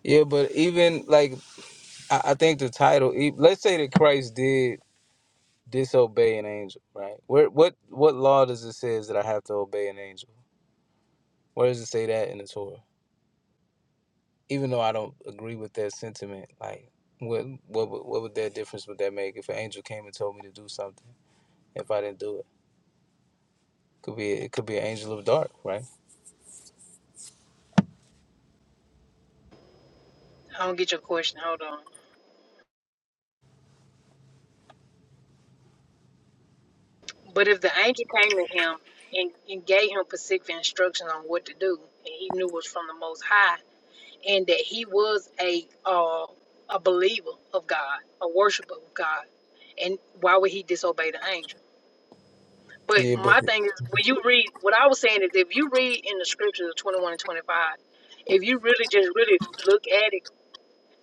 Speaker 7: Yeah, but even like I, I think the title, e- let's say that Christ did disobey an angel, right? Where what what law does it says that I have to obey an angel? Where does it say that in the Torah? Even though I don't agree with that sentiment, like what what what would that difference would that make if an angel came and told me to do something if I didn't do it? Could be it could be an angel of dark, right?
Speaker 1: I don't get your question. Hold on. But if the angel came to him and, and gave him specific instructions on what to do, and he knew it was from the Most High, and that he was a uh, a believer of God, a worshiper of God, and why would he disobey the angel? But
Speaker 7: Yeah, but
Speaker 1: my thing is, when you read, what I was saying is, if you read in the scriptures of 21 and 25, if you really just really look at it,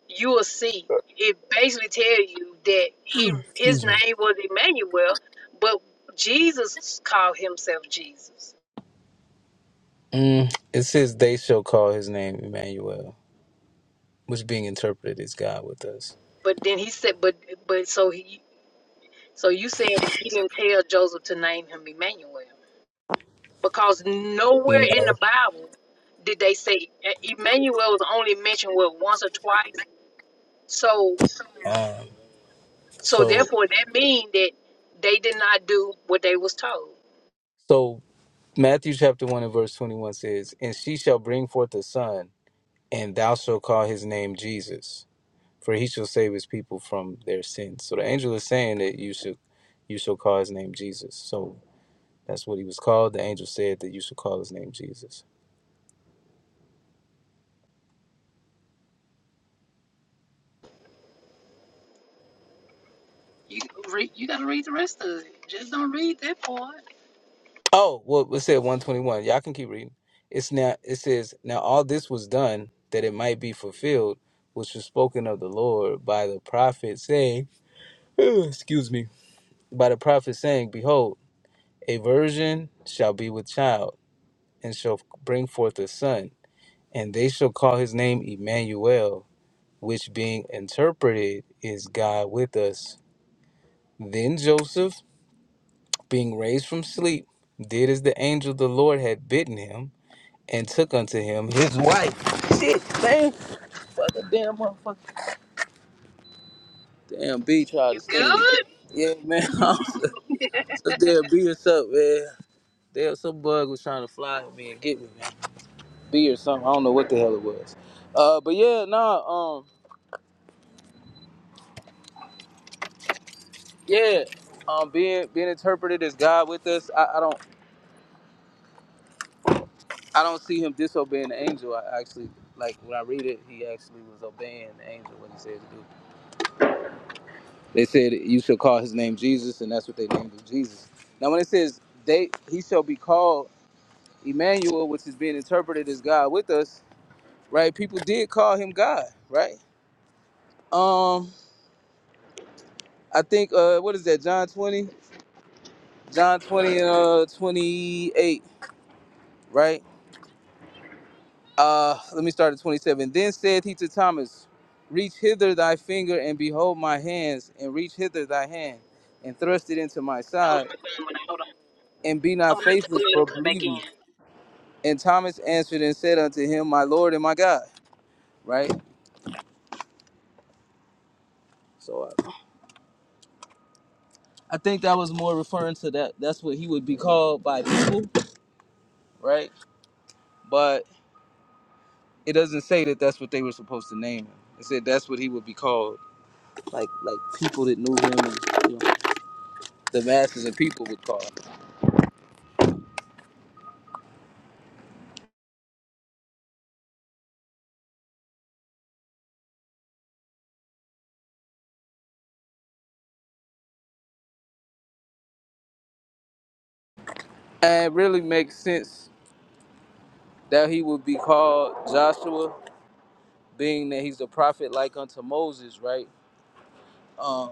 Speaker 1: you will see it basically tell you that he his
Speaker 7: excuse me.
Speaker 1: name was Emmanuel, but Jesus called himself Jesus.
Speaker 7: Mm, it says they shall call his name Emmanuel, which being interpreted is God with us.
Speaker 1: But then he said, but but so he so you saying that he didn't tell Joseph to name him Emmanuel because nowhere
Speaker 7: No.
Speaker 1: in the Bible did they say E, Emmanuel was only mentioned what once or twice. So
Speaker 7: Um,
Speaker 1: so
Speaker 7: so
Speaker 1: therefore that mean that they did not do what they was told.
Speaker 7: so Matthew chapter one and verse twenty one says, and she shall bring forth a son, and thou shalt call his name Jesus for he shall save his people from their sins. So the angel is saying that you should you shall call his name Jesus. So that's what he was called. The angel said that you should call his name Jesus.
Speaker 1: You read, you gotta read the rest of it. Just don't read that part.
Speaker 7: Oh, well it said one twenty one. Y'all can keep reading. It's now it says, Now all this was done that it might be fulfilled, which was spoken of the Lord by the prophet saying excuse me, by the prophet saying, Behold, a virgin shall be with child, and shall bring forth a son, and they shall call his name Emmanuel which being interpreted is God with us. Then Joseph, being raised from sleep, did as the angel of the Lord had bidden him, and took unto him his wife. Shit, man, fuck a damn motherfucker. Damn B tried to
Speaker 1: You good?
Speaker 7: sting me. Yeah, man, I was some damn B or something, man. Damn, some bug was trying to fly at me and get me, man. B or something. I don't know what the hell it was. Uh, but yeah, nah, um, yeah, um, being being interpreted as God with us. I, I don't. I don't see him disobeying the angel. I actually like when I read it, he actually was obeying the angel when he said to do. They said you shall call his name Jesus, and that's what they named him Jesus. Now when it says they he shall be called Emmanuel, which is being interpreted as God with us, right? People did call him God, right? Um, I think uh what is that, John 20? John 20 and uh 28, right? Uh, let me start at 27. Then said he to Thomas, Reach hither thy finger, and behold my hands, and reach hither thy hand, and thrust it into my
Speaker 1: Hold on,
Speaker 7: side,
Speaker 1: hold on, hold on.
Speaker 7: and be
Speaker 1: I'm
Speaker 7: not
Speaker 1: gonna have to go
Speaker 7: faithless,
Speaker 1: ahead and
Speaker 7: but
Speaker 1: come back
Speaker 7: believe me.
Speaker 1: in.
Speaker 7: And Thomas answered and said unto him, My Lord and my God. Right? So uh, I think that was more referring to that. That's what he would be called by people, right? But it doesn't say that that's what they were supposed to name him. It said that's what he would be called, like like people that knew him and you know, the masses of people would call. him. And it really makes sense that he would be called Joshua, being that he's a prophet like unto Moses, right? Um,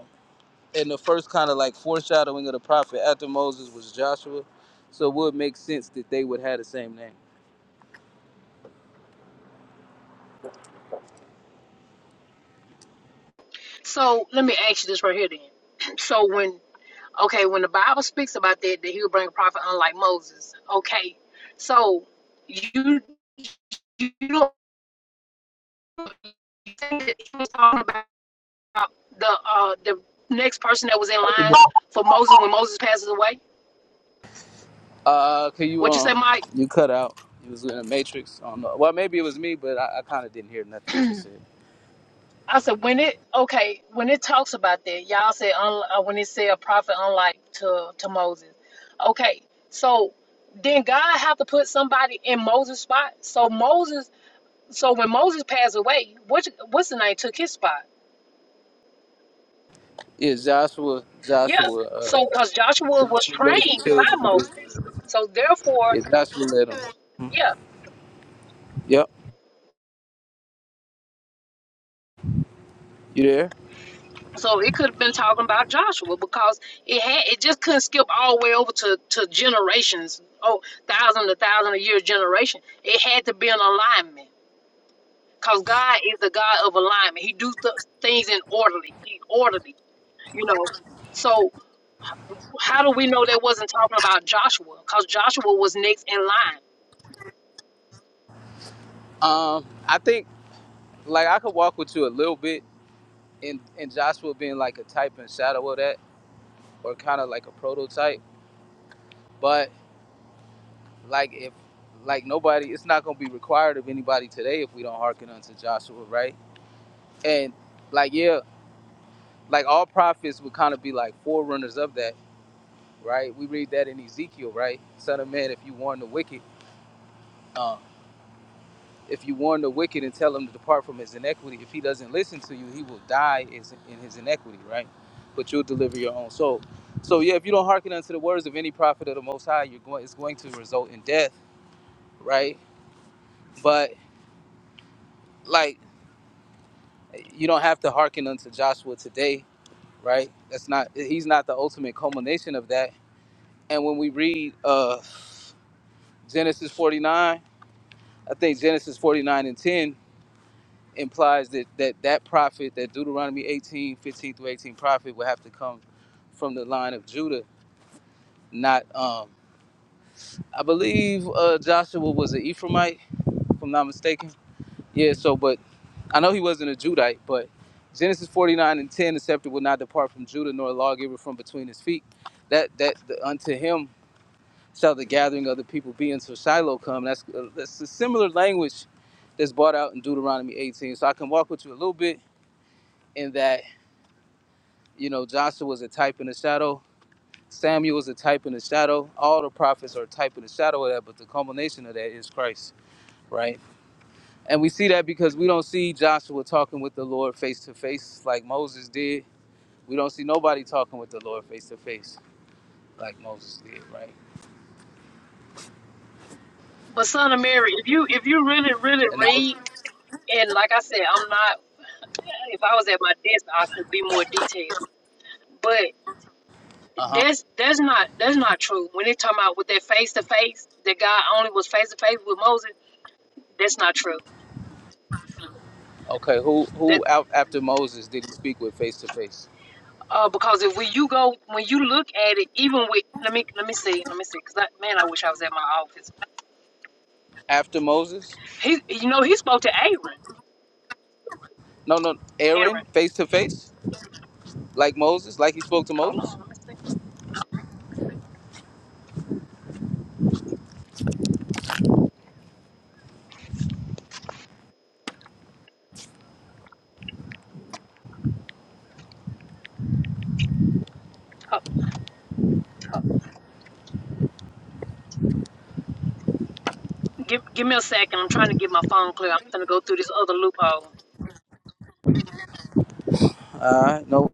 Speaker 7: and the first kind of like foreshadowing of the prophet after Moses was Joshua, so it would make sense that they would have the same name.
Speaker 1: So let me ask you this right here then. So when okay, when the Bible speaks about that, that he'll bring a prophet unlike Moses. Okay. So you you don't you think that he was talking about the uh the next person that was in
Speaker 4: again.
Speaker 1: line for Moses when Moses passes away?
Speaker 7: Uh, can you
Speaker 1: what you say,
Speaker 7: um,
Speaker 1: Mike?
Speaker 7: you cut out? It was in the Matrix. I don't know. Well, maybe it was me, but I, I kind of didn't hear nothing you just said.
Speaker 1: I said when it okay when it talks about that y'all say un, uh, when it said a prophet unlike to to Moses, okay. So then God have to put somebody in Moses' spot. So Moses, so when Moses passed away, which what's the name took his spot?
Speaker 7: Yeah, Joshua,
Speaker 1: Yeah.
Speaker 7: Joshua, uh,
Speaker 1: So because Joshua was
Speaker 7: Joshua led the
Speaker 1: trained by
Speaker 7: children of
Speaker 1: Moses,
Speaker 7: Israel.
Speaker 1: so therefore,
Speaker 7: Yeah, Joshua led them.
Speaker 1: yeah.
Speaker 7: Yep, you there?
Speaker 1: So it could have been talking about Joshua because it had it just couldn't skip all the way over to, to generations, oh thousand to thousand a year generation. It had to be an alignment because God is the God of alignment. He do th- things in orderly, he orderly, you know. So how do we know that wasn't talking about Joshua? Because Joshua was next in line.
Speaker 7: Um, I think like I could walk with you a little bit in in Joshua being like a type and shadow of that, or kind of like a prototype. But like if like nobody, it's not gonna be required of anybody today if we don't hearken unto Joshua, right? And like yeah, like all prophets would kind of be like forerunners of that, right? We read that in Ezekiel, right? Son of man, if you warn the wicked. uh, If you warn the wicked and tell him to depart from his iniquity, if he doesn't listen to you, he will die in his iniquity, right? But you'll deliver your own soul. So yeah, if you don't hearken unto the words of any prophet of the Most High, you're going. It's going to result in death, right? But like, you don't have to hearken unto Joshua today, right? That's not. He's not the ultimate culmination of that. And when we read uh, Genesis 49, I think Genesis 49 and 10 implies that that that prophet, that Deuteronomy 18 15 through 18 prophet, would have to come from the line of Judah, not um. I believe uh, Joshua was an Ephraimite, if I'm not mistaken. Yeah. So, but I know he wasn't a Judite, but Genesis 49 and 10, the scepter will not depart from Judah, nor a lawgiver from between his feet. That that the, unto him shall the gathering of the people be until Shiloh come. That's uh, that's a similar language that's brought out in Deuteronomy 18. So I can walk with you a little bit in that You know, Joshua was a type in the shadow. Samuel was a type in the shadow. All the prophets are a type in the shadow of that, but the culmination of that is Christ, right? And we see that because we don't see Joshua talking with the Lord face to face like Moses did. We don't see nobody talking with the Lord face to face like Moses did, right?
Speaker 1: But son of Mary, if you if you really really
Speaker 7: And that was,
Speaker 1: read and like I said, I'm not. If I was at my desk, I could be more detailed. but.
Speaker 7: uh huh.
Speaker 1: That's that's not that's not true. When they talking about with that face to face, that God only was face to face with Moses. That's not true.
Speaker 7: Okay, who
Speaker 1: That
Speaker 7: who out after Moses did he speak with face to face?
Speaker 1: uh, because if when you go when you look at it, even with let me let me see let me see because I, man I wish I was at my office.
Speaker 7: After Moses?
Speaker 1: He you know he spoke to Aaron.
Speaker 7: No, no,
Speaker 1: Aaron,
Speaker 7: Aaron face to face like Moses, like he spoke to
Speaker 1: hold on,
Speaker 7: Moses.
Speaker 1: let me see. Oh, give give me a second. I'm trying to get my phone clear. I'm gonna go through this other loophole.
Speaker 7: Uh, no.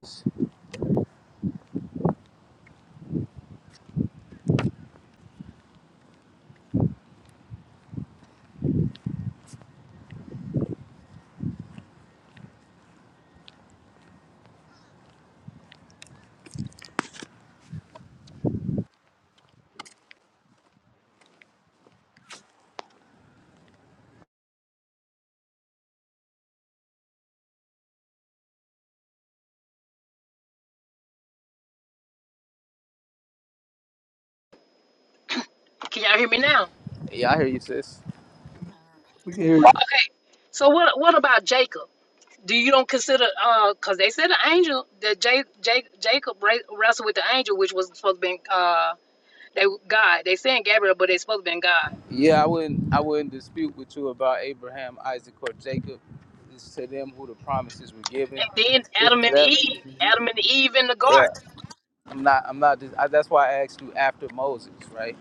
Speaker 1: Can y'all hear me now?
Speaker 7: Yeah, I hear you, sis.
Speaker 4: We can hear you.
Speaker 1: Okay. So what what about Jacob? Do you don't consider uh because they said the angel that J, J, Jacob ra- wrestled with the angel, which was supposed to be uh they God. They saying Gabriel, but they supposed to be God.
Speaker 7: Yeah, I wouldn't I wouldn't dispute with you about Abraham, Isaac, or Jacob. It's to them who the promises were given.
Speaker 1: And then
Speaker 7: It's
Speaker 1: Adam and
Speaker 7: to them.
Speaker 1: Eve, Adam and Eve in the
Speaker 7: Yeah,
Speaker 1: garden.
Speaker 7: I'm not. I'm not. dis- I, that's why I asked you after Moses, right?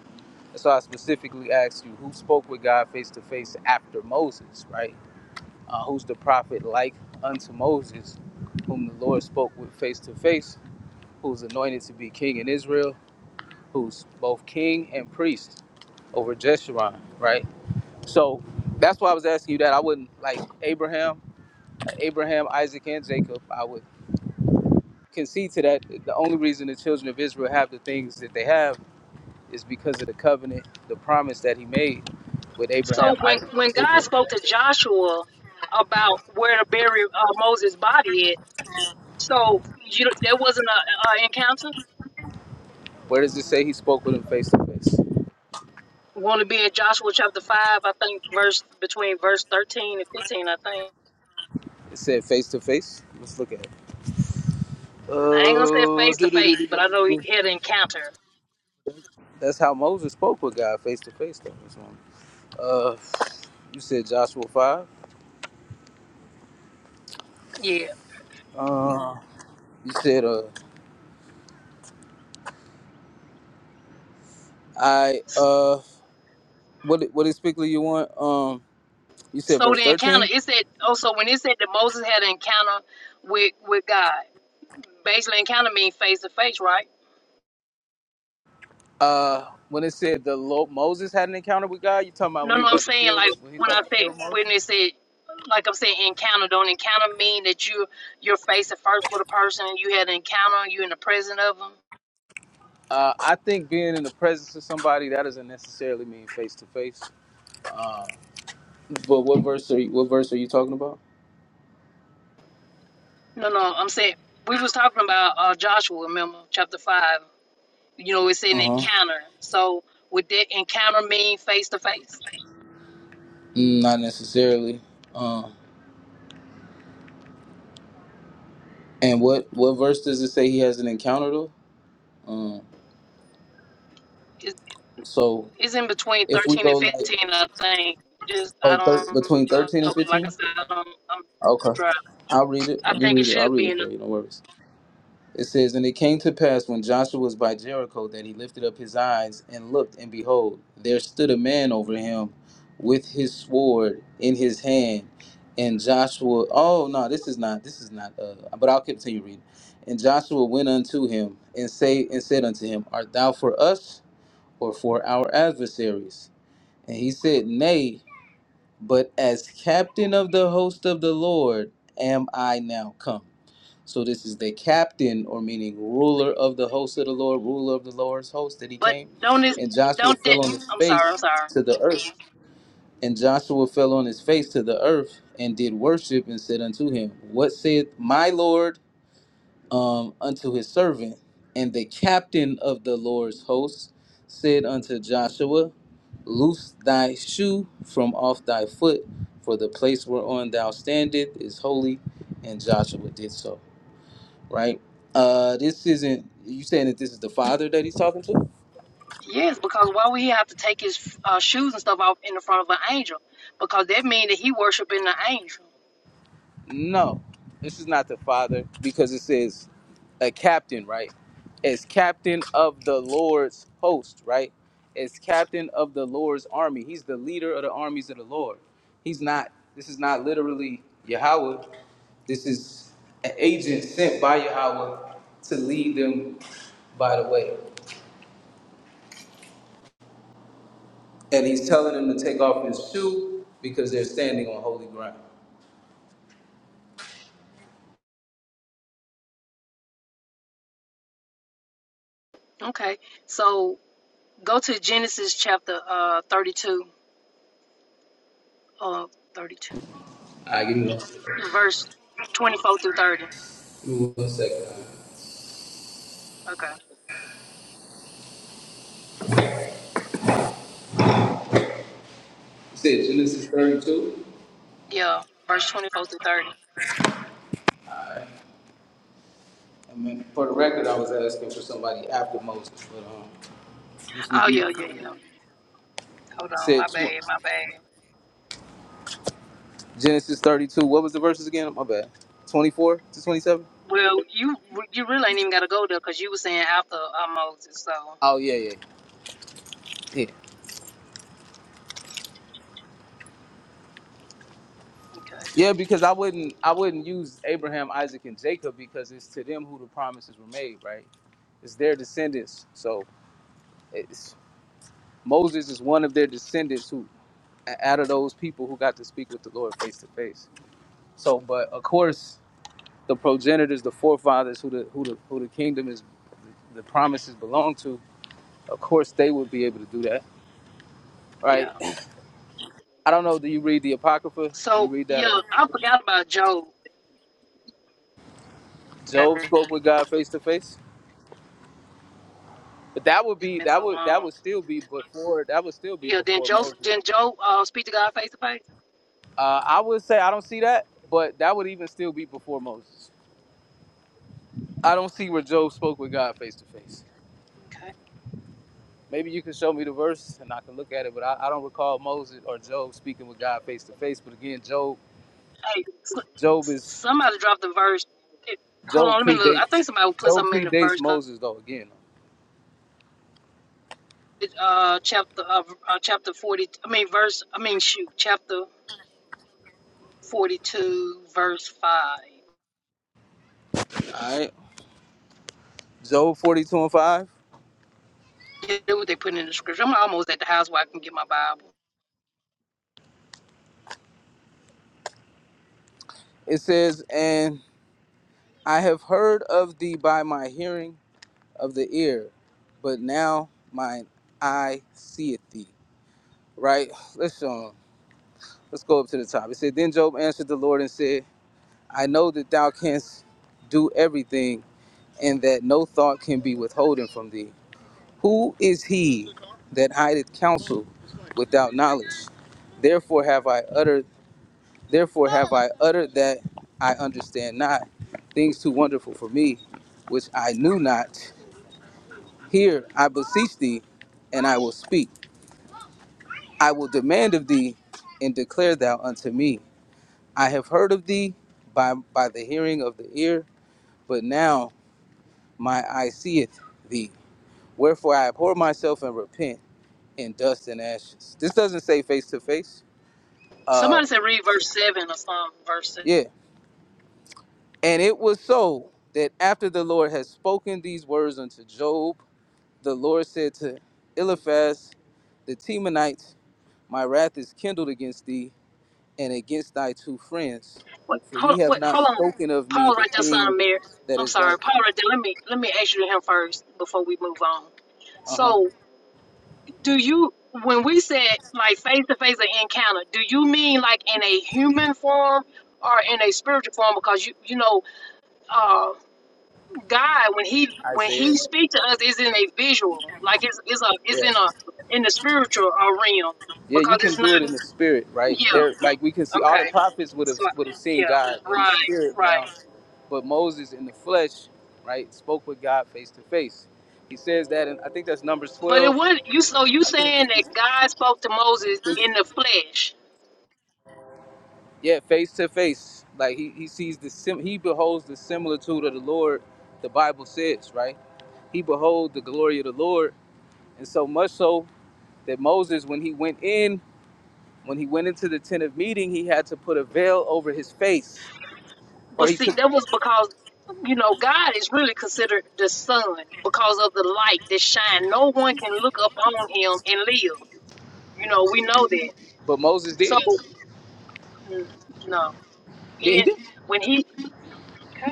Speaker 7: That's why I specifically asked you who spoke with God face to face after Moses, right? Uh, who's the prophet like unto Moses, whom the Lord spoke with face to face, who's anointed to be king in Israel, who's both king and priest over Jeshurun, right? So that's why I was asking you that. I wouldn't like Abraham, Abraham, Isaac, and Jacob. I would concede to that. The only reason the children of Israel have the things that they have is because of the covenant, the promise that he made with
Speaker 1: So
Speaker 7: Abraham,
Speaker 1: when
Speaker 7: Isaac, and
Speaker 1: when God
Speaker 7: Jacob.
Speaker 1: spoke to Joshua about where to bury uh, Moses' body at, so you there wasn't a, a encounter.
Speaker 7: Where does it say he spoke with him face to face?
Speaker 1: Want to be in Joshua chapter five, I think verse between verse thirteen and fifteen. I think
Speaker 7: It said face to face. Let's look at it.
Speaker 1: I ain't gonna say
Speaker 7: Oh,
Speaker 1: face to
Speaker 7: do do do
Speaker 1: face,
Speaker 7: do. do,
Speaker 1: but I know he
Speaker 7: do.
Speaker 1: had an encounter.
Speaker 7: That's how Moses spoke with God face to face. Though. That's wrong. Uh, you said Joshua five.
Speaker 1: Yeah.
Speaker 7: Uh, you said uh, I uh. what what exactly you want? Um, you said
Speaker 1: So
Speaker 7: verse
Speaker 1: the encounter,
Speaker 7: thirteen.
Speaker 1: it said also when it said that Moses had an encounter with with God, basically encounter means face to face, right?
Speaker 7: Uh, when it said the Lord, Moses had an encounter with God, you talking about
Speaker 1: No,
Speaker 7: when he
Speaker 1: no,
Speaker 7: was
Speaker 1: I'm
Speaker 7: about to
Speaker 1: saying
Speaker 7: kill
Speaker 1: like
Speaker 7: when he's
Speaker 1: when
Speaker 7: about
Speaker 1: I
Speaker 7: to
Speaker 1: said
Speaker 7: kill
Speaker 1: when it
Speaker 7: Moses?
Speaker 1: said like I'm saying encounter, don't encounter mean that you you're face to face with a person and you had an encounter, you in the presence of them.
Speaker 7: Uh, I think being in the presence of somebody that doesn't necessarily mean face to face. But what verse are you, what verse are you talking about?
Speaker 1: No, no, I'm saying we was talking about uh, Joshua, remember chapter five. You know, it's an
Speaker 7: Uh huh.
Speaker 1: encounter. So would that encounter mean face to face?
Speaker 7: Not necessarily. Um, and what what verse does it say he has an encounter though? Um, so
Speaker 1: It's in between
Speaker 7: if we
Speaker 1: 13 and
Speaker 7: go like
Speaker 1: 15, I think. Just I
Speaker 7: oh, thir-
Speaker 1: don't
Speaker 7: between
Speaker 1: know.
Speaker 7: thirteen
Speaker 1: know.
Speaker 7: and
Speaker 1: Like I
Speaker 7: fifteen,
Speaker 1: said, I don't, I'm
Speaker 7: okay,
Speaker 1: driving.
Speaker 7: I'll read it.
Speaker 1: I
Speaker 7: Let me
Speaker 1: think it
Speaker 7: read it. I'll
Speaker 1: should
Speaker 7: read
Speaker 1: be
Speaker 7: it
Speaker 1: in. the-
Speaker 7: for you. No worries. It says, And it came to pass when Joshua was by Jericho that he lifted up his eyes and looked, and behold, there stood a man over him with his sword in his hand. And Joshua, oh no, this is not, this is not, uh, but I'll continue reading. And Joshua went unto him and say and said unto him, Art thou for us or for our adversaries? And he said, Nay, but as captain of the host of the Lord am I now come. So this is the captain, or meaning ruler of the host of the Lord, ruler of the Lord's host that he
Speaker 1: But
Speaker 7: came.
Speaker 1: don't it?
Speaker 7: And Joshua
Speaker 1: Don't that?
Speaker 7: fell on his
Speaker 1: I'm
Speaker 7: face
Speaker 1: sorry. I'm sorry.
Speaker 7: to the earth. And Joshua fell on his face to the earth and did worship and said unto him, What saith my Lord um, unto his servant? And the captain of the Lord's host said unto Joshua, Loose thy shoe from off thy foot, for the place whereon thou standest is holy. And Joshua did so right? Uh, this isn't. You saying that this is the father that he's talking to?
Speaker 1: Yes, because why would he have to take his uh, shoes and stuff off in the front of an angel? Because that means that he worshiping the angel.
Speaker 7: No, this is not the father because it says a captain, right? As captain of the Lord's host, right? As captain of the Lord's army, he's the leader of the armies of the Lord. He's not. This is not literally Yahweh. This is an agent sent by Yahweh to lead them by the way. And he's telling them to take off his shoe because they're standing on holy ground.
Speaker 1: Okay, so go to Genesis chapter uh, 32, uh, 32,
Speaker 7: I give me one second.
Speaker 1: verse 24 through 30.
Speaker 7: give me one second. Uh,
Speaker 1: Okay,
Speaker 7: You said Genesis 32?
Speaker 1: yeah, verse 24 through 30.
Speaker 7: I mean, for the record, I was asking for somebody after Moses, but um, this will
Speaker 1: Oh
Speaker 7: be
Speaker 1: yeah, yeah, yeah. Hold on, my
Speaker 7: said
Speaker 1: bad,
Speaker 7: tw-
Speaker 1: my bad.
Speaker 7: Genesis 32. What was the verses again? My bad. 24 to 27?
Speaker 1: Well, you you really ain't even got to go there because you were saying after uh, Moses. So
Speaker 7: Oh yeah, yeah, yeah,
Speaker 1: okay,
Speaker 7: yeah. Because I wouldn't, I wouldn't use Abraham, Isaac, and Jacob because it's to them who the promises were made, right? It's their descendants. So it's, Moses is one of their descendants who, out of those people who got to speak with the Lord face to face. So, but of course, the progenitors, the forefathers, who the who the who the kingdom is, the promises belong to. Of course, they would be able to do that,
Speaker 1: yeah.
Speaker 7: right? I don't know. Do you read the Apocrypha? Do you
Speaker 1: So
Speaker 7: read that?
Speaker 1: yeah,
Speaker 7: Or
Speaker 1: I forgot about Job.
Speaker 7: Job spoke with
Speaker 1: It's
Speaker 7: God face to face. But that would be
Speaker 1: been
Speaker 7: that
Speaker 1: so
Speaker 7: would that
Speaker 1: long.
Speaker 7: would still be before that would still be
Speaker 1: Yeah. Then
Speaker 7: before
Speaker 1: Joe
Speaker 7: Moses.
Speaker 1: then Job uh, speak to God face to face.
Speaker 7: Uh, I would say I don't see that, but that would even still be before Moses. I don't see where Job spoke with God face to face.
Speaker 1: Okay.
Speaker 7: Maybe you can show me the verse and I can look at it, but I, I don't recall Moses or Job speaking with God face to face. But again, Job,
Speaker 1: Hey, s-
Speaker 7: Job
Speaker 1: s-
Speaker 7: is
Speaker 1: somebody dropped the verse. It, hold
Speaker 7: Job
Speaker 1: on, let me look. I
Speaker 7: predates
Speaker 1: think somebody put
Speaker 7: Job
Speaker 1: something in the
Speaker 7: predates
Speaker 1: verse. 'cause
Speaker 7: Moses though. Again,
Speaker 1: it, uh, chapter uh, uh, chapter forty. I mean verse. I mean shoot, chapter forty two, verse five.
Speaker 7: all right. Job forty two and five.
Speaker 1: They Do what they put in the scripture. I'm almost at the house where I can get my Bible.
Speaker 7: It says, "And I have heard of thee by my hearing of the ear, but now mine eye seeth thee." Right. Let's show 'em. Let's go up to the top. It said, "Then Job answered the Lord and said, I know that thou canst do everything." and that no thought can be withholden from thee. Who is he that hideth counsel without knowledge? Therefore have I uttered therefore have I uttered that I understand not, things too wonderful for me, which I knew not. Here I beseech thee, and I will speak. I will demand of thee, and declare thou unto me. I have heard of thee by by the hearing of the ear, but now my eye seeth thee. Wherefore I abhor myself and repent. in dust and ashes. This doesn't say face to face. Uh,
Speaker 1: Somebody said read verse seven or some verse. Seven.
Speaker 7: yeah. And it was so that after the Lord had spoken these words unto Job, the Lord said to Eliphaz the Temanite, My wrath is kindled against thee and against thy two friends,
Speaker 1: Wait,
Speaker 7: for
Speaker 1: hold,
Speaker 7: ye have
Speaker 1: wait,
Speaker 7: not
Speaker 1: hold on.
Speaker 7: spoken of me
Speaker 1: Paul
Speaker 7: the
Speaker 1: right there, son
Speaker 7: thing
Speaker 1: of Mary.
Speaker 7: that
Speaker 1: I'm
Speaker 7: is
Speaker 1: sorry,
Speaker 7: right.
Speaker 1: Paul right there. Let me let me ask you him first before we move on.
Speaker 7: Uh huh.
Speaker 1: So, do you when we said like face to face or encounter, do you mean like in a human form or in a spiritual form? Because you you know. uh, God when he when he
Speaker 7: Isaiah.
Speaker 1: speaks to us is in a visual, like it's it's a it's
Speaker 7: Yeah.
Speaker 1: in a in the spiritual uh, realm
Speaker 7: Yeah, you
Speaker 1: because
Speaker 7: can
Speaker 1: it's not.
Speaker 7: do it in the spirit, right?
Speaker 1: Yeah.
Speaker 7: There, like we can see all the
Speaker 1: Okay.
Speaker 7: prophets would have
Speaker 1: So
Speaker 7: would have seen
Speaker 1: yeah.
Speaker 7: God in the
Speaker 1: Right.
Speaker 7: spirit
Speaker 1: Right.
Speaker 7: realm, but Moses in the flesh, right, spoke with God face to face. He says that, and I think that's Numbers
Speaker 1: But it
Speaker 7: twelve.
Speaker 1: would you so you
Speaker 7: I think,
Speaker 1: saying that God spoke to
Speaker 7: I
Speaker 1: Moses
Speaker 7: think-
Speaker 1: in the flesh,
Speaker 7: yeah, face to face. Like he, he sees the sim, he beholds the similitude of the Lord. The Bible says, right? He behold the glory of the Lord, and so much so that Moses, when he went in, when he went into the tent of meeting, he had to put a veil over his face or
Speaker 1: but
Speaker 7: he
Speaker 1: see
Speaker 7: took
Speaker 1: that was because you know God is really considered the sun because of the light that shine. No one can look up on him and live. You know we know that.
Speaker 7: But Moses
Speaker 1: So
Speaker 7: did.
Speaker 1: mm, no, he
Speaker 7: Yeah, he
Speaker 1: didn't
Speaker 7: did.
Speaker 1: when he. okay.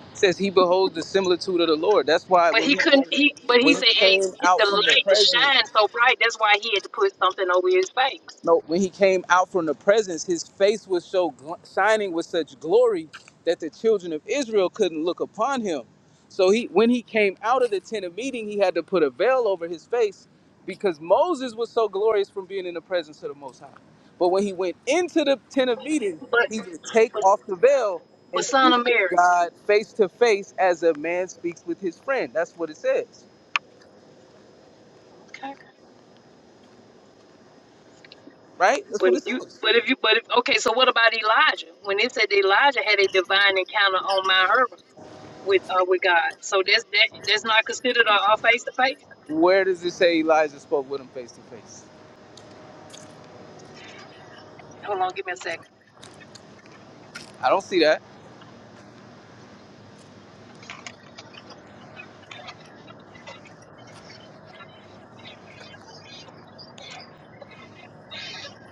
Speaker 7: It says he beholds the similitude of the Lord. That's why
Speaker 1: But
Speaker 7: when
Speaker 1: he
Speaker 7: he
Speaker 1: couldn't. He but he
Speaker 7: when he
Speaker 1: said, "Hey,
Speaker 7: came
Speaker 1: it, the
Speaker 7: out from the
Speaker 1: light is
Speaker 7: presence
Speaker 1: shining so bright. That's why he had to put something over his face."
Speaker 7: No, when he came out from the presence, his face was so gl- shining with such glory that the children of Israel couldn't look upon him. So he, when he came out of the tent of meeting, he had to put a veil over his face because Moses was so glorious from being in the presence of the Most High. But when he went into the tent of meeting,
Speaker 1: But
Speaker 7: he would take
Speaker 1: but
Speaker 7: off the veil
Speaker 1: but
Speaker 7: and
Speaker 1: son
Speaker 7: speak
Speaker 1: of
Speaker 7: with
Speaker 1: Mary.
Speaker 7: God face to face as a man speaks with his friend. That's what it says,
Speaker 1: Okay.
Speaker 7: right? That's
Speaker 1: But
Speaker 7: what it
Speaker 1: you
Speaker 7: says.
Speaker 1: but if you but if okay, so what about Elijah? When it said Elijah had a divine encounter on Mount Hermon with uh with God, so that's that that's not considered a face to face.
Speaker 7: Where does it say Elijah spoke with him face to face?
Speaker 1: Hold on, give me a second.
Speaker 7: I don't see that.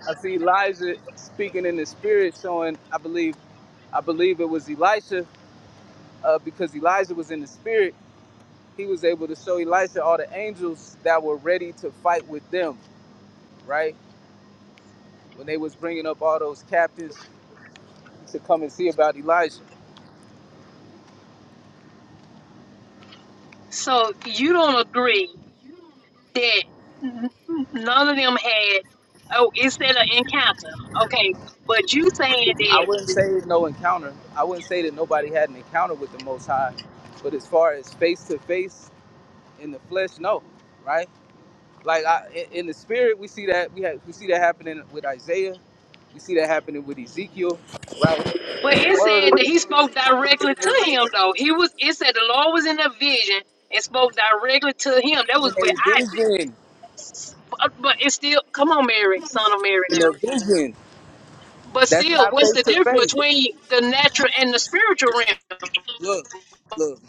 Speaker 7: I see Elijah speaking in the spirit, showing. I believe. I believe it was Elisha, uh, because Elijah was in the spirit. He was able to show Elisha all the angels that were ready to fight with them, right? When they was bringing up all those captives to come and see about Elijah.
Speaker 1: So you don't agree that n- n- none of them had? Oh, it said an encounter. Okay, but you saying
Speaker 7: I
Speaker 1: that?
Speaker 7: wouldn't say no encounter. I wouldn't say that nobody had an encounter with the Most High, but as far as face to face in the flesh, no, right? Like I, in in the spirit, we see that we have, we see that happening with Isaiah, we see that happening with Ezekiel, right?
Speaker 1: But
Speaker 7: The
Speaker 1: it
Speaker 7: word of
Speaker 1: said that he
Speaker 7: in
Speaker 1: spoke directly to him, though. He was. It said the Lord was in a vision and spoke directly to him. That was with
Speaker 7: a
Speaker 1: Isaac.
Speaker 7: vision,
Speaker 1: S- But, but it's still, come on, Mary, son of Mary,
Speaker 7: in a
Speaker 1: now.
Speaker 7: vision.
Speaker 1: But
Speaker 7: That's
Speaker 1: still,
Speaker 7: not
Speaker 1: what's
Speaker 7: face
Speaker 1: the
Speaker 7: to
Speaker 1: difference
Speaker 7: face.
Speaker 1: between the natural and the spiritual realm?
Speaker 7: Look, look,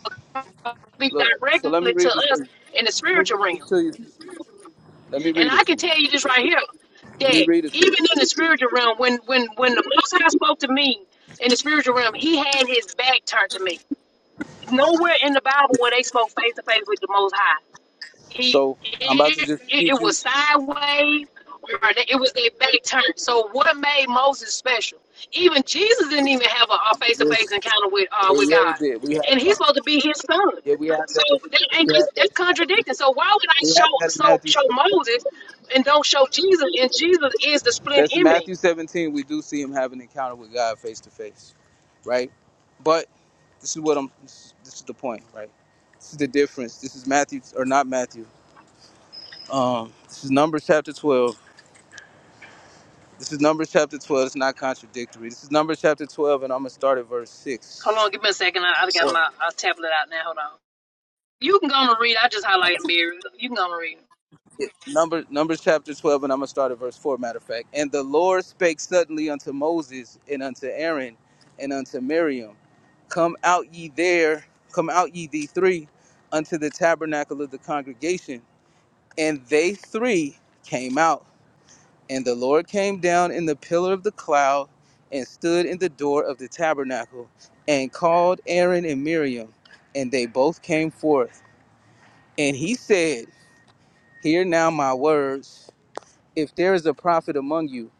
Speaker 1: Speak
Speaker 7: look. So let me
Speaker 1: directly to
Speaker 7: read this to
Speaker 1: us
Speaker 7: you.
Speaker 1: in the
Speaker 7: Let me
Speaker 1: spiritual
Speaker 7: read this
Speaker 1: realm,
Speaker 7: to you. Let me
Speaker 1: and
Speaker 7: read it
Speaker 1: I can
Speaker 7: to you.
Speaker 1: tell you this right here
Speaker 7: Let
Speaker 1: that
Speaker 7: me read it to you.
Speaker 1: even in the spiritual realm, when when when the Most High spoke to me in the spiritual realm, He had His back turned to me nowhere in the Bible where they spoke face to face with the Most High. He
Speaker 7: So I'm about to
Speaker 1: it,
Speaker 7: just
Speaker 1: it,
Speaker 7: read
Speaker 1: it was
Speaker 7: you.
Speaker 1: sideways, or it was their back turned. So what made Moses special? Even Jesus didn't even have a
Speaker 7: I'm
Speaker 1: face to
Speaker 7: gonna
Speaker 1: face
Speaker 7: just
Speaker 1: encounter with uh,
Speaker 7: yeah,
Speaker 1: with
Speaker 7: yeah,
Speaker 1: God,
Speaker 7: yeah. We have
Speaker 1: and
Speaker 7: some.
Speaker 1: he's supposed to be His son.
Speaker 7: Yeah, we have
Speaker 1: So
Speaker 7: that. in-
Speaker 1: that ain't
Speaker 7: We have
Speaker 1: that's, that's
Speaker 7: that in Matthew.
Speaker 1: contradicting. So why would I
Speaker 7: We
Speaker 1: show
Speaker 7: have that in
Speaker 1: so
Speaker 7: Matthew
Speaker 1: show
Speaker 7: 17.
Speaker 1: Moses and don't show Jesus? And Jesus is the split
Speaker 7: That's in
Speaker 1: image.
Speaker 7: Matthew 17. We do see him have an encounter with God face to face, right? But this is what I'm. This is the point, right? This is the difference. This is Matthew or not Matthew. Um, this is Numbers chapter 12. This is Numbers chapter 12. It's not contradictory. This is Numbers chapter 12, and I'm gonna start at verse
Speaker 1: Hold
Speaker 7: six.
Speaker 1: on, give me a second. I, I got
Speaker 7: Or
Speaker 1: my uh, tablet out now. Hold on. You can go on and read. I just highlighted Mary. You can go on and read.
Speaker 7: Number Numbers chapter twelve, and I'm gonna start at verse four. Matter of fact, and the Lord spake suddenly unto Moses and unto Aaron and unto Miriam, Come out ye there, come out ye the three, unto the tabernacle of the congregation. And they three came out, and the Lord came down in the pillar of the cloud and stood in the door of the tabernacle and called Aaron and Miriam, and they both came forth. And he said, Hear now my words if there is a prophet among you,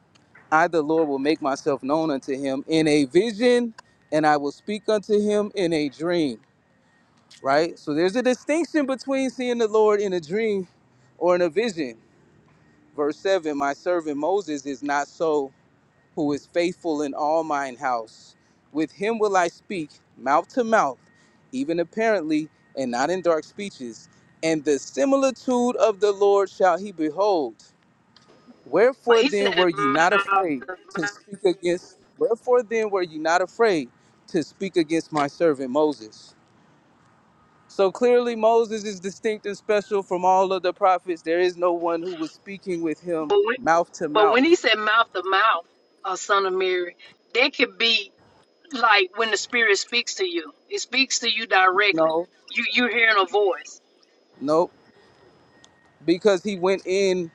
Speaker 7: I, the Lord, will make myself known unto him in a vision, and I will speak unto him in a dream. Right? So there's a distinction between seeing the Lord in a dream or in a vision. Verse 7 My servant Moses is not so, who is faithful in all mine house. With him will I speak mouth to mouth, even apparently, and not in dark speeches. And the similitude of the Lord shall he behold.
Speaker 1: But
Speaker 7: Wherefore
Speaker 1: he said
Speaker 7: then were ye not
Speaker 1: mouth
Speaker 7: afraid
Speaker 1: to
Speaker 7: to
Speaker 1: mouth.
Speaker 7: speak against wherefore then were ye not afraid to speak against my servant Moses? So clearly Moses is distinct and special from all of the prophets. There is no one who was speaking with him
Speaker 1: But when,
Speaker 7: mouth to
Speaker 1: but
Speaker 7: mouth.
Speaker 1: when he said mouth to mouth, uh, son of Mary, that could be like when the spirit speaks to you. It speaks to you directly.
Speaker 7: No,
Speaker 1: You you're hearing a voice.
Speaker 7: nope. Because he went in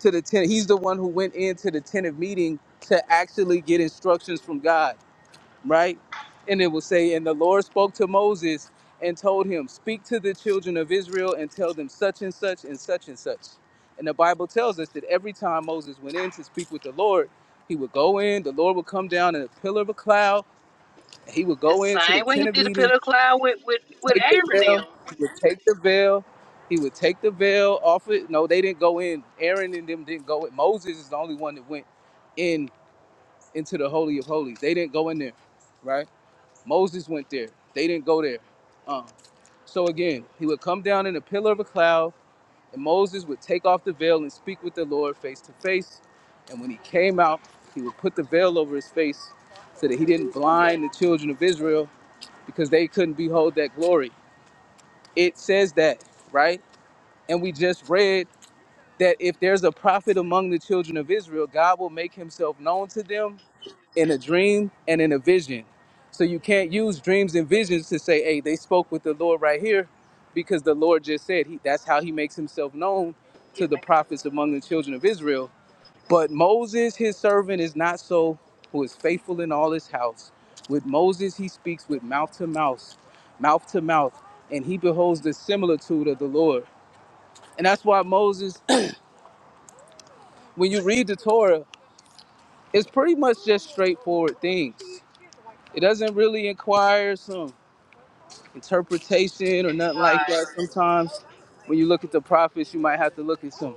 Speaker 7: to the tent. He's the one who went into the tent of meeting to actually get instructions from God. right? And it will say, And the Lord spoke to Moses and told him, Speak to the children of Israel and tell them such and such and such and such. And the Bible tells us that every time Moses went in to speak with the Lord, he would go in, the Lord would come down in a pillar of a cloud, and he would
Speaker 1: The
Speaker 7: go into the
Speaker 1: same way he
Speaker 7: tent of
Speaker 1: did the
Speaker 7: meeting,
Speaker 1: pillar of cloud with with with
Speaker 7: take the
Speaker 1: Aaron
Speaker 7: veil,
Speaker 1: them.
Speaker 7: he would take the veil, he would take the veil off it. No, they didn't go in. Aaron and them didn't go in. Moses is the only one that went in into the Holy of Holies. They didn't go in there, right? Moses went there. They didn't go there. Um, so again, he would come down in a pillar of a cloud, and Moses would take off the veil and speak with the Lord face to face. And when he came out, he would put the veil over his face so that he didn't blind the children of Israel because they couldn't behold that glory. It says that, right? And we just read that if there's a prophet among the children of Israel, God will make himself known to them in a dream and in a vision. So you can't use dreams and visions to say, hey, they spoke with the Lord right here, because the Lord just said he, that's how he makes himself known to
Speaker 1: Yeah,
Speaker 7: the
Speaker 1: man.
Speaker 7: prophets among the children of Israel. But Moses, his servant, is not so, who is faithful in all his house. With Moses, he speaks with mouth to mouth, mouth to mouth, and he beholds the similitude of the Lord. And that's why Moses, when you read the Torah, it's pretty much just straightforward things. It doesn't really inquire some interpretation or nothing like
Speaker 1: Right.
Speaker 7: that. Sometimes when you look at the prophets, you might have to look at some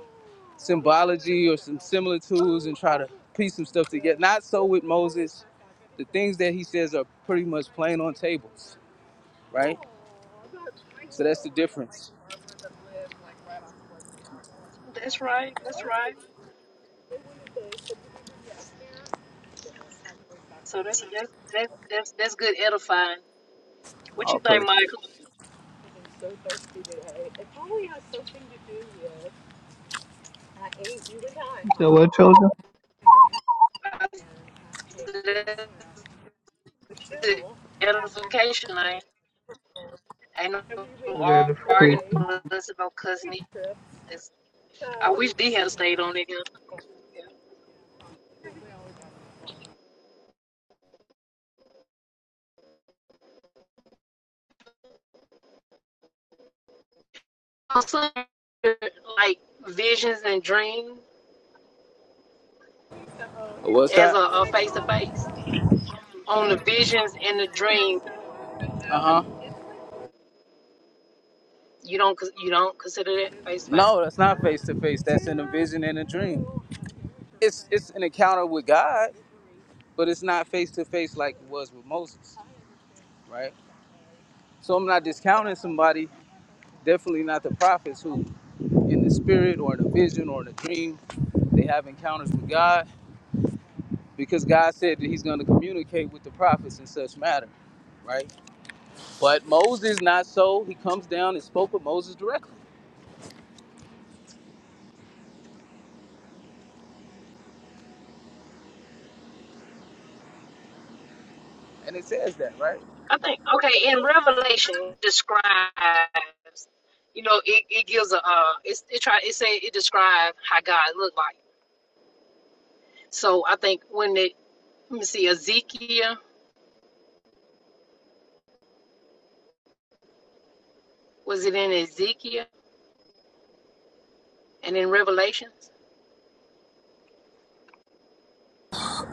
Speaker 7: symbology or some similitudes and try to piece some stuff together. Not so with Moses. The things that he says are pretty much plain on tables, right? So that's the difference.
Speaker 1: That's right. That's right. So that's that's that's that's, that's good edifying. What
Speaker 7: Oh,
Speaker 1: you think,
Speaker 7: praise.
Speaker 1: Michael?
Speaker 4: So what children?
Speaker 1: I said That's good edification. ain't it? I know Oregon plus no arguing
Speaker 4: You
Speaker 1: for us about cousin. I wish they had stayed on it. Yeah. Also, like visions and dream
Speaker 7: What's
Speaker 1: as
Speaker 7: that?
Speaker 1: a face to face on the visions and the dream.
Speaker 7: Uh huh.
Speaker 1: You don't you don't consider that face to face.
Speaker 7: No, that's not face to face. That's in a vision and a dream. It's it's an encounter with God, but it's not face to face like it was with Moses, right? So I'm not discounting somebody Definitely not the prophets who, in the spirit or in a vision or in a dream, they have encounters with God because God said that He's going to communicate with the prophets in such matter, right? But Moses, not so. He comes down and spoke with Moses directly, and it says that, right?
Speaker 1: I think okay. In Revelation describes, you know, it, it gives a uh, it's, it try it say it describes how God looked like. So I think when it let me see Ezekiel was it in Ezekiel? and in Revelations,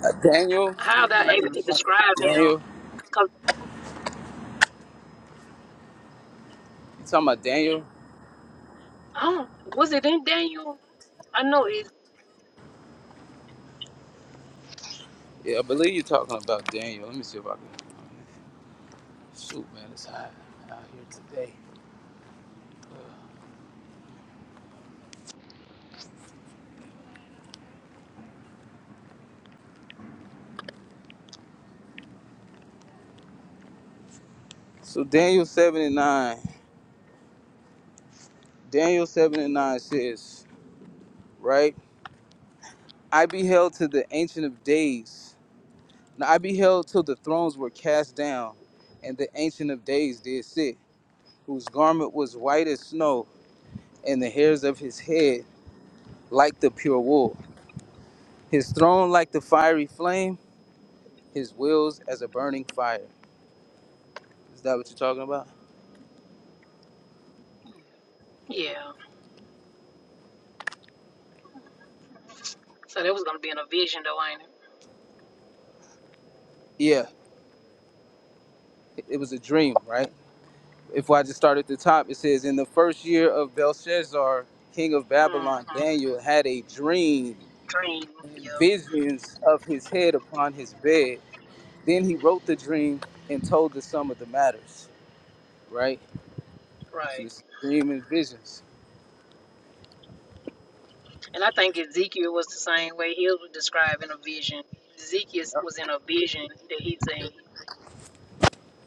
Speaker 7: Uh, Daniel,
Speaker 1: how they're able to describe
Speaker 7: Daniel,
Speaker 1: him.
Speaker 7: you
Speaker 1: Cause
Speaker 7: talking about Daniel?
Speaker 1: I don't, was it in Daniel? I know it's
Speaker 7: Yeah, I believe you're talking about Daniel. Let me see if I can. Shoot, man, it's hot out here today. Uh, So Daniel seven and nine. Daniel seven and nine says. right? I beheld to the Ancient of Days. Now I beheld till the thrones were cast down, and the Ancient of Days did sit, whose garment was white as snow, and the hairs of his head like the pure wool. His throne like the fiery flame, his wheels as a burning fire. Is that what you're talking about?
Speaker 1: yeah. So that was gonna be in a vision though, ain't it?
Speaker 7: Yeah, it it was a dream, right? If I just start at the top, it says, In the first year of Belshazzar, king of
Speaker 1: Mm,
Speaker 7: Babylon, Daniel had a dream
Speaker 1: dream. Yeah,
Speaker 7: visions of his head upon his bed. Then he wrote the dream and told the sum of the matters. Right? So
Speaker 1: right.
Speaker 7: this dream and visions.
Speaker 1: And I think Ezekiel was the same way. He was describing a vision. Ezekiel
Speaker 7: Yep.
Speaker 1: was in a vision that he seen.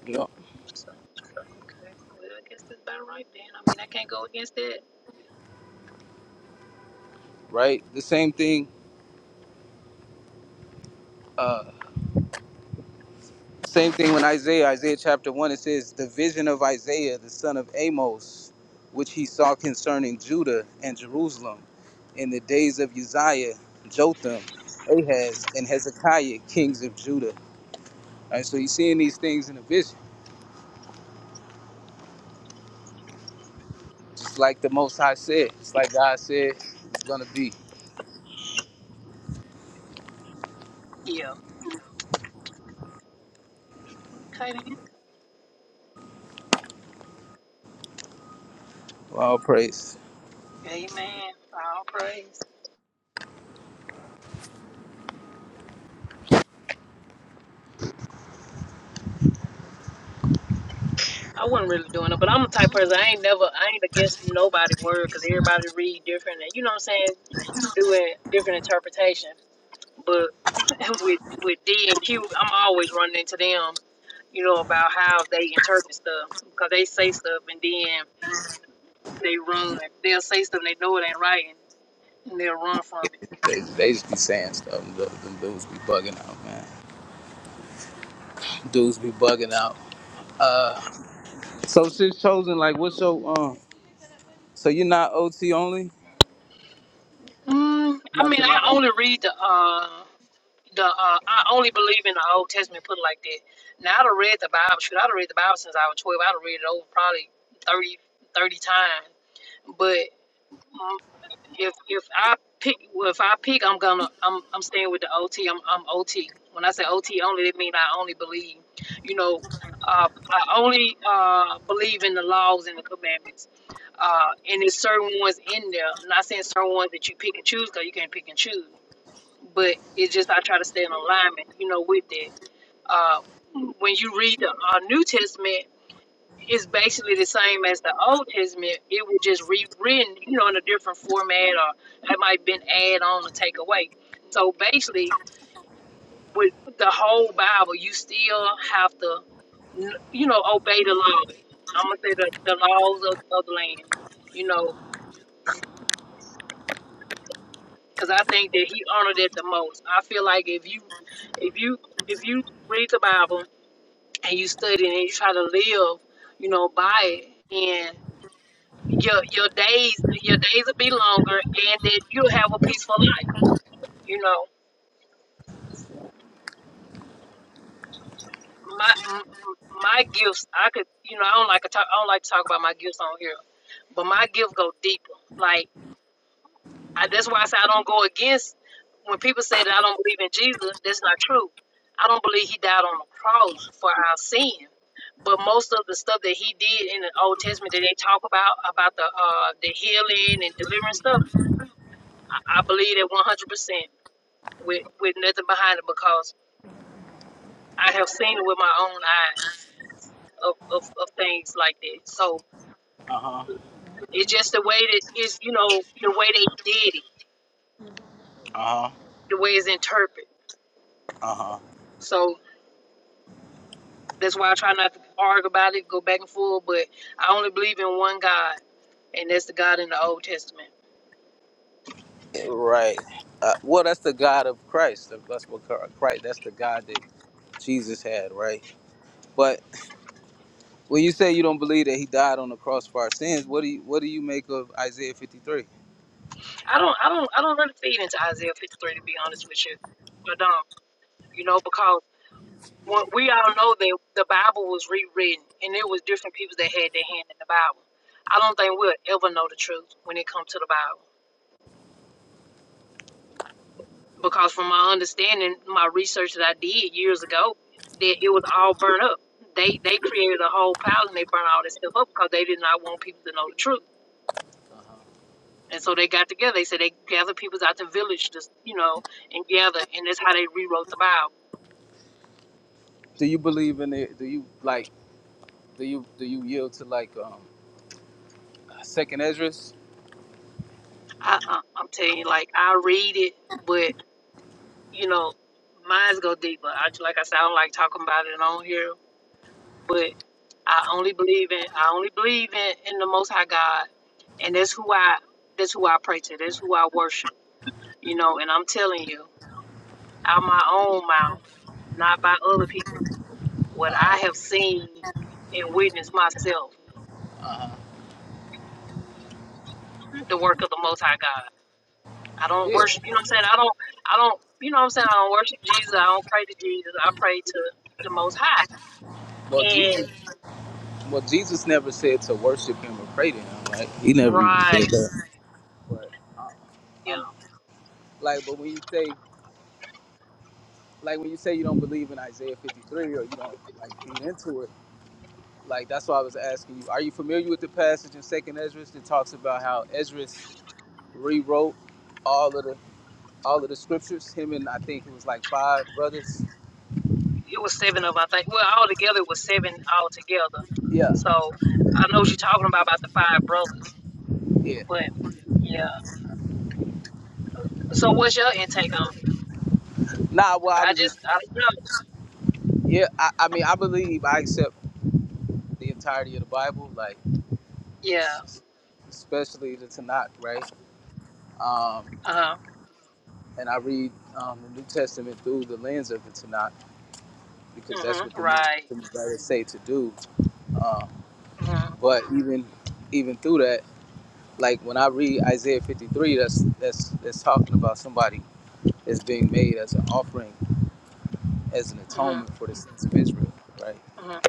Speaker 7: Yep.
Speaker 1: So okay, well I guess that's about right then. I mean I can't go against that.
Speaker 7: Right? The same thing, uh same thing when Isaiah, Isaiah chapter one, it says the vision of Isaiah, the son of Amos, which he saw concerning Judah and Jerusalem in the days of Uzziah, Jotham, Ahaz, and Hezekiah, kings of Judah. Right? So he's seeing these things in a vision Just like the Most High said, just like God said, it's gonna be.
Speaker 1: Yeah. Okay then.
Speaker 7: All praise.
Speaker 1: Amen. All praise. I wasn't really doing it, but I'm the type of person I ain't never I ain't against nobody's word because everybody read different and you know what I'm saying doing different interpretation. But with with D and Q, I'm always running into them, you know, about how they interpret stuff because they say stuff and then they run. They'll say stuff and they know it ain't right and, they'll run from it.
Speaker 7: They, they just be saying stuff. and Them, them dudes be bugging out, man. Dudes be bugging out. So since chosen, like, what's your um? So you're not OT only,
Speaker 1: Mm, I
Speaker 7: not
Speaker 1: mean,
Speaker 7: to knock
Speaker 1: I
Speaker 7: on.
Speaker 1: only read the uh the uh, I only believe in the Old Testament. Put it like that. Now I'd have read the Bible. Shoot, I'd have read the Bible since I was twelve. I'd have read it over probably 30 30 times. But mm, if if I pick, well, if I pick, I'm gonna I'm I'm staying with the OT. I'm I'm OT. When I say OT only, it means I only believe. You know, uh, I only uh, believe in the laws and the commandments. Uh, and there's certain ones in there. I'm not saying certain ones that you pick and choose because you can't pick and choose but it's just I try to stay in alignment, you know, with that. Uh, when you read the uh, New Testament, it's basically the same as the Old Testament. It was just rewritten, you know, in a different format, or it might have been add on or take away. So basically, with the whole Bible, you still have to, you know, obey the law. I'm gonna say the, the laws of, of the land, you know, because I think that he honored it the most. I feel like if you, if you, if you read the Bible and you study and you try to live, you know, by it, and your your days your days will be longer, and that you'll have a peaceful life. You know, my m- my gifts, I could, you know, I don't like to talk, I don't like to talk about my gifts on here, but my gift go deeper. Like I, that's why I say I don't go against when people say that I don't believe in Jesus. That's not true. I don't believe he died on the cross for our sin. But most of the stuff that he did in the Old Testament that they talk about about the uh, the healing and delivering stuff, I, I believe that one hundred percent with with nothing behind it because I have seen it with my own eyes of, of, of things like that. So
Speaker 7: Uh huh.
Speaker 1: it's just the way that is you know the way they did it,
Speaker 7: Uh huh.
Speaker 1: the way it's interpreted.
Speaker 7: Uh huh.
Speaker 1: So That's why I try not to argue about it, go back and forth. But I only believe in one God, and that's the God in the Old Testament.
Speaker 7: Right. Uh, well, that's the God of Christ. That's what Chr- Christ. That's the God that Jesus had, right? But when you say you don't believe that He died on the cross for our sins, what do you what do you make of Isaiah 53?
Speaker 1: I don't, I don't, I don't really feed into Isaiah 53 to be honest with you. I don't, you know, because when- we all know that the Bible was rewritten, and there was different people that had their hand in the Bible. I don't think we'll ever know the truth when it comes to the Bible. because from my understanding, my research that I did years ago, that it was all burnt up. They they created a whole pile and they burnt all this stuff up because they did not want people to know the truth. And so they got together. They said they gathered people out the village, to, you know, and gather. And that's how they rewrote the Bible.
Speaker 7: Do you believe in it? Do you like? Do you do you yield to like um Second Esdras?
Speaker 1: I, I, I'm telling you, like I read it, but you know, mine's go deeper. I just- like I said, I don't like talking about it on here, but I only believe in I only believe in, in the Most High God and that's who I that's who I pray to. That's who I worship. You know, and I'm telling you, out my own mouth, not by other people, what I have seen and witnessed myself, the work of the Most High God. I don't
Speaker 7: Yeah.
Speaker 1: worship. You know what I'm saying? I don't. I don't. You know what I'm saying? I don't worship Jesus. I don't pray to Jesus. I pray to the Most High.
Speaker 7: Well,
Speaker 1: And
Speaker 7: Jesus. Well, Jesus never said to worship Him or pray to Him, right? He never even said
Speaker 1: right,
Speaker 7: that. But
Speaker 1: you
Speaker 7: I'm
Speaker 1: know,
Speaker 7: like, but when you say like when you say you don't believe in Isaiah 53 or you don't like feed into it, like that's why I was asking you. Are you familiar with the passage in Second Esdras that talks about how Esdras rewrote all of the all of the scriptures? Him and I think it was like five brothers.
Speaker 1: it was seven of I think. Well, all together it was seven altogether.
Speaker 7: Yeah.
Speaker 1: So I know what you're talking about about the five brothers,
Speaker 7: Yeah.
Speaker 1: but yeah. So what's your intake on it?
Speaker 7: Nah, well, I
Speaker 1: I
Speaker 7: was just
Speaker 1: just I don't know.
Speaker 7: Yeah, I, I mean, I believe I accept the entirety of the Bible, like
Speaker 1: Yeah.
Speaker 7: s- especially the Tanakh, right? Um,
Speaker 1: Uh-huh.
Speaker 7: and I read um, the New Testament through the lens of the Tanakh because
Speaker 1: Mm
Speaker 7: that's
Speaker 1: Mhm.
Speaker 7: what the New
Speaker 1: Right.
Speaker 7: Testament writers say to do. Um,
Speaker 1: Mm
Speaker 7: but even even through that, like when I read Isaiah 53, that's that's that's talking about somebody that's being made as an offering, as an
Speaker 1: Mhm. Mhm.
Speaker 7: atonement for the sins of Israel, right?
Speaker 1: Mhm.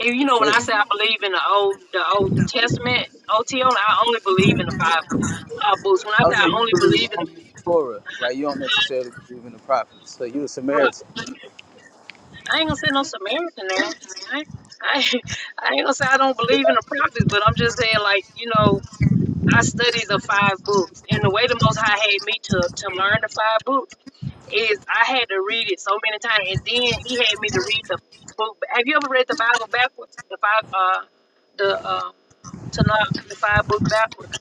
Speaker 1: And you
Speaker 7: It
Speaker 1: know when
Speaker 7: says
Speaker 1: I say I believe in the old the Old Testament OTO, I only believe in the five uh, books. When I
Speaker 7: I'll
Speaker 1: say
Speaker 7: say
Speaker 1: I
Speaker 7: you
Speaker 1: only
Speaker 7: believe
Speaker 1: believe in
Speaker 7: only in
Speaker 1: the,
Speaker 7: the Torah, right? You don't necessarily believe in the prophets. So you a
Speaker 1: Pro-
Speaker 7: Samaritan.
Speaker 1: I ain't gonna say no Samaritan there. I, I I ain't gonna say I don't believe in the prophets, but I'm just saying like you know I studied the five books, and the way the Most High had me to to learn the five books is I had to read it so many times, and then He had me to read the book. Have you ever read the Bible backwards? The five, uh, the uh, Tanakh, the five books backwards.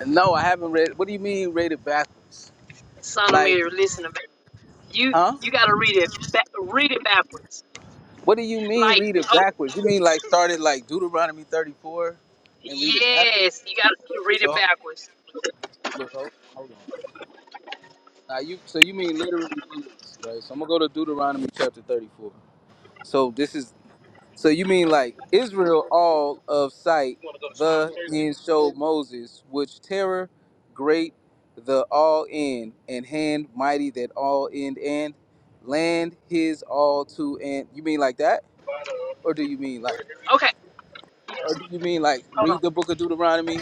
Speaker 7: And No, I haven't read. What do you mean read it backwards?
Speaker 1: Son of
Speaker 7: Like,
Speaker 1: Mary, listen to me. You
Speaker 7: huh?
Speaker 1: you got to read it back, read it backwards.
Speaker 7: What do you mean
Speaker 1: Like
Speaker 7: read it
Speaker 1: oh
Speaker 7: backwards? You mean like start it like Deuteronomy 34 and read it backwards?
Speaker 1: yes, you got to read it
Speaker 7: So
Speaker 1: backwards.
Speaker 7: look, hold on, hold on. Now you, so you mean literally believe, right? So I'm gonna go to Deuteronomy chapter 34. So this is. So you mean like Israel all of sight, the end showed Moses, which terror great the all end, and hand mighty that all end and land his all to and you mean like that? Or do you mean like
Speaker 1: Okay,
Speaker 7: or do you mean like
Speaker 1: hold
Speaker 7: read
Speaker 1: on.
Speaker 7: the book of Deuteronomy,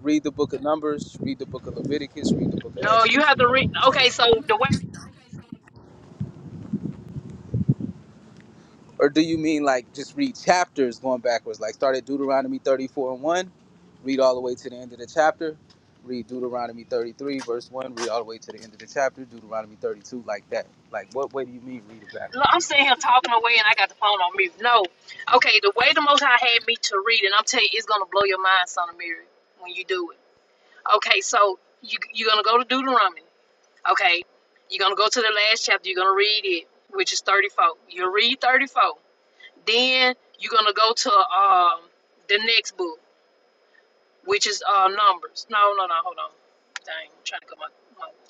Speaker 7: read the book of Numbers, read the book of Leviticus, read the book of
Speaker 1: No, you
Speaker 7: Exodus,
Speaker 1: have to
Speaker 7: read the
Speaker 1: read.
Speaker 7: book of
Speaker 1: Okay,
Speaker 7: Genesis?
Speaker 1: so the way.
Speaker 7: Or do you mean like just read chapters going backwards? Like start at Deuteronomy 34 and 1, read all the way to the end of the chapter, read Deuteronomy 33, verse 1, read all the way to the end of the chapter, Deuteronomy 32, like that. Like what way do you mean read it backwards?
Speaker 1: Look, I'm sitting here talking away and I got the phone on mute. No. Okay, the way the Most High had me to read, and I'm telling you, it's going to blow your mind, son of Mary, when you do it. Okay, so you, you're going to go to Deuteronomy. Okay, you're going to go to the last chapter. You're going to read it, which is 34. You'll read 34. Then you're going to go to um, the next book, which is uh, Numbers. No, no, no, hold on. Dang, I'm trying to cut my, my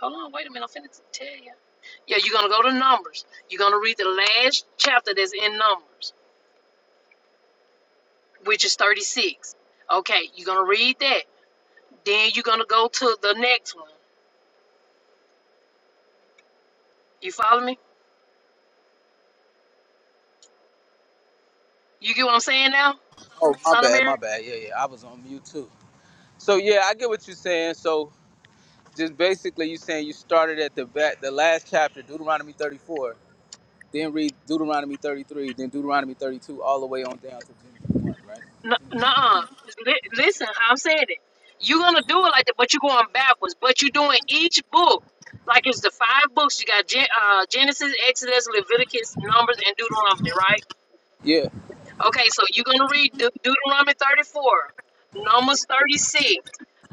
Speaker 1: Hold on, wait a minute. I'm finna tell you. Yeah, you're gonna go to Numbers. You're gonna read the last chapter that's in Numbers, which is 36. Okay, you're gonna read that. Then you're gonna go to the next one. You follow me? You get what I'm saying now,
Speaker 7: Oh, my
Speaker 1: son of
Speaker 7: bad, my
Speaker 1: Mary?
Speaker 7: bad. Yeah, yeah, I was on mute too. So yeah, I get what you're saying. So just basically you saying you started at the back, the last chapter, Deuteronomy 34, then read Deuteronomy 33, then Deuteronomy 32, all the way on down to Genesis 1, right?
Speaker 1: N- Nuh-uh. Li- listen, how I'm saying it. You're gonna do it like that, but you're going backwards. But you're doing each book like it's the five books. You got Gen- uh, Genesis, Exodus, Leviticus, Numbers, and Deuteronomy, right?
Speaker 7: Yeah.
Speaker 1: Okay, so you're gonna read De- Deuteronomy 34, Numbers 36,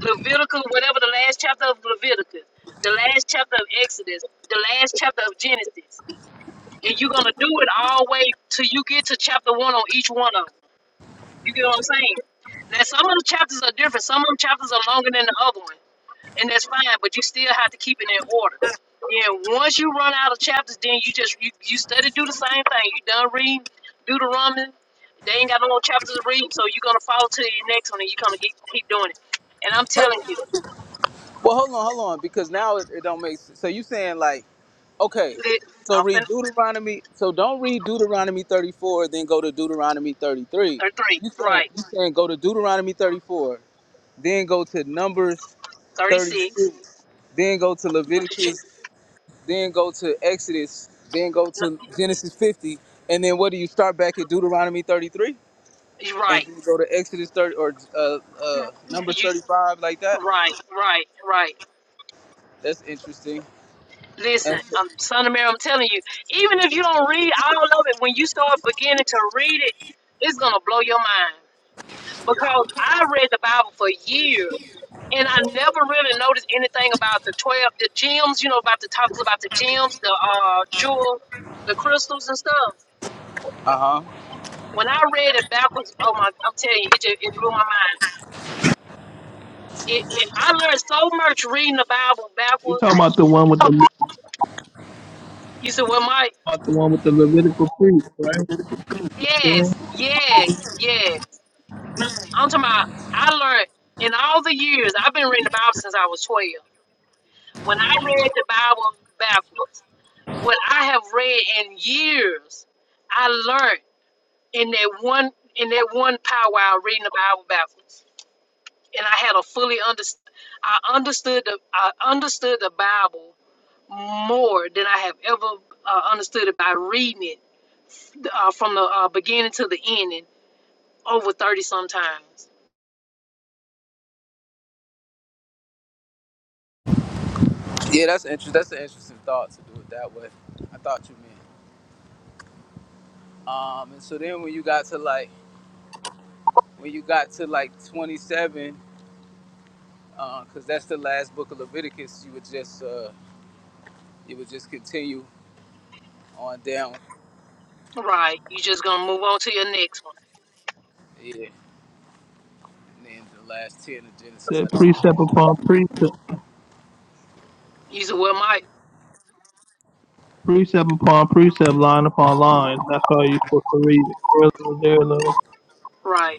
Speaker 1: Leviticus, whatever the last chapter of Leviticus, the last chapter of Exodus, the last chapter of Genesis, and you're gonna do it all the way till you get to chapter one on each one of them. You get what I'm saying? Now some of the chapters are different. Some of them chapters are longer than the other one and that's fine. But you still have to keep it in order. Then once you run out of chapters, then you just you, you study do the same thing. You done reading Deuteronomy. They ain't got no more chapters to read, so you're gonna follow to your next one, and you're gonna keep keep doing it. And I'm telling you,
Speaker 7: Well, hold on, hold on, because now it, it don't make sense. So you saying like, okay,
Speaker 1: li-
Speaker 7: so
Speaker 1: I'm
Speaker 7: read
Speaker 1: fin-
Speaker 7: Deuteronomy. So don't read Deuteronomy 34, then go to Deuteronomy 33.
Speaker 1: or
Speaker 7: You saying
Speaker 1: right?
Speaker 7: you saying go to Deuteronomy 34, then go to Numbers
Speaker 1: Thirty six.
Speaker 7: 36, then go to Leviticus, then go to Exodus, then go to Genesis 50, and then what do you start back at Deuteronomy 33
Speaker 1: You
Speaker 7: and
Speaker 1: right?
Speaker 7: then go to Exodus 30 or uh, uh, Numbers
Speaker 1: You
Speaker 7: 35 like that?
Speaker 1: right? Right? Right?
Speaker 7: That's interesting.
Speaker 1: Listen,
Speaker 7: Uh
Speaker 1: I'm son of Mary. I'm telling you, even if you don't read all of it, when you start beginning to read it, it's gonna blow your mind because I read the Bible for years and I never really noticed anything about the twelve, the gems. You know about the talks about the gems, the uh jewel, the crystals and stuff.
Speaker 7: huh.
Speaker 1: When I read it backwards, oh my! I'm telling you, it just, it blew my mind. It, it I learned so much reading the Bible
Speaker 4: talking
Speaker 1: backwards.
Speaker 4: about the one with the
Speaker 1: You said, "Well, Mike,
Speaker 4: about the one with the Levitical priest, right? So it
Speaker 1: yes, yes, yes." I'm talking about. I learned in all the years I've been reading the Bible since I was twelve. When I read the Bible backwards. what I have read in years, I learned in that one in that one power hour reading the Bible backwards, and I had a fully understood. I understood the I understood the Bible more than I have ever uh, understood it by reading it uh, from the uh, beginning to the ending over thirty sometimes.
Speaker 7: Yeah, that's interesting. That's an interesting thought to do it that way. I thought you meant. Um, and so then when you got to like when you got to like 27, because that's the last book of Leviticus, you would just uh, you would just continue on down.
Speaker 1: Right, you just gonna move on to your next one.
Speaker 7: Yeah, and then the last 10 of Genesis. I
Speaker 4: said
Speaker 7: think.
Speaker 4: precept upon precept,
Speaker 1: You said, "Well, Mike,
Speaker 4: precept upon precept, line upon line. That's how you supposed to read it. There, little, there, little
Speaker 1: right."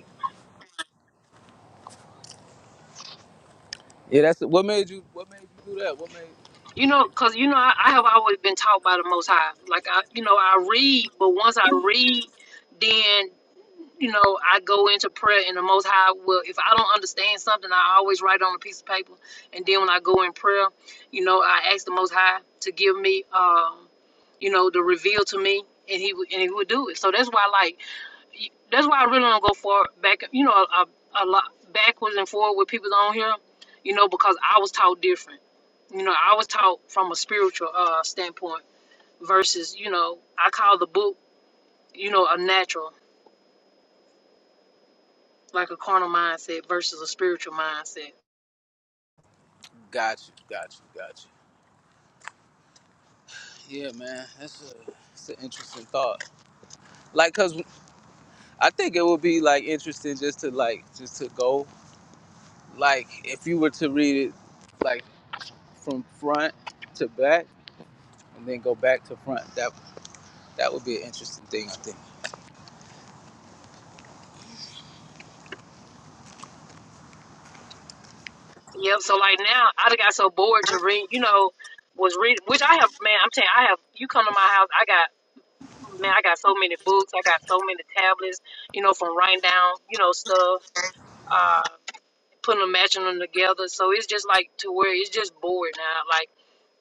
Speaker 7: Yeah, that's what made you. What made you do that? What made?
Speaker 1: You know, because, you know, I, I have always been taught by the Most High. Like, I, you know, I read, but once I read, then, you know, I go into prayer and the Most High will, if I don't understand something, I always write on a piece of paper. And then when I go in prayer, you know, I ask the Most High to give me, um, you know, to reveal to me and he, would- and he would do it. So that's why, like, that's why I really don't go for back. You know, a, a, a lot backwards and forward with people on here. You know, because I was taught different. You know, I was taught from a spiritual uh, standpoint versus you know I call the book you know a natural like a carnal mindset versus a spiritual mindset.
Speaker 7: Got you. Got you. Got you. Yeah, man, that's a that's an interesting thought. Like, cause I think it would be like interesting just to like just to go Like if you were to read it like from front to back and then go back to front, that that would be an interesting thing, I think.
Speaker 1: Yep. So like now I done got so bored to read. You know, was reading which I have man. I'm telling you, I have. You come to my house, I got man. I got so many books. I got so many tablets. You know, from writing down you know stuff. Uh, putting them matching them together. So it's just like to where it's just bored now. Like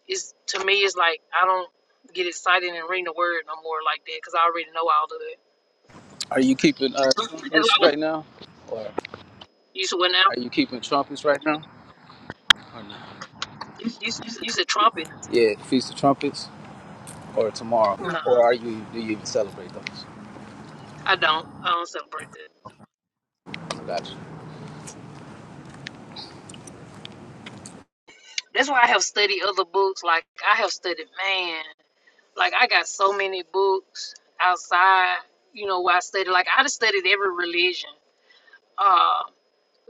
Speaker 1: it's to me, it's like I don't get excited and ring the word no more like that because I already know all of it.
Speaker 7: Are you keeping uh,
Speaker 1: That's
Speaker 7: trumpets
Speaker 1: like when
Speaker 7: right now, or
Speaker 1: you said what now?
Speaker 7: are you keeping trumpets right now, or not?
Speaker 1: You you said trumpet?
Speaker 7: Yeah, feast of trumpets, or tomorrow,
Speaker 1: No,
Speaker 7: or are you? Do you even celebrate those?
Speaker 1: I don't. I don't celebrate that.
Speaker 7: I got you.
Speaker 1: That's why I have studied other books. Like I have studied man. Like I got so many books outside. You know where I studied. Like I just studied every religion. Uh,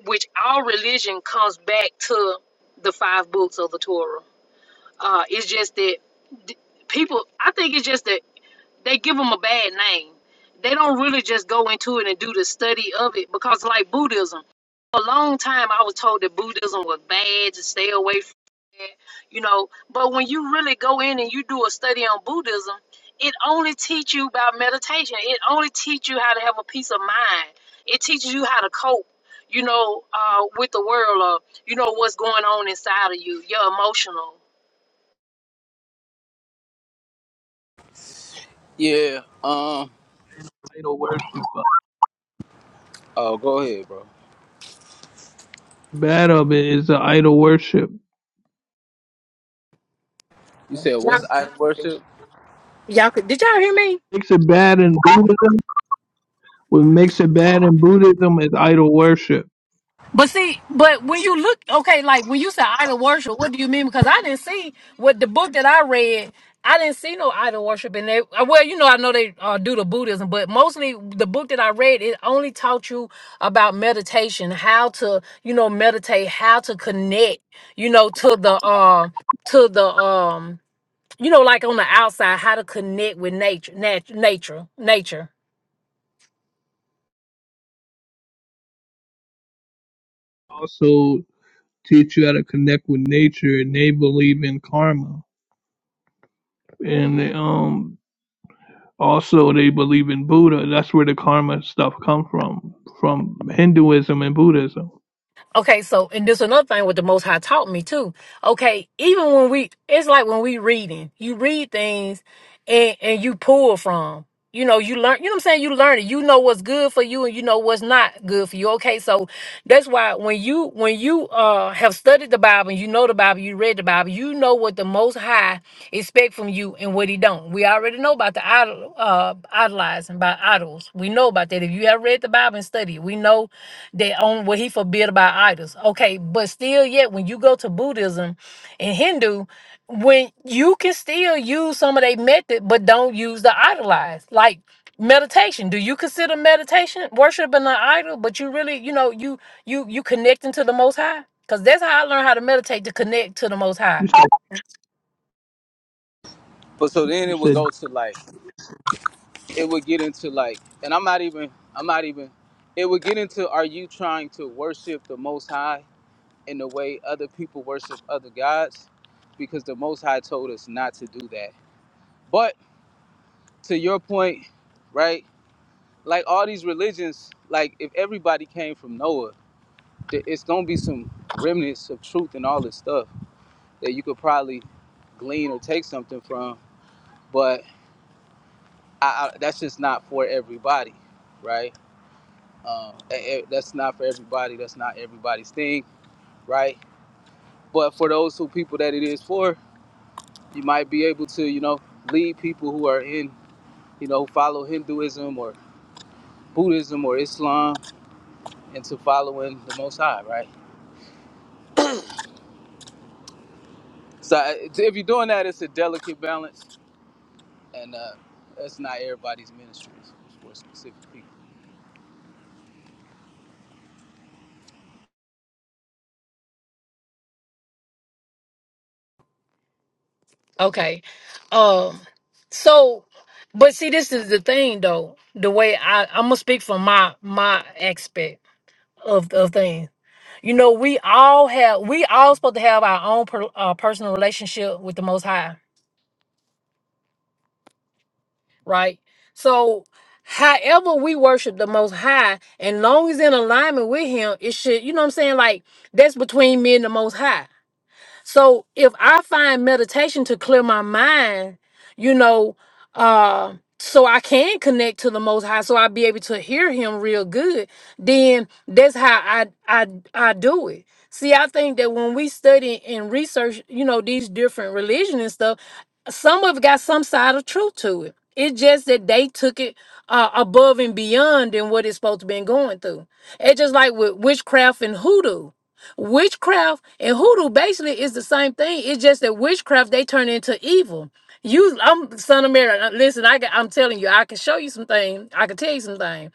Speaker 1: which all religion comes back to the five books of the Torah Uh, it's just that d- people, I think it's just that they give them a bad name. They don't really just go into it and do the study of it because, like Buddhism, a long time I was told that Buddhism was bad to stay away from it, you know. But when you really go in and you do a study on Buddhism, it only teach you about meditation. It only teach you how to have a peace of mind. It teaches you how to cope, you know, uh, with the world or you know what's going on inside of you. You're emotional.
Speaker 7: Yeah. Um.
Speaker 4: idol worship. But
Speaker 7: Oh, go ahead, bro.
Speaker 4: bad of it is the idol worship.
Speaker 7: You said what's idol worship?
Speaker 1: Y'all could, did y'all hear me?
Speaker 4: Makes it bad in Buddhism. What makes it bad in Buddhism is idol worship.
Speaker 1: But see, but when you look, okay, like when you say idol worship, what do you mean? Because I didn't see what the book that I read. I didn't see no idol worship in there. Uh, Well, you know, I know they uh, do the Buddhism, but mostly the book that I read it only taught you about meditation, how to, you know, meditate, how to connect, you know, to the um, to the um, you know, like on the outside, how to connect with nature, nat- nature, nature.
Speaker 4: Also teach you how to connect with nature and they believe in karma. And they, um also they believe in Buddha. That's where the karma stuff come from. From Hinduism and Buddhism.
Speaker 1: Okay, so and this another thing what the Most High taught me too. Okay, even when we, it's like when we reading, you read things, and and you pull from. You know, you learn. You know what I'm saying? You learn it. You know what's good for you, and you know what's not good for you. Okay, so that's why when you when you uh have studied the Bible, and you know the Bible, you read the Bible, you know what the Most High expect from you and what He don't. We already know about the idol. Uh, idolized and by idols. We know about that. If you have read the Bible and studied, we know that on what he forbid about idols. Okay, but still yet when you go to Buddhism and Hindu, when you can still use some of their method, but don't use the idolized. Like meditation. Do you consider meditation worshiping an idol? But you really, you know, you you you connecting to the most high? Because that's how I learned how to meditate to connect to the most high
Speaker 4: You said
Speaker 7: But so then
Speaker 4: you
Speaker 7: it would
Speaker 4: said
Speaker 7: go to like. it would get into like and i'm not even i'm not even it would get into are you trying to worship the most high in the way other people worship other gods because the most high told us not to do that but to your point right like all these religions like if everybody came from noah th- it's gonna be some remnants of truth and all this stuff that you could probably glean or take something from but I, I, that's just not for everybody right Um, eh, eh, that's not for everybody. That's not everybody's thing, right? But for those who people that it is for, you might be able to, you know, lead people who are in, you know, follow Hinduism or Buddhism or Islam into following the Most High, right? So eh, if you're doing that, it's a delicate balance, and uh, that's not everybody's ministry. It's for specific people.
Speaker 1: Okay. Um so but see this is the thing though, the way I I'm gonna speak from my my aspect of of things. You know, we all have we all supposed to have our own per, uh, personal relationship with the most high, right? So however we worship the most high and long as in alignment with him, it should, you know what I'm saying? Like that's between me and the most high. So if I find meditation to clear my mind, you know, uh, so I can connect to the Most High, so I'll be able to hear Him real good. Then that's how I I I do it. See, I think that when we study and research, you know, these different religion and stuff, some of it got some side of truth to it. It's just that they took it uh, above and beyond than what it's supposed to been going through. It's just like with witchcraft and hoodoo witchcraft and hoodoo basically is the same thing. It's just that witchcraft they turn into evil. You, I'm son of Mary. uh, Listen, I, ca- I'm telling you, I can show you some things. I can tell you some things.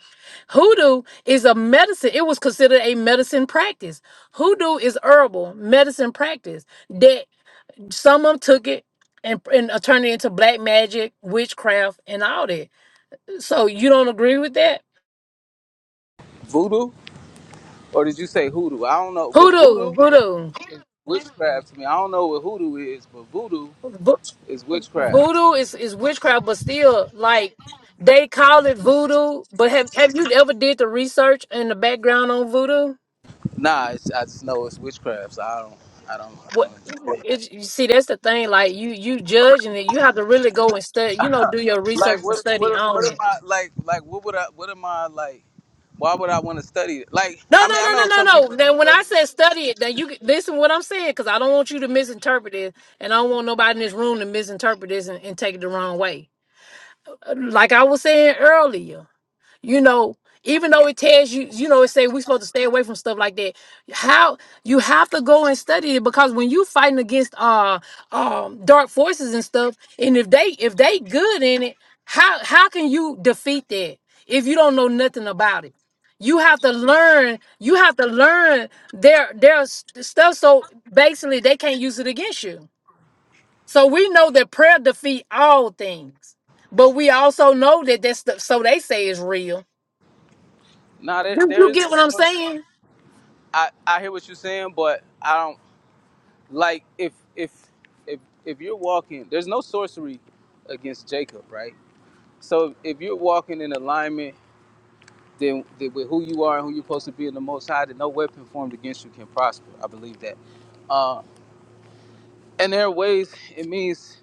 Speaker 1: Hoodoo is a medicine. It was considered a medicine practice. Hoodoo is herbal medicine practice that some of them took it and and uh, turned it into black magic, witchcraft, and all that. So you don't agree with that?
Speaker 7: Voodoo, or did you say hoodoo? I don't know. But
Speaker 1: Hoodoo,
Speaker 7: voodoo
Speaker 1: hoodoo.
Speaker 7: is witchcraft to me. I don't know what hoodoo is, but voodoo is witchcraft.
Speaker 1: voodoo is, is witchcraft, but still, like they call it voodoo. But have have you ever did the research and the background on voodoo?
Speaker 7: Nah, it's, I just know it's witchcraft. So I don't, I don't, I
Speaker 1: What
Speaker 7: don't entertain.
Speaker 1: it's you see, that's the thing. Like you you judging it, you have to really go and study. You know, do your research
Speaker 7: Like
Speaker 1: and
Speaker 7: what,
Speaker 1: study
Speaker 7: what, what
Speaker 1: on
Speaker 7: am
Speaker 1: it.
Speaker 7: I like? Like what would I? What am I like? Why would I want to study? it? Like
Speaker 1: No,
Speaker 7: I mean,
Speaker 1: no,
Speaker 7: I
Speaker 1: no, no,
Speaker 7: know
Speaker 1: no,
Speaker 7: some people
Speaker 1: no.
Speaker 7: do
Speaker 1: Then when
Speaker 7: study.
Speaker 1: I said study it, then you can- listen to what I'm saying because I don't want you to misinterpret it, and I don't want nobody in this room to misinterpret this and, and take it the wrong way. Like I was saying earlier. you know even though it tells you you know it say we're supposed to stay away from stuff like that how you have to go and study it because when you fighting against uh um dark forces and stuff and if they if they good in it how how can you defeat that if you don't know nothing about it you have to learn you have to learn their their s- stuff so basically they can't use it against you so we know that prayer defeat all things but we also know that that's the, so they say is real
Speaker 7: Nah, there,
Speaker 1: do
Speaker 7: there
Speaker 1: you
Speaker 7: is no.
Speaker 1: get what I'm
Speaker 7: source.
Speaker 1: saying?
Speaker 7: I I hear what you're saying, but I don't like if if if if you're walking. There's no sorcery against Jacob, right? So if you're walking in alignment. Then, then with who you are and who you're supposed to be in the Most High, then no weapon formed against you can prosper. I believe that. Uh, And there are ways it means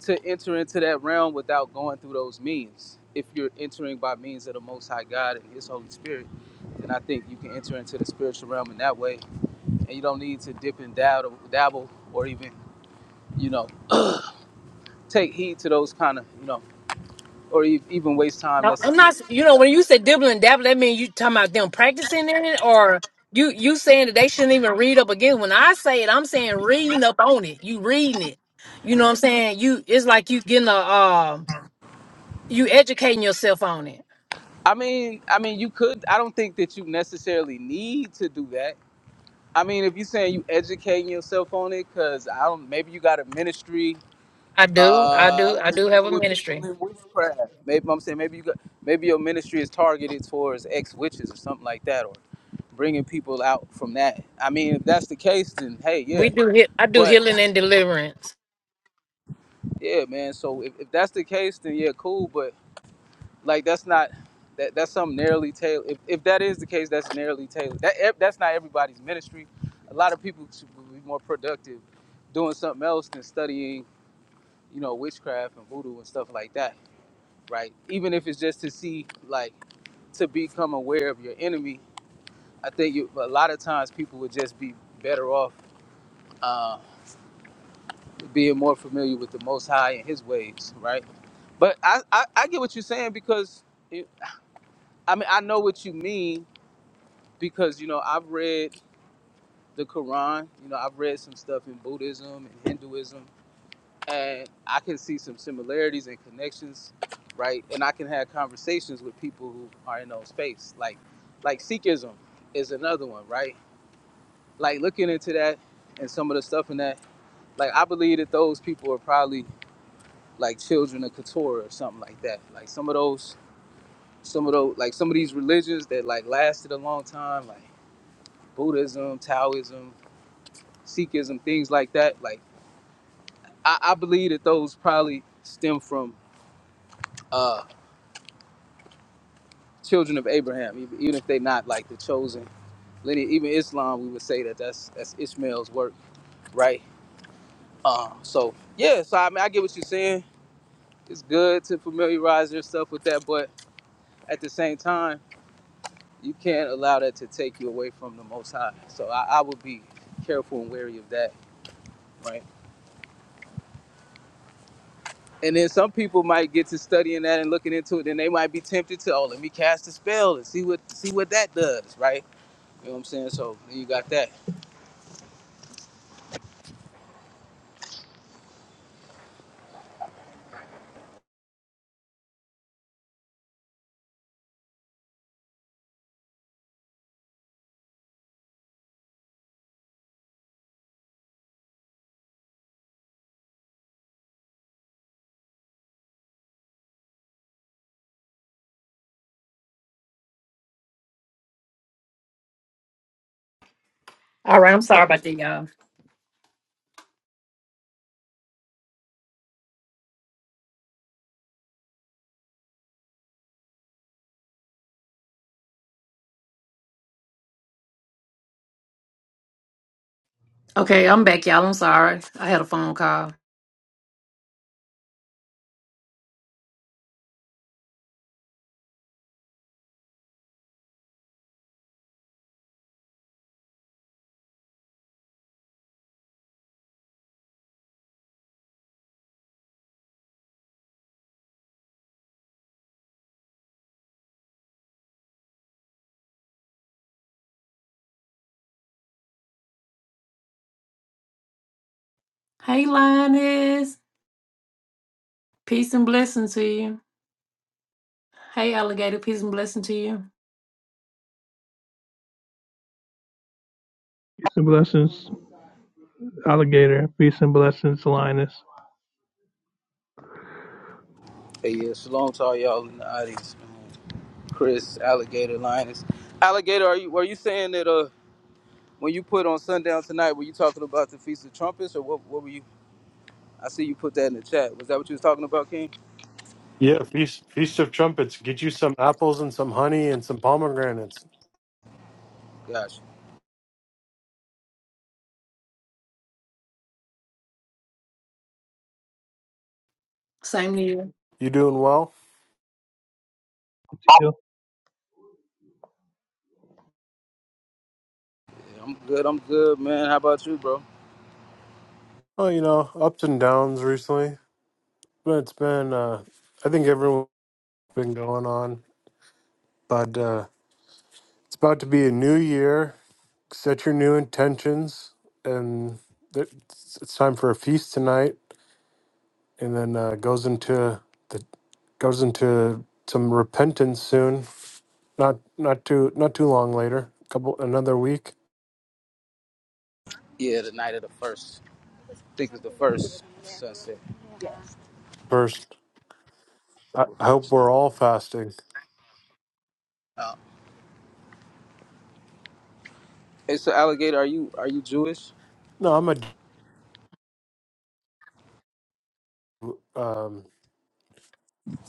Speaker 7: to enter into that realm without going through those means. If you're entering by means of the Most High God and His Holy Spirit, then I think you can enter into the spiritual realm in that way, and you don't need to dip and dabble, dabble or even, you know, take heed to those kind of, you know, or e- even waste time
Speaker 1: No, I'm
Speaker 7: necessarily.
Speaker 1: not. You know, when you say dibble and dabble, that means you talking about them practicing in it, or you you saying that they shouldn't even read up again. When I say it, I'm saying reading up on it. You reading it. You know what I'm saying? You it's like you getting a um you educating yourself on it.
Speaker 7: I mean, I mean, you could. I don't think that you necessarily need to do that. I mean, if you're saying you educating yourself on it, because I don't. Maybe you got a ministry
Speaker 1: I do, I
Speaker 7: uh
Speaker 1: do, I
Speaker 7: who
Speaker 1: do have
Speaker 7: deal
Speaker 1: a
Speaker 7: with
Speaker 1: ministry.
Speaker 7: people in witchcraft. Maybe I'm saying maybe you got maybe your ministry is targeted towards ex witches or something like that, or bringing people out from that. I mean, if that's the case, then hey, yeah.
Speaker 1: We do. hea- I do
Speaker 7: But
Speaker 1: healing and deliverance.
Speaker 7: yeah, man. So if, if that's the case, then yeah, cool. But like that's not that that's something narrowly tailored. If, if that is the case, that's narrowly tailored. That ev- that's not everybody's ministry. A lot of people should be more productive doing something else than studying, you know, witchcraft and voodoo and stuff like that right? Even if it's just to see, like, to become aware of your enemy, I think you, a lot of times people would just be better off uh, being more familiar with the Most High and His ways, right? But I, I, I get what you're saying because, it, I mean, I know what you mean because, you know, I've read the Quran, you know, I've read some stuff in Buddhism and Hinduism and I can see some similarities and connections, right? And I can have conversations with people who are in those space. Like, like Sikhism is another one, right? Like looking into that and some of the stuff in that. Like I believe that those people are probably like children of Keturah or something like that. Like some of those, some of those, like some of these religions that like lasted a long time, like Buddhism, Taoism, Sikhism, things like that. Like I, I believe that those probably stem from uh, children of Abraham, ev- even if they're not like the chosen lineage. Even Islam, we would say that that's that's Ishmael's work, right? Uh, so yeah, so I mean, I get what you're saying. It's good to familiarize yourself with that, but at the same time, you can't allow that to take you away from the Most High. So I, I would be careful and wary of that, right? And then some people might get to studying that and looking into it, and they might be tempted to, oh, let me cast a spell and see what see what that does, right? You know what I'm saying? So then you got that.
Speaker 1: All right. I'm sorry about that, y'all. Okay, I'm back, y'all. I'm sorry. I had a phone call. Hey, Linus. Peace and blessing to you. Hey, alligator. Peace and blessing to you.
Speaker 4: peace and blessings, alligator, peace and blessings, Linus.
Speaker 7: Hey, yeah, shalom to all y'all in the audience, man. Chris, Alligator, Linus. Alligator, are you were you saying that uh when you put on sundown tonight, were you talking about the Feast of Trumpets or what what were you I see you put that in the chat. Was that what you was talking about, King?
Speaker 8: Yeah, feast feast of trumpets. Get you some apples and some honey and some pomegranates.
Speaker 7: Gosh.
Speaker 1: Same to you.
Speaker 8: You doing well?
Speaker 7: Yeah, I'm good, I'm good, man. How about you, bro?
Speaker 8: Oh, you know, ups and downs recently, but it's been. Uh, I think everyone's been going on, but uh, it's about to be a new year. Set your new intentions, and th- it's it's time for a feast tonight, and then uh, goes into the goes into some repentance soon. Not not too not too long later. Couple another week
Speaker 7: Yeah, the night of the first. I think it's the first sunset.
Speaker 8: first. I
Speaker 7: October
Speaker 8: I hope
Speaker 7: first,
Speaker 8: we're
Speaker 7: yeah.
Speaker 8: all fasting.
Speaker 7: Uh, hey, so Alligator, are you are you Jewish?
Speaker 8: No, I'm a um,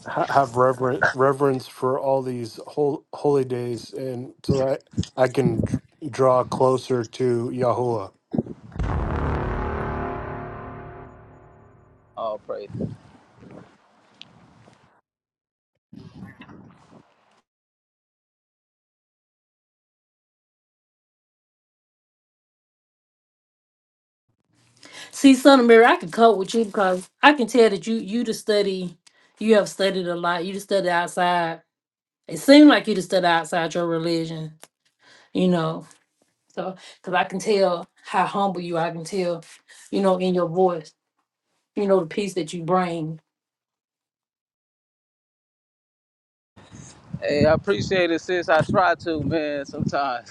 Speaker 8: ha- have reverent reverence for all these hol- holy days, and so that I can d- draw closer to Yahuwah.
Speaker 7: Oh, praise.
Speaker 1: See, Son of Mary, I can cope with you because I can tell that you you to study, you have studied a lot. You just study outside. It seemed like you just stood outside your religion, you know. So, because I can tell how humble you, I can tell, you know, in your voice, you know, the peace that you bring,
Speaker 7: Hey, I appreciate it, sis. I try to, man, sometimes.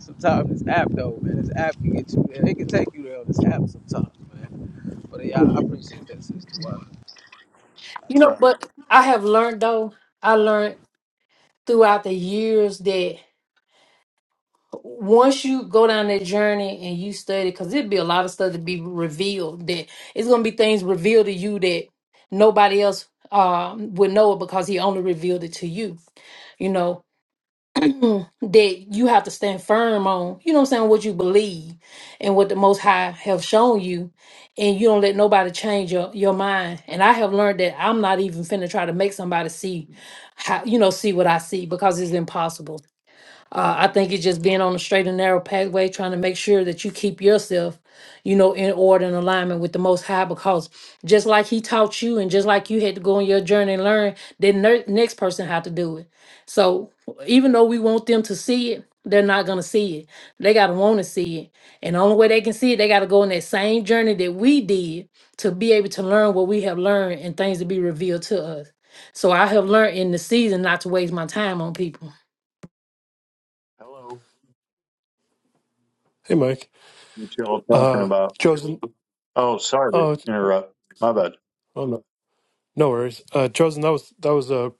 Speaker 7: Sometimes this app though, man, this app can get you there. It can take you there on this app sometimes, man. But yeah, I appreciate that, sister. Water.
Speaker 1: you
Speaker 7: That's
Speaker 1: know.
Speaker 7: right.
Speaker 1: But I have learned though, I learned throughout the years that once you go down that journey and you study, because it'd be a lot of stuff to be revealed that it's gonna be things revealed to you that nobody else um would know it because he only revealed it to you you know that you have to stand firm on, you know what I'm saying, what you believe and what the most high have shown you and you don't let nobody change your, your mind. And I have learned that I'm not even finna try to make somebody see how you know see what I see because it's impossible. Uh, I think it's just being on a straight and narrow pathway, trying to make sure that you keep yourself, you know, in order and alignment with the Most High. Because just like He taught you, and just like you had to go on your journey and learn, then ne- next person had to do it. So even though we want them to see it, they're not gonna see it. They gotta want to see it, and the only way they can see it, they gotta go on that same journey that we did to be able to learn what we have learned and things to be revealed to us. So I have learned in the season not to waste my time on people.
Speaker 9: Hello.
Speaker 8: Hey, Mike.
Speaker 9: What y'all talking
Speaker 8: Uh,
Speaker 9: about?
Speaker 8: chosen.
Speaker 9: Oh, sorry to
Speaker 8: Oh,
Speaker 9: interrupt. My bad.
Speaker 8: oh no, no worries. Uh, chosen. That was that was a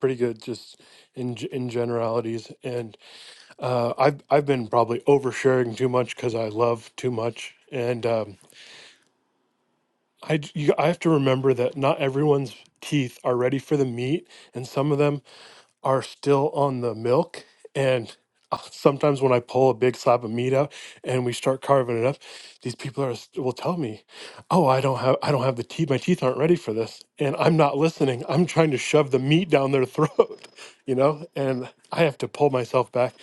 Speaker 8: pretty good, just in g- in generalities. And uh, I've I've been probably oversharing too much because I love too much, and. Um, I j- you, I have to remember that not everyone's teeth are ready for the meat, and some of them are still on the milk and uh, sometimes when i pull a big slab of meat out and we start carving it up these people are s- will tell me oh i don't have i don't have the teeth my teeth aren't ready for this and i'm not listening i'm trying to shove the meat down their throat you know and i have to pull myself back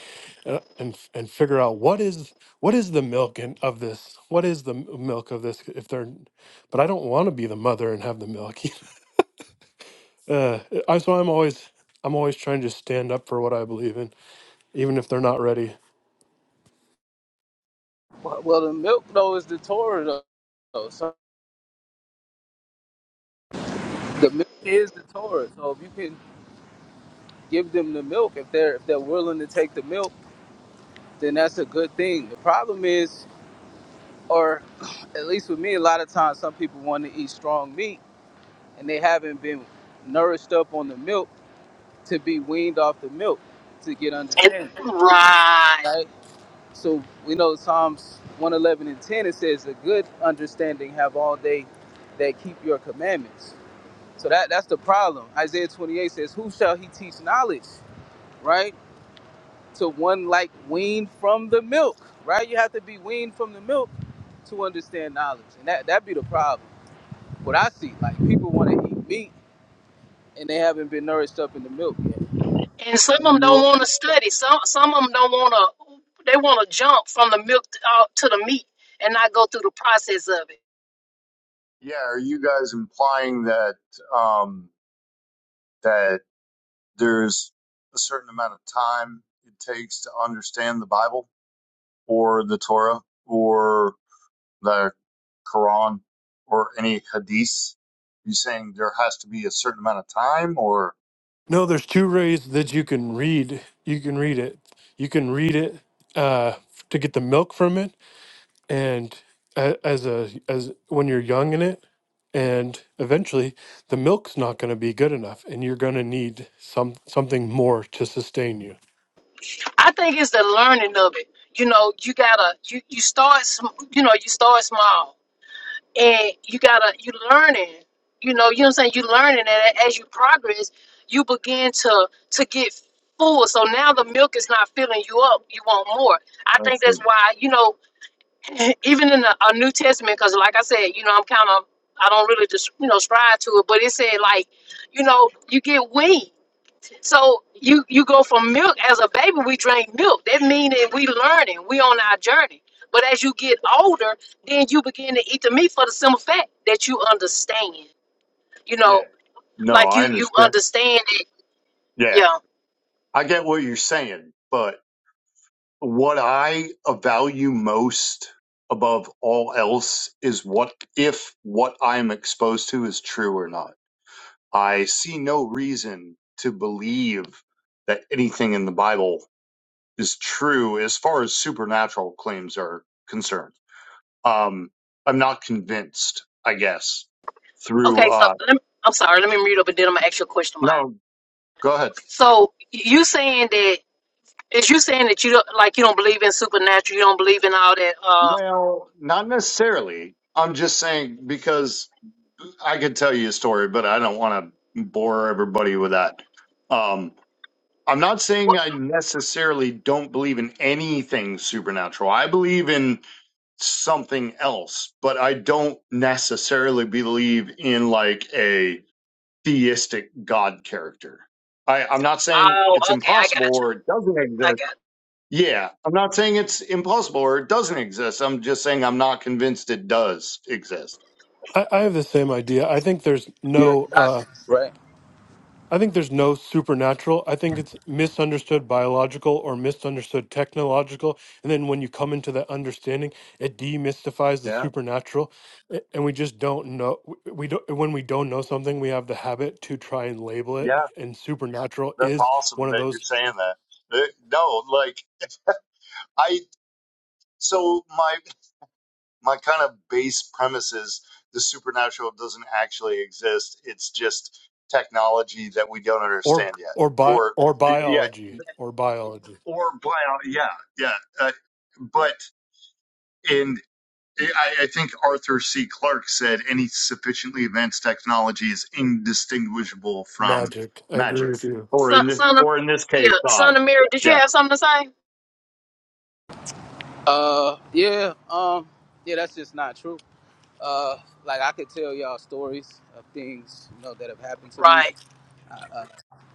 Speaker 8: and and, f- and figure out what is what is the milk in, of this what is the m- milk of this if they're but i don't want to be the mother and have the milk Uh, I so I'm always I'm always trying to stand up for what I believe in, even if they're not ready.
Speaker 7: Well, well, the milk though is the Torah though. though. So the milk is the Torah. So if you can give them the milk, if they're if they're willing to take the milk, then that's a good thing. The problem is, or at least with me, a lot of times some people want to eat strong meat and they haven't been nourished up on the milk to be weaned off the milk to get
Speaker 1: And,
Speaker 7: understanding,
Speaker 1: right.
Speaker 7: right? So we know Psalms 111 and 10, it says, A good understanding have all they that keep your commandments. So that, that's the problem. Isaiah 28 says, Who shall he teach knowledge? Right? To one like weaned from the milk. Right? You have to be weaned from the milk to understand knowledge. And that, that be the problem. What I see, like people want to eat meat and they haven't been nourished up in the milk yet.
Speaker 1: And some
Speaker 9: Are
Speaker 1: of them don't
Speaker 9: you,
Speaker 1: want to study. Some some of them don't want to. They want to jump from the milk to, uh, to the meat and not go through the process of it.
Speaker 9: yeah, are you guys implying that um, that there's a certain amount of time it takes to understand the Bible or the Torah or the Quran or any hadith? You saying there has to be a certain amount of time or?
Speaker 8: No, there's two ways that you can read. You can read it. You can read it uh, to get the milk from it, and a- as a as when you're young in it, and eventually the milk's not going to be good enough, and you're going to need some something more to sustain you.
Speaker 1: I think it's the learning of it. You know, you gotta you you start sm- you know you start small and you gotta you learning. You know, you know what I'm saying. You learning, and as you progress, you begin to to get full. So now the milk is not filling you up. You want more. I think
Speaker 9: That's a,
Speaker 1: that's why you know even in the uh, New Testament, because like I said, you know, I'm kind of, I don't really just, you know, strive to it, but it said like, you know, you get weaned. So you you go from milk as a baby, we drink milk. That meaning we learning, we on our journey. But as you get older, then you begin to eat the meat for the simple fact that you understand. You
Speaker 9: yeah.
Speaker 1: know,
Speaker 9: No,
Speaker 1: like
Speaker 9: I
Speaker 1: you you
Speaker 9: understand.
Speaker 1: understand it.
Speaker 9: Yeah,
Speaker 1: Yeah.
Speaker 9: I get what you're saying, but. what I value most above all else is what if what I'm exposed to is true or not. I see no reason to believe that anything in the Bible is true as far as supernatural claims are concerned. Um, I'm not convinced, I guess,
Speaker 1: Okay.
Speaker 9: through,
Speaker 1: So
Speaker 9: uh,
Speaker 1: let me, I'm sorry. Let me read up and then I'm gonna ask you a question, Mike.
Speaker 9: no, go ahead.
Speaker 1: So you saying that? Is you saying that you don't like you don't believe in supernatural? You don't believe in all that? Um.
Speaker 9: Well, not necessarily. I'm just saying because I could tell you a story, but I don't want to bore everybody with that. Um, I'm not saying
Speaker 1: What,
Speaker 9: I necessarily don't believe in anything supernatural. I believe in something else, but I don't necessarily believe in like a theistic God character. I, I'm not saying
Speaker 1: oh,
Speaker 9: it's
Speaker 1: okay. I
Speaker 9: impossible
Speaker 1: got you.
Speaker 9: or it doesn't
Speaker 1: I
Speaker 9: exist.
Speaker 1: got
Speaker 9: Yeah, I'm not saying it's impossible or it doesn't exist. I'm just saying I'm not convinced it does exist.
Speaker 8: I, I have the same idea. I think there's
Speaker 7: You're
Speaker 8: no. Uh,
Speaker 7: agnostic, right?
Speaker 8: I think there's no supernatural. I think it's misunderstood biological or misunderstood technological. And then when you come into that understanding, it demystifies the
Speaker 9: Yeah,
Speaker 8: supernatural. A- And we just don't know. w- We don't, when we don't know something, we have the habit to try and label it.
Speaker 9: yeah,
Speaker 8: And supernatural
Speaker 9: that's
Speaker 8: is
Speaker 9: awesome
Speaker 8: one of
Speaker 9: that you're
Speaker 8: those,
Speaker 9: saying that. Uh, No, like I so my my kind of base premise is the supernatural doesn't actually exist. It's just technology that we don't
Speaker 8: or,
Speaker 9: understand yet,
Speaker 8: or, bi,
Speaker 9: or
Speaker 8: or
Speaker 9: yeah,
Speaker 8: biology, or biology,
Speaker 9: or bio, yeah, yeah. Uh, but in I, I think Arthur C. Clarke said any sufficiently advanced technology is indistinguishable from
Speaker 8: magic. I agree
Speaker 9: magic,
Speaker 8: with you.
Speaker 1: you.
Speaker 9: or
Speaker 1: son.
Speaker 9: in this,
Speaker 1: Son of
Speaker 9: or in this
Speaker 1: yeah.
Speaker 9: case, God.
Speaker 1: Son of Mary. Did you
Speaker 9: Yeah,
Speaker 1: have something to say?
Speaker 7: Uh yeah, um, yeah, that's just not true. Uh, like I could tell y'all stories of things you know that have happened to me.
Speaker 1: Right.
Speaker 7: I, uh,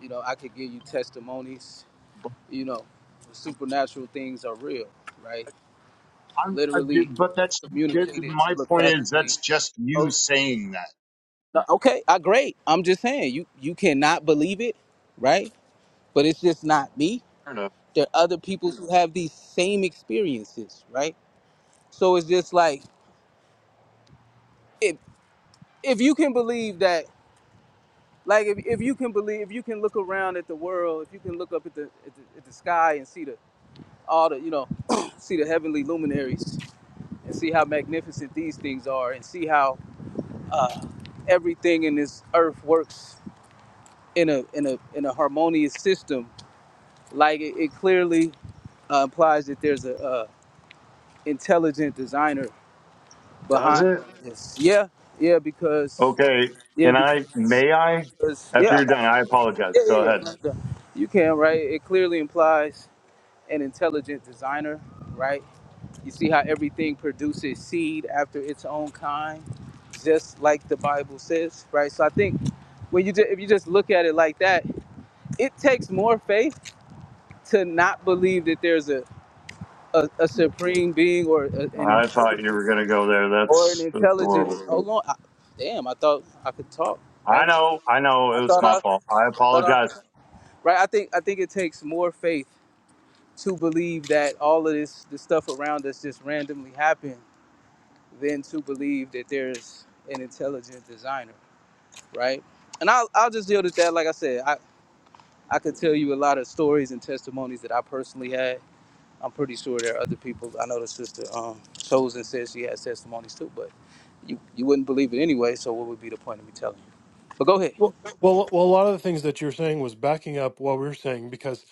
Speaker 7: you know, I could give you testimonies.
Speaker 9: but,
Speaker 7: You know, supernatural things are real, right?
Speaker 9: I'm, I,
Speaker 7: Literally
Speaker 9: but that's just,
Speaker 7: communicated
Speaker 9: my point is
Speaker 7: telepathically.
Speaker 9: that's just you
Speaker 7: Oh,
Speaker 9: saying that.
Speaker 7: no, okay, I great. I'm just saying you you cannot believe it, right? But it's just not me.
Speaker 9: I don't know.
Speaker 7: There are other people who have these same experiences, right? So it's just like if if you can believe that. Like if, if you can believe, if you can look around at the world, if you can look up at the at the, at the sky and see the all the you know see the heavenly luminaries and see how magnificent these things are and see how uh, everything in this earth works in a in a in a harmonious system. Like it, it clearly uh, implies that there's a uh, intelligent designer
Speaker 9: Does
Speaker 7: behind
Speaker 9: it?
Speaker 7: all of this. Yeah, yeah, because
Speaker 9: Okay.
Speaker 7: yeah
Speaker 9: Can I?
Speaker 7: because
Speaker 9: May I?
Speaker 7: because
Speaker 9: After
Speaker 7: yeah I
Speaker 9: you're done, I apologize.
Speaker 7: yeah
Speaker 9: Go ahead.
Speaker 7: yeah yeah. You can right. It clearly implies an intelligent designer, right? You see how everything produces seed after its own kind, just like the Bible says, right? So I think when you ju- if you just look at it like that, it takes more faith to not believe that there's a a, a supreme being or a, an
Speaker 9: I thought you
Speaker 7: intelligent
Speaker 9: were going to go there.
Speaker 7: or an
Speaker 9: That's, that's
Speaker 7: intelligence.
Speaker 9: horrible.
Speaker 7: Hold on, I, damn! I thought I could talk, right?
Speaker 9: I know. I know.
Speaker 7: I
Speaker 9: It was
Speaker 7: thought
Speaker 9: my
Speaker 7: I
Speaker 9: fault. I
Speaker 7: thought
Speaker 9: apologize.
Speaker 7: I right. I think I think it takes more faith to believe that all of this the stuff around us just randomly happens than to believe that there's an intelligent designer, right? And I'll, I'll just deal with that. Like I said, I, I could tell you a lot of stories and testimonies that I personally had. I'm pretty sure there are other people. I know the sister um, Chosen says she has testimonies too, but you, you wouldn't believe it anyway, so what would be the point of me telling you? But go ahead.
Speaker 8: Well, well, well, a lot of the things that you're saying was backing up what we are saying because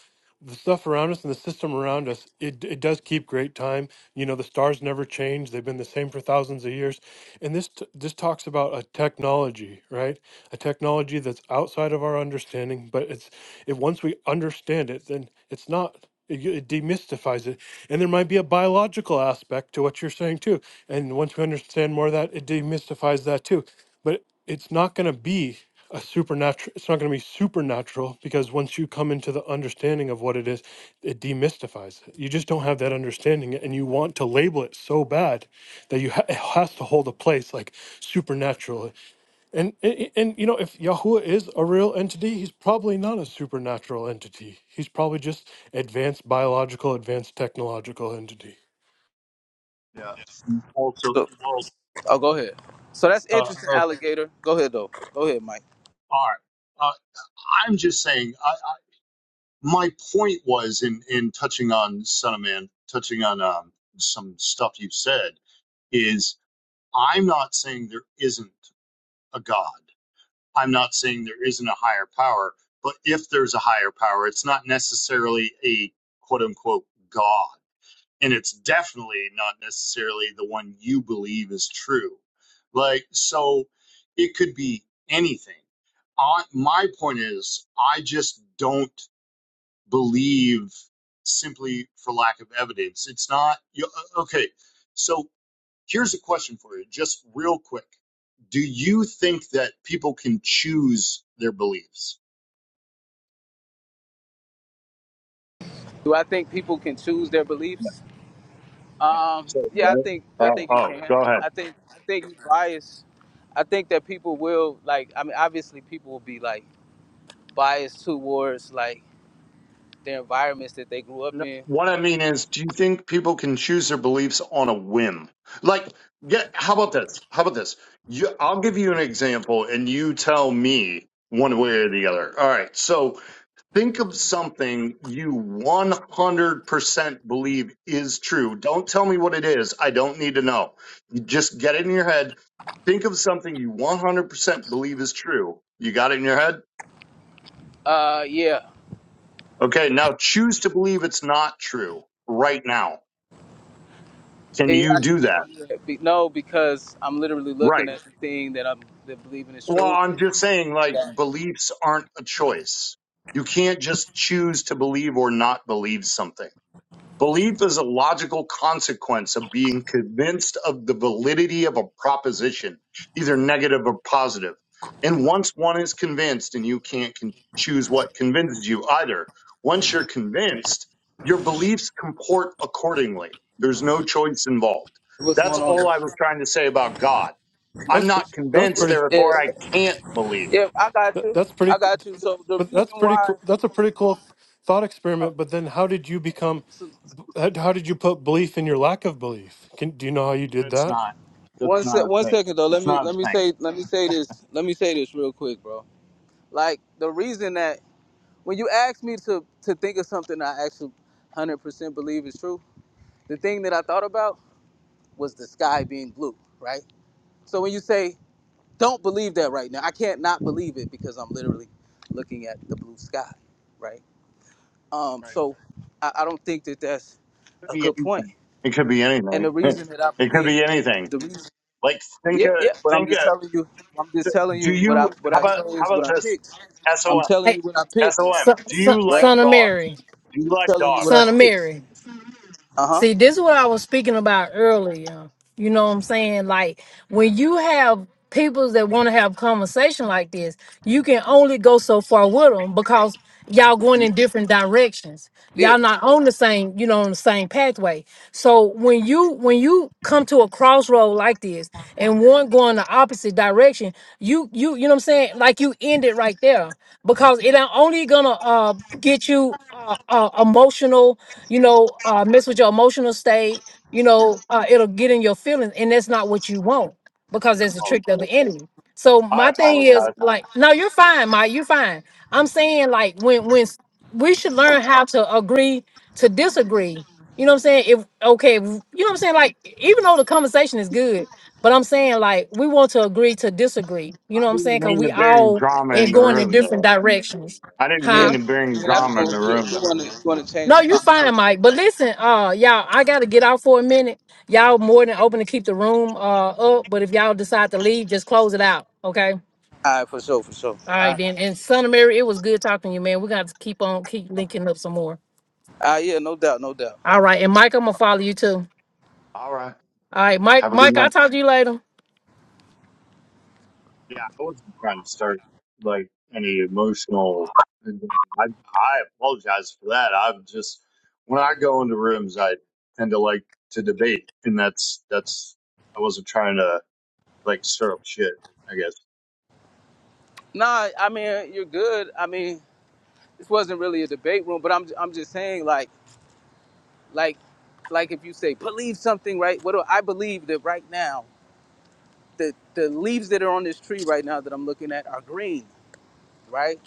Speaker 8: the stuff around us and the system around us, it it does keep great time. You know, the stars never change; they've been the same for thousands of years. And this t- this talks about a technology, right? A technology that's outside of our understanding, but it's if once we understand it, then it's not. It, it demystifies it, and there might be a biological aspect to what you're saying too. And once we understand more of that, it demystifies that too. But it's not going to be a supernatural it's not going to be supernatural because once you come into the understanding of what it is it demystifies it you just don't have that understanding and you want to label it so bad that you ha- it has to hold a place like supernatural and, and and you know if yahuwah is a real entity he's probably not a supernatural entity he's probably just advanced biological advanced technological entity
Speaker 9: Yeah. Also,
Speaker 7: So, oh, go ahead. So that's
Speaker 9: Uh,
Speaker 7: interesting,
Speaker 9: okay.
Speaker 7: alligator. Go ahead, though. Go ahead, Mike.
Speaker 9: All right. Uh, I'm just saying. I, I, my point was in in touching on Son of Man, touching on um, some stuff you said is I'm not saying there isn't a God. I'm not saying there isn't a higher power. But if there's a higher power, it's not necessarily a quote unquote God. and it's definitely not necessarily the one you believe is true. Like, so it could be anything. I, my point is, I just don't believe simply for lack of evidence. It's not, you, uh, okay, so here's a question for you, just real quick. Do you think that people can choose their beliefs?
Speaker 7: Do I think people can choose their beliefs? Um, yeah, I
Speaker 9: No.
Speaker 7: think I
Speaker 9: Oh,
Speaker 7: think you
Speaker 9: oh,
Speaker 7: can.
Speaker 9: go ahead.
Speaker 7: I think I think bias. I think that people will like. I mean, obviously, people will be like biased towards like their environments that they grew up
Speaker 9: No,
Speaker 7: in.
Speaker 9: what I mean is, do you think people can choose their beliefs on a whim? Like, yeah, how about this? How about this? You, I'll give you an example and you tell me one way or the other. All right. So think of something you 100% believe is true. Don't tell me what it is. I don't need to know. You just get it in your head. Think of something you 100% believe is true. You got it in your head?
Speaker 7: Uh, yeah,
Speaker 9: Okay. Now choose to believe it's not true right now. Can
Speaker 7: yeah.
Speaker 9: you
Speaker 7: I
Speaker 9: do
Speaker 7: can't
Speaker 9: that?
Speaker 7: do that. Be- No, because I'm literally
Speaker 9: Right.
Speaker 7: looking at the thing that I'm that believing is
Speaker 9: Well,
Speaker 7: true.
Speaker 9: I'm just saying, like, beliefs aren't a choice. You can't just choose to believe or not believe something. Belief is a logical consequence of being convinced of the validity of a proposition, either negative or positive. And once one is convinced, and you can't con- choose what convinces you either, once you're convinced, your beliefs comport accordingly. There's no choice involved.
Speaker 7: What's
Speaker 9: That's
Speaker 7: going on? yo?
Speaker 9: all I was trying to say about God
Speaker 8: that
Speaker 9: I'm
Speaker 8: was pre-
Speaker 9: not
Speaker 8: that was
Speaker 9: convinced,
Speaker 8: pretty
Speaker 7: Yeah,
Speaker 9: therefore I can't believe.
Speaker 7: yeah. I got
Speaker 8: that-
Speaker 7: you.
Speaker 8: that's pretty
Speaker 7: I got you. So the
Speaker 8: but that's
Speaker 7: reason
Speaker 8: pretty
Speaker 7: why.
Speaker 8: cool that's a pretty cool thought
Speaker 7: Uh,
Speaker 8: experiment but then how did you become
Speaker 7: so
Speaker 8: How, how did you put belief in your lack of belief? Can, do you know how you did
Speaker 9: It's
Speaker 8: that?
Speaker 9: not. That's
Speaker 7: one
Speaker 9: not
Speaker 7: sec.
Speaker 9: a
Speaker 7: One
Speaker 9: thing.
Speaker 7: second though. Let
Speaker 9: It's
Speaker 7: me
Speaker 9: not
Speaker 7: let me
Speaker 9: a thing.
Speaker 7: say let me say this. Let me say this real quick, bro Like the reason that when you asked me to to think of something I actually 100% believe is true, the thing that I thought about was the sky being blue, right? So when you say don't believe that right now, I can't not believe it because I'm literally looking at the blue sky, right? Um,
Speaker 9: Right.
Speaker 7: so I, I don't think that that's
Speaker 9: It could
Speaker 7: a
Speaker 9: be
Speaker 7: good point.
Speaker 9: anything. It could be
Speaker 7: And the
Speaker 9: anything.
Speaker 7: reason that I
Speaker 9: it could
Speaker 7: believe
Speaker 9: be anything.
Speaker 7: the reason,
Speaker 9: Like think
Speaker 7: yeah,
Speaker 9: of
Speaker 7: yeah. But I'm
Speaker 9: think
Speaker 7: just
Speaker 9: of.
Speaker 7: telling you, I'm just telling
Speaker 9: Do
Speaker 7: you what I
Speaker 9: you?
Speaker 7: what
Speaker 9: How
Speaker 7: I
Speaker 9: about
Speaker 7: chose,
Speaker 9: how about
Speaker 7: what I
Speaker 9: this?
Speaker 7: picked.
Speaker 9: Som
Speaker 7: I'm telling
Speaker 1: Hey,
Speaker 7: you what I picked,
Speaker 9: som.
Speaker 1: son,
Speaker 9: Do
Speaker 1: son,
Speaker 9: you like
Speaker 7: right?
Speaker 1: son of
Speaker 9: dogs?
Speaker 1: Mary,
Speaker 9: Do you
Speaker 7: I'm
Speaker 9: like
Speaker 7: telling you
Speaker 9: dogs?
Speaker 7: what I
Speaker 1: son of
Speaker 7: picked.
Speaker 1: Mary.
Speaker 7: Uh huh.
Speaker 1: See, this is what I was speaking about earlier. You know what I'm saying? Like when you have people that want to have conversation like this, you can only go so far with them because y'all going in different directions.
Speaker 7: Yeah.
Speaker 1: Y'all not on the same, you know, on the same pathway. So when you when you come to a crossroad like this and one going the opposite direction, you you you know what I'm saying? Like you end it right there because it ain't only gonna uh get you uh, uh emotional you know, uh, mess with your emotional state, you know, uh, it'll get in your feelings, and that's not what you want because
Speaker 9: I
Speaker 1: that's a trick of the
Speaker 9: apologize.
Speaker 1: enemy. So
Speaker 9: I
Speaker 1: my thing is
Speaker 9: apologize.
Speaker 1: like, no, you're fine, Mike, you're fine. I'm saying like when when s- we should learn how to agree to disagree. You know what I'm saying? If okay, w- you know what I'm saying? Like, even though the conversation is good, but I'm saying like we want to agree to disagree. You
Speaker 9: I
Speaker 1: know what I'm
Speaker 9: didn't
Speaker 1: saying? Cause
Speaker 9: mean to
Speaker 1: we
Speaker 9: bring
Speaker 1: all
Speaker 9: drama
Speaker 1: are
Speaker 9: in the
Speaker 1: going in
Speaker 9: room,
Speaker 1: different
Speaker 9: though.
Speaker 1: directions.
Speaker 9: I didn't
Speaker 7: Yeah.
Speaker 1: Huh?
Speaker 9: mean to bring
Speaker 7: Yeah, that's
Speaker 9: drama in
Speaker 7: cool.
Speaker 9: the
Speaker 7: You,
Speaker 9: room,
Speaker 7: you
Speaker 9: though.
Speaker 7: want to you want to change
Speaker 1: No,
Speaker 7: the
Speaker 1: you fine,
Speaker 7: conversation?
Speaker 1: Mike. But listen, uh, y'all, I gotta get out for a minute. Y'all more than open to keep the room uh up, but if y'all decide to leave, just close it out. Okay. All
Speaker 7: All right, for sure, for sure. All
Speaker 1: right
Speaker 7: right.
Speaker 1: then. And son of Mary, it was good talking to you, man. We're gonna have to keep on keep linking up some more.
Speaker 7: All right, yeah, no doubt, no doubt.
Speaker 1: All right, and Mike, I'm gonna follow you too.
Speaker 9: All right.
Speaker 1: All right, Mike,
Speaker 9: Have a good
Speaker 1: Mike,
Speaker 9: night.
Speaker 1: I'll talk to you later.
Speaker 9: Yeah, I wasn't trying to start like any emotional. I I apologize for that. I'm just when I go into rooms, I tend to like to debate, and that's that's I wasn't trying to like stir up shit. I guess.
Speaker 7: Nah, I mean you're good. I mean this wasn't really a debate room, but I'm I'm just saying like like like if you say believe something, right? What do I believe that right now the the leaves that are on this tree right now that I'm looking at are green, right?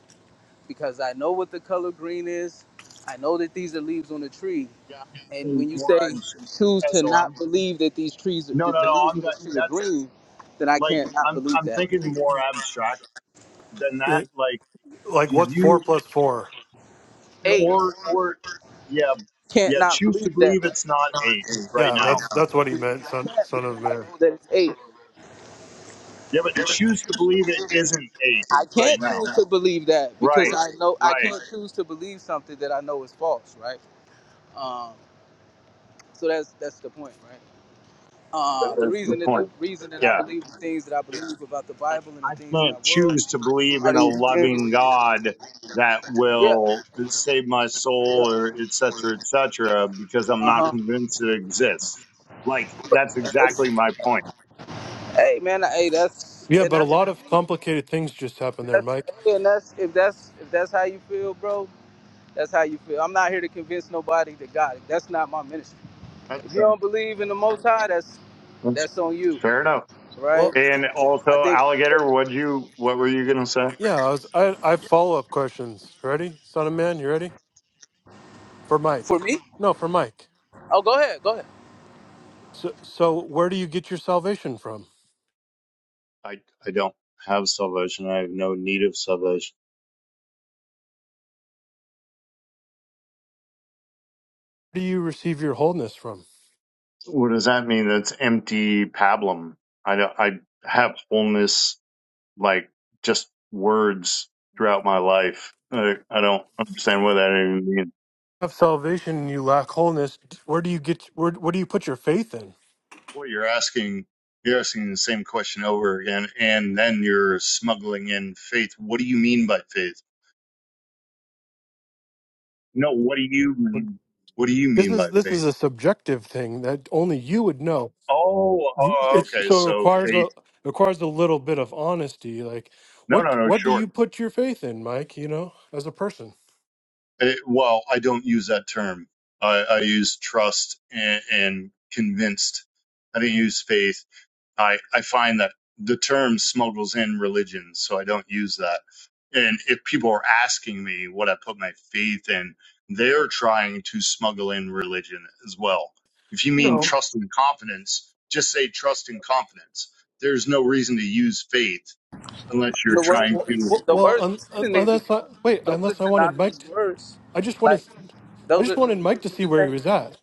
Speaker 7: Because I know what the color green is. I know that these are leaves on the tree,
Speaker 9: Yeah,
Speaker 7: And
Speaker 9: I'm
Speaker 7: when you
Speaker 9: more
Speaker 7: say
Speaker 9: abs-
Speaker 7: choose to not
Speaker 9: SOM.
Speaker 7: believe that these trees,
Speaker 9: No, no,
Speaker 7: that the
Speaker 9: no.
Speaker 7: leaves
Speaker 9: I'm
Speaker 7: of the
Speaker 9: that.
Speaker 7: trees are
Speaker 9: That's
Speaker 7: green, then I
Speaker 9: like
Speaker 7: can't not
Speaker 9: I'm
Speaker 7: believe
Speaker 9: I'm
Speaker 7: that.
Speaker 9: thinking more abstract than that.
Speaker 8: Right.
Speaker 9: Like,
Speaker 8: Like,
Speaker 9: do
Speaker 8: what's four
Speaker 9: you
Speaker 8: plus four?
Speaker 7: Eight,
Speaker 9: or or yeah
Speaker 7: can't
Speaker 9: yeah
Speaker 7: not
Speaker 9: choose to
Speaker 7: believe that,
Speaker 9: believe
Speaker 7: right?
Speaker 9: it's not eight right
Speaker 8: Yeah,
Speaker 9: now.
Speaker 8: that's that's what he
Speaker 7: I
Speaker 8: meant, son
Speaker 7: can't
Speaker 8: son
Speaker 7: because
Speaker 8: of
Speaker 7: I
Speaker 8: man.
Speaker 7: know that it's eight.
Speaker 9: Yeah, but choose to believe it isn't eight
Speaker 7: I
Speaker 9: right
Speaker 7: can't
Speaker 9: now.
Speaker 7: choose to believe that because
Speaker 9: Right,
Speaker 7: I know I
Speaker 9: right.
Speaker 7: can't choose to believe something that I know is false, right? Um, so that's that's the point, right? Um,
Speaker 9: That
Speaker 7: the
Speaker 9: is the
Speaker 7: reason that the
Speaker 9: point.
Speaker 7: reason that I
Speaker 9: Yeah.
Speaker 7: believe the things that I believe about the
Speaker 9: Like,
Speaker 7: Bible and the
Speaker 9: I
Speaker 7: things that I
Speaker 9: can't
Speaker 7: world
Speaker 9: choose to believe
Speaker 7: are
Speaker 9: in a
Speaker 7: the
Speaker 9: loving God
Speaker 7: experiences.
Speaker 9: that
Speaker 7: Yeah.
Speaker 9: will save my
Speaker 7: yeah.
Speaker 9: soul or et cetera, et cetera, because I'm not
Speaker 7: Uh
Speaker 9: convinced it exists. Like, that's
Speaker 7: huh.
Speaker 9: exactly my point.
Speaker 7: Hey man, hey that's
Speaker 8: Yeah,
Speaker 7: and
Speaker 8: but a
Speaker 7: that's
Speaker 8: lot
Speaker 7: on
Speaker 8: of
Speaker 7: you.
Speaker 8: complicated things just happened there,
Speaker 7: That's
Speaker 8: Mike.
Speaker 7: hey, and that's if that's if that's how you feel, bro. That's how you feel. I'm not here to convince nobody to God. That's not my ministry.
Speaker 9: that's
Speaker 7: If you
Speaker 9: fair.
Speaker 7: don't believe in the Most High, that's
Speaker 9: That's
Speaker 7: that's on you,
Speaker 9: fair enough.
Speaker 7: right?
Speaker 8: Well,
Speaker 9: And
Speaker 7: I
Speaker 9: also,
Speaker 7: think
Speaker 9: alligator, what you what were you gonna say?
Speaker 8: yeah, I was I I have follow up questions. Ready, son of man? You ready for Mike?
Speaker 7: for me.
Speaker 8: No, for Mike.
Speaker 7: Oh, go ahead, go ahead.
Speaker 8: So, so where do you get your salvation from?
Speaker 9: I I don't have salvation. I have no need of salvation.
Speaker 8: Where do you receive your wholeness from? If You
Speaker 9: What does that mean? That's empty pablum. I don't, I have wholeness like just words throughout my life. I, I don't understand what that even means.
Speaker 8: have salvation and you lack wholeness. Where do you get? Where, what do you put your faith in?
Speaker 9: What you're asking, you're asking the same question over again, and then you're smuggling in faith. What do you mean by faith? No, what do you mean? What do you
Speaker 8: This
Speaker 9: mean by
Speaker 8: is this is
Speaker 9: faith?
Speaker 8: a subjective thing that only you would know.
Speaker 9: Oh,
Speaker 8: You-
Speaker 9: oh
Speaker 8: It's
Speaker 9: okay.
Speaker 8: so it
Speaker 9: So
Speaker 8: requires a
Speaker 9: faith.
Speaker 8: requires a little bit of honesty. Like,
Speaker 9: No,
Speaker 8: what
Speaker 9: no, no.
Speaker 8: what do
Speaker 9: Sure.
Speaker 8: you put your faith in, Mike? You know, as a person.
Speaker 9: It, well, I don't use that term. I, I use trust and, and convinced. I didn't use faith. I, I find that the term smuggles in religion, so I don't use that. And if people are asking me what I put my faith in, they're trying to smuggle in religion as well. If you mean
Speaker 8: No.
Speaker 9: trust and confidence, just say trust and confidence. There's no reason to use faith unless you're
Speaker 7: The
Speaker 8: Well,
Speaker 9: trying to.
Speaker 7: words,
Speaker 8: well,
Speaker 7: the
Speaker 8: well,
Speaker 7: words and
Speaker 8: un, un,
Speaker 7: synonyms,
Speaker 8: unless I, wait,
Speaker 7: though. Those are
Speaker 8: unless I wanted
Speaker 7: synonymous
Speaker 8: Mike, to,
Speaker 7: words.
Speaker 8: I just wanted,
Speaker 7: Like
Speaker 8: I
Speaker 7: those
Speaker 8: just
Speaker 7: are the
Speaker 8: wanted Mike to
Speaker 7: words mean
Speaker 8: see
Speaker 7: the
Speaker 8: where he
Speaker 7: same
Speaker 8: was
Speaker 7: thing.
Speaker 8: at.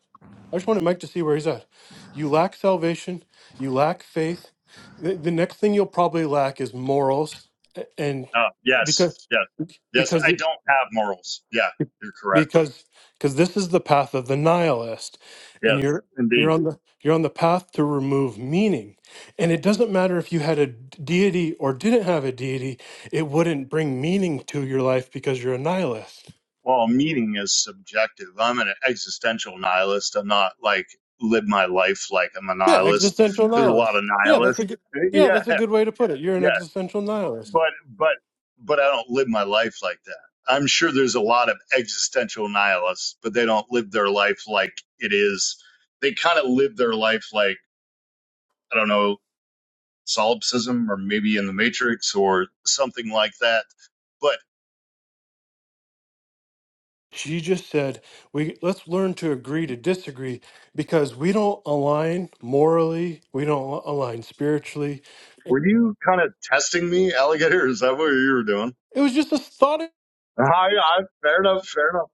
Speaker 8: I just wanted Mike to see where he's at. You lack salvation. You lack faith. The, the next thing you'll probably lack is morals, a- and
Speaker 9: Oh, yes,
Speaker 8: because
Speaker 9: yes, yes.
Speaker 8: because
Speaker 9: I don't have morals. Yeah, you're correct.
Speaker 8: because because this is the path of the nihilist and
Speaker 9: Yes,
Speaker 8: you're you're
Speaker 9: indeed.
Speaker 8: on the you're on the path to remove meaning and it doesn't matter if you had a d- deity or didn't have a deity it wouldn't bring meaning to your life because you're a nihilist
Speaker 9: Well, meaning is subjective. I'm an existential nihilist. I'm not like live my life like I'm a
Speaker 8: yeah
Speaker 9: nihilist.
Speaker 8: existential
Speaker 9: There's a lot
Speaker 8: nihilist
Speaker 9: of
Speaker 8: yeah that's a
Speaker 9: nihilists.
Speaker 8: good yeah
Speaker 9: Yeah,
Speaker 8: that's a good way to put it you're an
Speaker 9: yeah.
Speaker 8: existential nihilist
Speaker 9: But but but I don't live my life like that. I'm sure there's a lot of existential nihilists, but they don't live their life like it is. They kind of live their life like I don't know solipsism or maybe in the matrix or something like that. But
Speaker 8: she just said we let's learn to agree to disagree because we don't align morally we don't align spiritually
Speaker 9: were you kind of testing me, alligator? Is that what you were doing?
Speaker 8: it was just a thought
Speaker 9: I, I, fair enough, fair enough.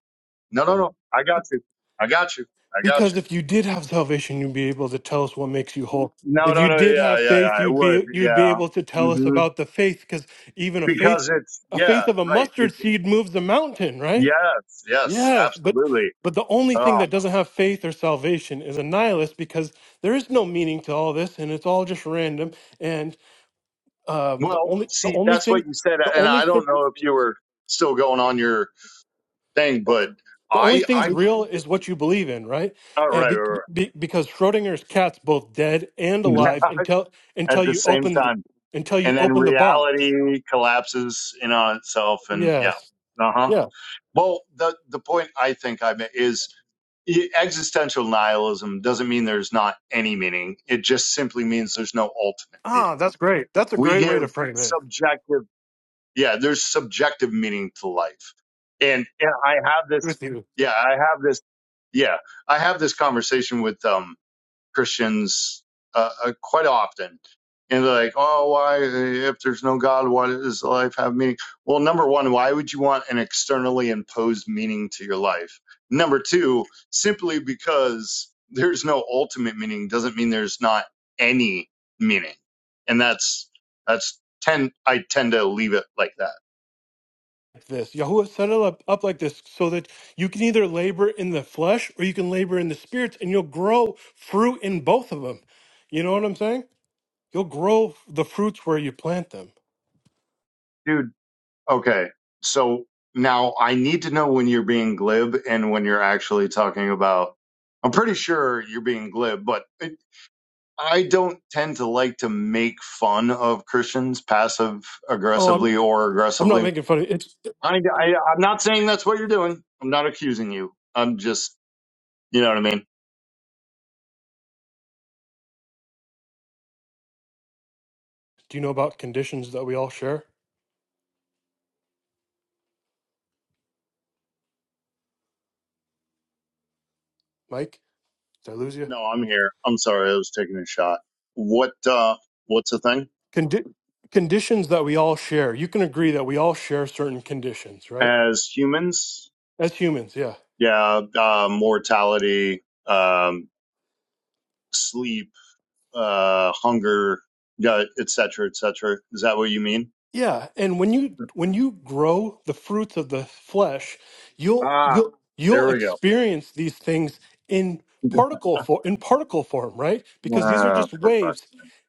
Speaker 9: No, no, no. I got you. I got you. I got
Speaker 8: Because
Speaker 9: you.
Speaker 8: if you did have salvation, you'd be able to tell us what makes you whole.
Speaker 9: No,
Speaker 8: If
Speaker 9: no,
Speaker 8: you
Speaker 9: no.
Speaker 8: did
Speaker 9: Yeah,
Speaker 8: have
Speaker 9: yeah, yeah.
Speaker 8: faith,
Speaker 9: It
Speaker 8: you'd
Speaker 9: would.
Speaker 8: be you'd be
Speaker 9: Yeah.
Speaker 8: able to tell us
Speaker 9: hmm
Speaker 8: about the faith, because even a faith
Speaker 9: Because it's,
Speaker 8: a
Speaker 9: yeah,
Speaker 8: faith of a
Speaker 9: right. Bec
Speaker 8: mustard seed moves a mountain, right?
Speaker 9: yes, yes,
Speaker 8: Yes, but
Speaker 9: absolutely.
Speaker 8: but the only
Speaker 9: Oh,
Speaker 8: thing that doesn't have faith or salvation is a nihilist because there is no meaning to all this and it's all just random. And um, the
Speaker 9: Well,
Speaker 8: only the
Speaker 9: see,
Speaker 8: only
Speaker 9: that's
Speaker 8: thing
Speaker 9: what you said.
Speaker 8: the
Speaker 9: And
Speaker 8: only
Speaker 9: I
Speaker 8: thing
Speaker 9: don't know if you were still going on your thing, but
Speaker 8: The only
Speaker 9: I, I,
Speaker 8: thing's real is what you believe in, right?
Speaker 9: all
Speaker 8: And
Speaker 9: right, right,
Speaker 8: be,
Speaker 9: right.
Speaker 8: be, because Schrodinger's cat's both dead and alive until until
Speaker 9: at the
Speaker 8: you
Speaker 9: same
Speaker 8: open
Speaker 9: time.
Speaker 8: until you
Speaker 9: And then
Speaker 8: open the box.
Speaker 9: reality collapses in on itself. And yeah,
Speaker 8: Yes.
Speaker 9: uh huh.
Speaker 8: Yeah.
Speaker 9: Well, the the point I think I made is e- existential nihilism doesn't mean there's not any meaning. It just simply means there's no ultimate
Speaker 8: Ah,
Speaker 9: meaning.
Speaker 8: that's great. That's a
Speaker 9: We
Speaker 8: great way
Speaker 9: give
Speaker 8: to frame it.
Speaker 9: subjective, yeah, there's subjective meaning to life. And, and I have this,
Speaker 8: With you,
Speaker 9: yeah, I have this, yeah, I have this conversation with um Christians uh, uh, quite often. And they're like, oh, why, if there's no God, why does life have meaning? Well, number one, why would you want an externally imposed meaning to your life? Number two, simply because there's no ultimate meaning doesn't mean there's not any meaning. And that's, that's tend, I tend to leave it like that.
Speaker 8: this Yahuwah set it up, up like this so that you can either labor in the flesh or you can labor in the spirits, and you'll grow fruit in both of them. You know what I'm saying? You'll grow the fruits where you plant them.
Speaker 9: dude. Okay. So now I need to know when you're being glib and when you're actually talking about. I'm pretty sure you're being glib, but it, I don't tend to like to make fun of Christians passive
Speaker 8: Oh, I'm
Speaker 9: aggressively or
Speaker 8: I'm not
Speaker 9: aggressively.
Speaker 8: making fun of it.
Speaker 9: I, I, I'm not saying that's what you're doing. I'm not accusing you. I'm just, you know what I mean?
Speaker 8: Do you know about conditions that we all share, Mike? Did I lose you?
Speaker 9: No, I'm here. I'm sorry. I was taking a shot. What, uh, what's the thing?
Speaker 8: Condi- conditions that we all share. You can agree that we all share certain conditions, right?
Speaker 9: As humans,
Speaker 8: As humans, yeah.
Speaker 9: yeah, uh, mortality, um, sleep uh, hunger, gut, et cetera, et cetera. Is that what you mean?
Speaker 8: Yeah, and when you when you grow the fruits of the flesh, you'll
Speaker 9: Ah,
Speaker 8: you'll you'll
Speaker 9: there we go.
Speaker 8: experience these things in particle form in particle form, right? Because these are
Speaker 9: Ah,
Speaker 8: just
Speaker 9: for fuck.
Speaker 8: waves.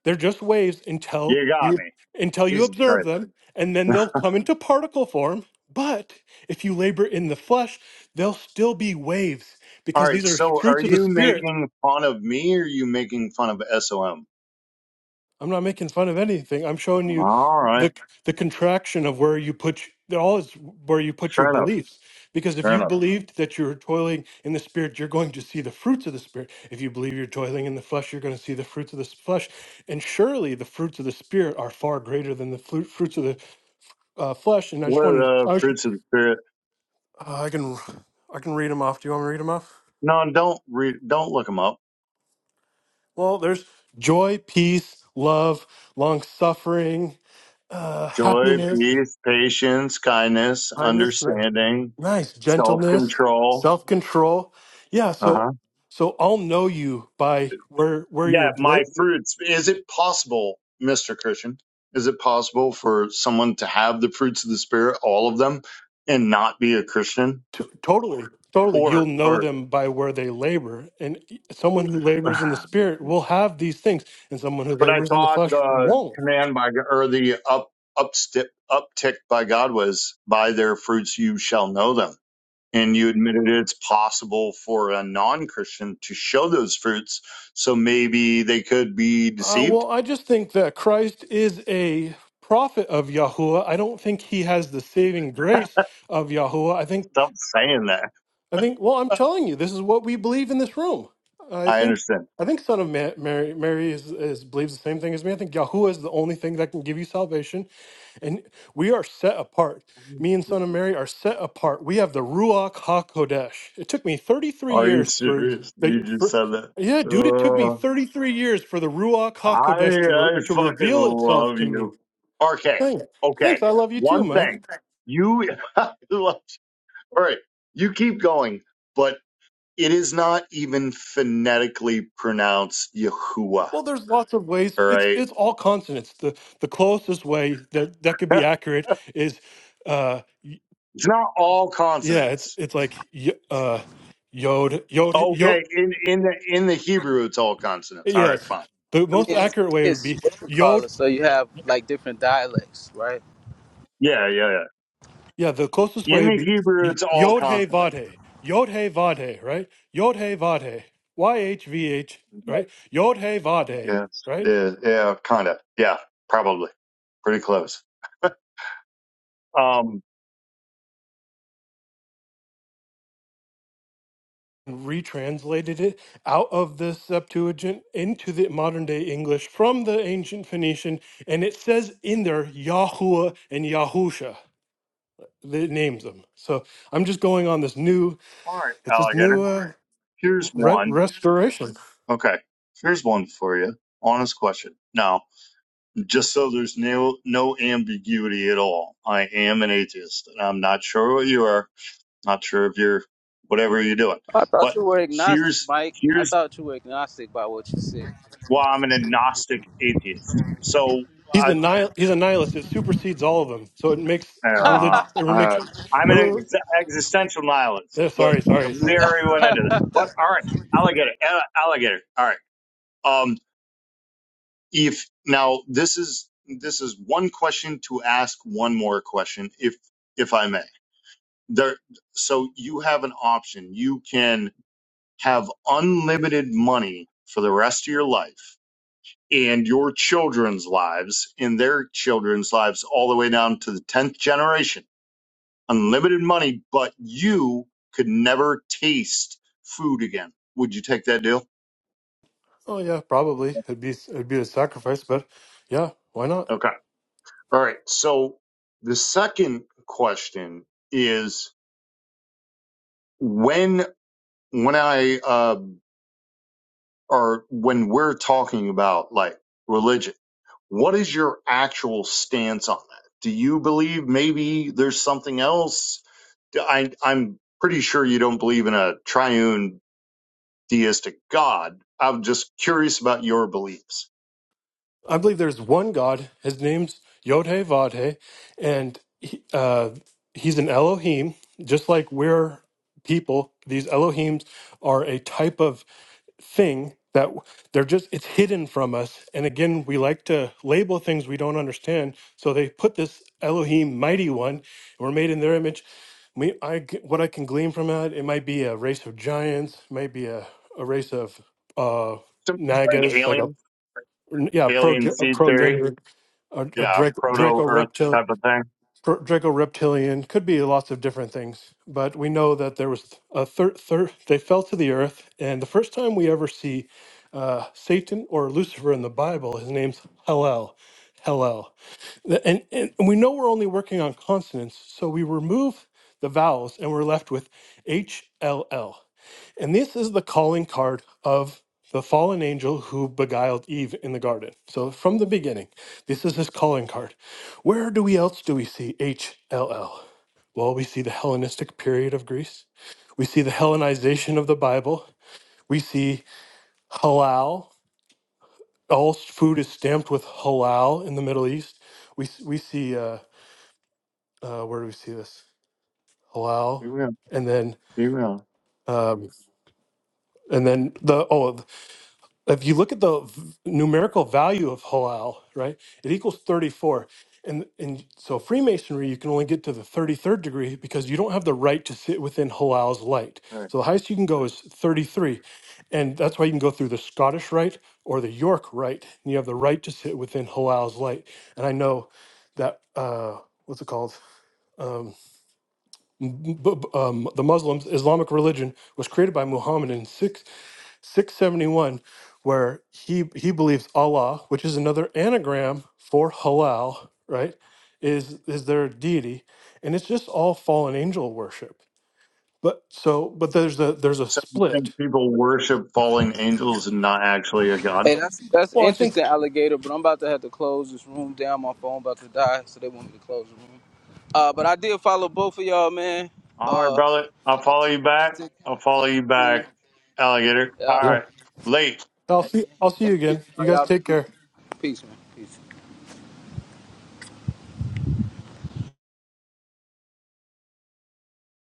Speaker 8: They're just waves until
Speaker 9: You got
Speaker 8: you
Speaker 9: me.
Speaker 8: until you
Speaker 9: Jesus
Speaker 8: observe
Speaker 9: Christ.
Speaker 8: them and then they'll come into particle form. But if you labor in the flesh, they'll still be waves
Speaker 9: All
Speaker 8: because
Speaker 9: right.
Speaker 8: these are
Speaker 9: So are
Speaker 8: fruits of the
Speaker 9: you
Speaker 8: spirit.
Speaker 9: making fun of me or are you making fun of SOM?
Speaker 8: I'm not making fun of anything. I'm showing you
Speaker 9: All right.
Speaker 8: the the contraction of where you put y- all is where you put your
Speaker 9: Fair enough.
Speaker 8: beliefs. Because if
Speaker 9: Fair
Speaker 8: you
Speaker 9: enough.
Speaker 8: believed that you're toiling in the spirit, you're going to see the fruits of the spirit. If you believe you're toiling in the flesh, you're going to see the fruits of the flesh. And surely the fruits of the spirit are far greater than the flu- fruits of the uh, flesh. And I just
Speaker 9: What are
Speaker 8: wanted,
Speaker 9: the
Speaker 8: I, was,
Speaker 9: fruits of the spirit?
Speaker 8: uh, I can, I can read them off. Do you want me to read them off?
Speaker 9: No, don't re- don't look them up.
Speaker 8: Well, there's joy, peace, love, long suffering, uh,
Speaker 9: Joy,
Speaker 8: happiness.
Speaker 9: peace, Patience, kindness, understanding,
Speaker 8: Nice
Speaker 9: self
Speaker 8: gentleness,
Speaker 9: control.
Speaker 8: self control. Yeah,
Speaker 9: uh-huh.
Speaker 8: so so I'll know you by where where you're
Speaker 9: yeah,
Speaker 8: bla-
Speaker 9: my fruits. Is it possible, Mr. Christian? Is it possible for someone to have the fruits of the spirit, all of them, and not be a Christian?
Speaker 8: t- totally totally
Speaker 9: Or,
Speaker 8: you'll know
Speaker 9: or,
Speaker 8: them by where they labor and someone who labors in
Speaker 9: but
Speaker 8: the spirit will have these things and someone who
Speaker 9: I
Speaker 8: labors in the
Speaker 9: thought
Speaker 8: flesh
Speaker 9: the
Speaker 8: won't
Speaker 9: command by, or the up, upstep, uptick by God was by their fruits you shall know them. And you admitted it's possible for a non Christian to show those fruits. So maybe they could be
Speaker 8: uh,
Speaker 9: deceived.
Speaker 8: well i just think that christ is a prophet of yahuwah i don't think he has the saving grace of yahuwah i think
Speaker 9: Stop saying that.
Speaker 8: I think. Well, I'm telling you, this is what we believe in this room. I
Speaker 9: I
Speaker 8: think.
Speaker 9: understand.
Speaker 8: I think Son of Ma- Mary, Mary is, is believes the same thing as me. I think Yahuwah is the only thing that can give you salvation, and we are set apart. Me and Son of Mary are set apart. We have the Ruach Hakodesh. It took me 33
Speaker 9: Are you
Speaker 8: years for
Speaker 9: serious? You
Speaker 8: the
Speaker 9: just
Speaker 8: for.
Speaker 9: said that.
Speaker 8: Yeah, dude, it took me
Speaker 9: Uh,
Speaker 8: 33 years for the Ruach
Speaker 9: I
Speaker 8: HaKodesh to, re-
Speaker 9: I
Speaker 8: to
Speaker 9: fucking
Speaker 8: reveal itself
Speaker 9: love
Speaker 8: to me.
Speaker 9: you. Okay,
Speaker 8: Thanks.
Speaker 9: okay.
Speaker 8: Thanks. I love you too,
Speaker 9: One
Speaker 8: Mike.
Speaker 9: thing, you I love- all right? You keep going, but it is not even phonetically pronounced Yahuwah.
Speaker 8: Well, there's lots of ways.
Speaker 9: All
Speaker 8: It's
Speaker 9: right,
Speaker 8: it's all consonants. The the closest way that that could be accurate is, uh, y-
Speaker 9: it's not all
Speaker 8: yeah, it's
Speaker 9: consonants.
Speaker 8: it's like y- uh, yod yod yod.
Speaker 9: Okay, in in the in the Hebrew, it's all consonants. All right,
Speaker 8: Yes,
Speaker 9: fine.
Speaker 8: the
Speaker 7: I
Speaker 8: most
Speaker 7: mean,
Speaker 8: accurate way would
Speaker 7: it's
Speaker 8: be
Speaker 7: what you call
Speaker 8: yod.
Speaker 7: it. So you have like different dialects, right?
Speaker 9: Yeah, yeah,
Speaker 8: Yeah, the closest
Speaker 9: yeah.
Speaker 8: way
Speaker 9: In
Speaker 8: would
Speaker 9: the
Speaker 8: be
Speaker 9: Hebrew,
Speaker 8: y-
Speaker 9: it's all
Speaker 8: yod hey
Speaker 9: consonants.
Speaker 8: vade yod hey vade right yod hey vade y h v h right yod hey vade
Speaker 9: Yes.
Speaker 8: right
Speaker 9: Yeah. Yeah. Kind of. Yeah. Probably. Pretty close. Um.
Speaker 8: and retranslated it out of the Septuagint into the modern day English from the ancient Phoenician, and it says in there Yahuwah and Yahusha that names them. So I'm just going on this new.
Speaker 9: All right,
Speaker 8: It's this new
Speaker 9: alligator.
Speaker 8: uh,
Speaker 9: Here's
Speaker 8: re-
Speaker 9: one.
Speaker 8: restoration.
Speaker 9: Okay. Here's one for you. Honest question. Now, just so there's no no ambiguity at all, I am an atheist, and I'm not sure what you are. Not sure if you're whatever you're doing.
Speaker 7: I thought
Speaker 9: But
Speaker 7: you were agnostic,
Speaker 9: here's
Speaker 7: Mike. I
Speaker 9: here's
Speaker 7: thought you were agnostic by what you said.
Speaker 9: why I'm an agnostic atheist. So.
Speaker 8: He's
Speaker 9: I.
Speaker 8: a nihil- he's a nihilist. It supersedes all of them. So it makes
Speaker 9: Uh,
Speaker 8: religion. It
Speaker 9: uh,
Speaker 8: makes.
Speaker 9: I'm
Speaker 8: It, re-
Speaker 9: an ex- existential nihilist,
Speaker 8: eh,
Speaker 9: but
Speaker 8: sorry, sorry,
Speaker 9: we
Speaker 8: sorry.
Speaker 9: already went into that. But all right, alligator, uh, alligator. All right. Um, if now this is this is one question to ask one more question, if if I may. There, so you have an option. You can have unlimited money for the rest of your life and your children's lives and their children's lives all the way down to the 10th generation unlimited money, but you could never taste food again. Would you take that deal?
Speaker 8: Oh yeah, probably it'd be it'd be a sacrifice, but yeah, why not?
Speaker 9: Okay. All right. So the second question is when when I uh or when we're talking about like religion, what is your actual stance on that? Do you believe maybe there's something else? I I'm pretty sure you don't believe in a triune deistic God. I'm just curious about your beliefs.
Speaker 8: I believe there's one God. His name's Yodhe Vadhe, and he, uh, he's an Elohim, just like we're people. These Elohims are a type of thing that they're just it's hidden from us. And again, we like to label things we don't understand. So they put this Elohim, mighty one, and we're made in their image. We, I, g- what I can glean from that, it might be a race of giants, might be a, a race of uh,
Speaker 9: Something like
Speaker 8: Nagas, like a
Speaker 9: alien,
Speaker 8: yeah, pro
Speaker 9: alien seed
Speaker 8: pro
Speaker 9: theory.
Speaker 8: gender, a, a
Speaker 9: Yeah,
Speaker 8: Draco,
Speaker 9: proto
Speaker 8: Draco
Speaker 9: Earth
Speaker 8: reptil,
Speaker 9: type of thing.
Speaker 8: pro- Draco reptilian could be lots of different things. But we know that there was a third. Thir- thir- they fell to the earth, and the first time we ever see uh, Satan or Lucifer in the Bible, his name's Hallel, Hallel, The- and and we know we're only working on consonants, so we remove the vowels, and we're left with H L L. And this is the calling card of the fallen angel who beguiled Eve in the garden. So from the beginning, this is his calling card. Where do we else do we see HLL? Well, we see the Hellenistic period of Greece. We see the Hellenization of the Bible. We see halal. All food is stamped with halal in the Middle East. We, we see, uh, uh, where do we see this? Halal.
Speaker 9: Female,
Speaker 8: And then,
Speaker 9: female.
Speaker 8: um, and then the, oh, if you look at the v- numerical value of halal, right, it equals 34. And, and so Freemasonry, you can only get to the 33rd degree because you don't have the right to sit within halal's light.
Speaker 9: Right.
Speaker 8: So the highest you can go is 33. And that's why you can go through the Scottish rite or the York rite. And you have the right to sit within halal's light. And I know that, uh, what's it called? Um, b- b- um, the Muslims, Islamic religion, was created by Muhammad in six. 671 where he he believes Allah, which is another anagram for halal, right? Is is their deity and it's just all fallen angel worship. But so but there's a there's a
Speaker 9: So you
Speaker 8: split.
Speaker 9: think people worship fallen angels and not actually a god?
Speaker 7: Hey, that's that's
Speaker 8: Well, I think
Speaker 7: interesting, alligator. But I'm about to have to close this room down. My phone about to die, so they want me to close the room. Uh, but I did follow both of y'all, man.
Speaker 9: All right,
Speaker 7: Uh,
Speaker 9: brother. I'll follow you back.
Speaker 7: interesting
Speaker 9: I'll follow
Speaker 7: conversation,
Speaker 9: you
Speaker 7: man.
Speaker 9: back, alligator.
Speaker 7: Yeah.
Speaker 9: All right. Late.
Speaker 8: I'll see I'll see
Speaker 7: Hey,
Speaker 8: you
Speaker 7: peace,
Speaker 8: again. You
Speaker 7: y'all.
Speaker 8: guys
Speaker 7: Y'all
Speaker 8: take
Speaker 7: be-
Speaker 8: care.
Speaker 7: peace, man. Peace.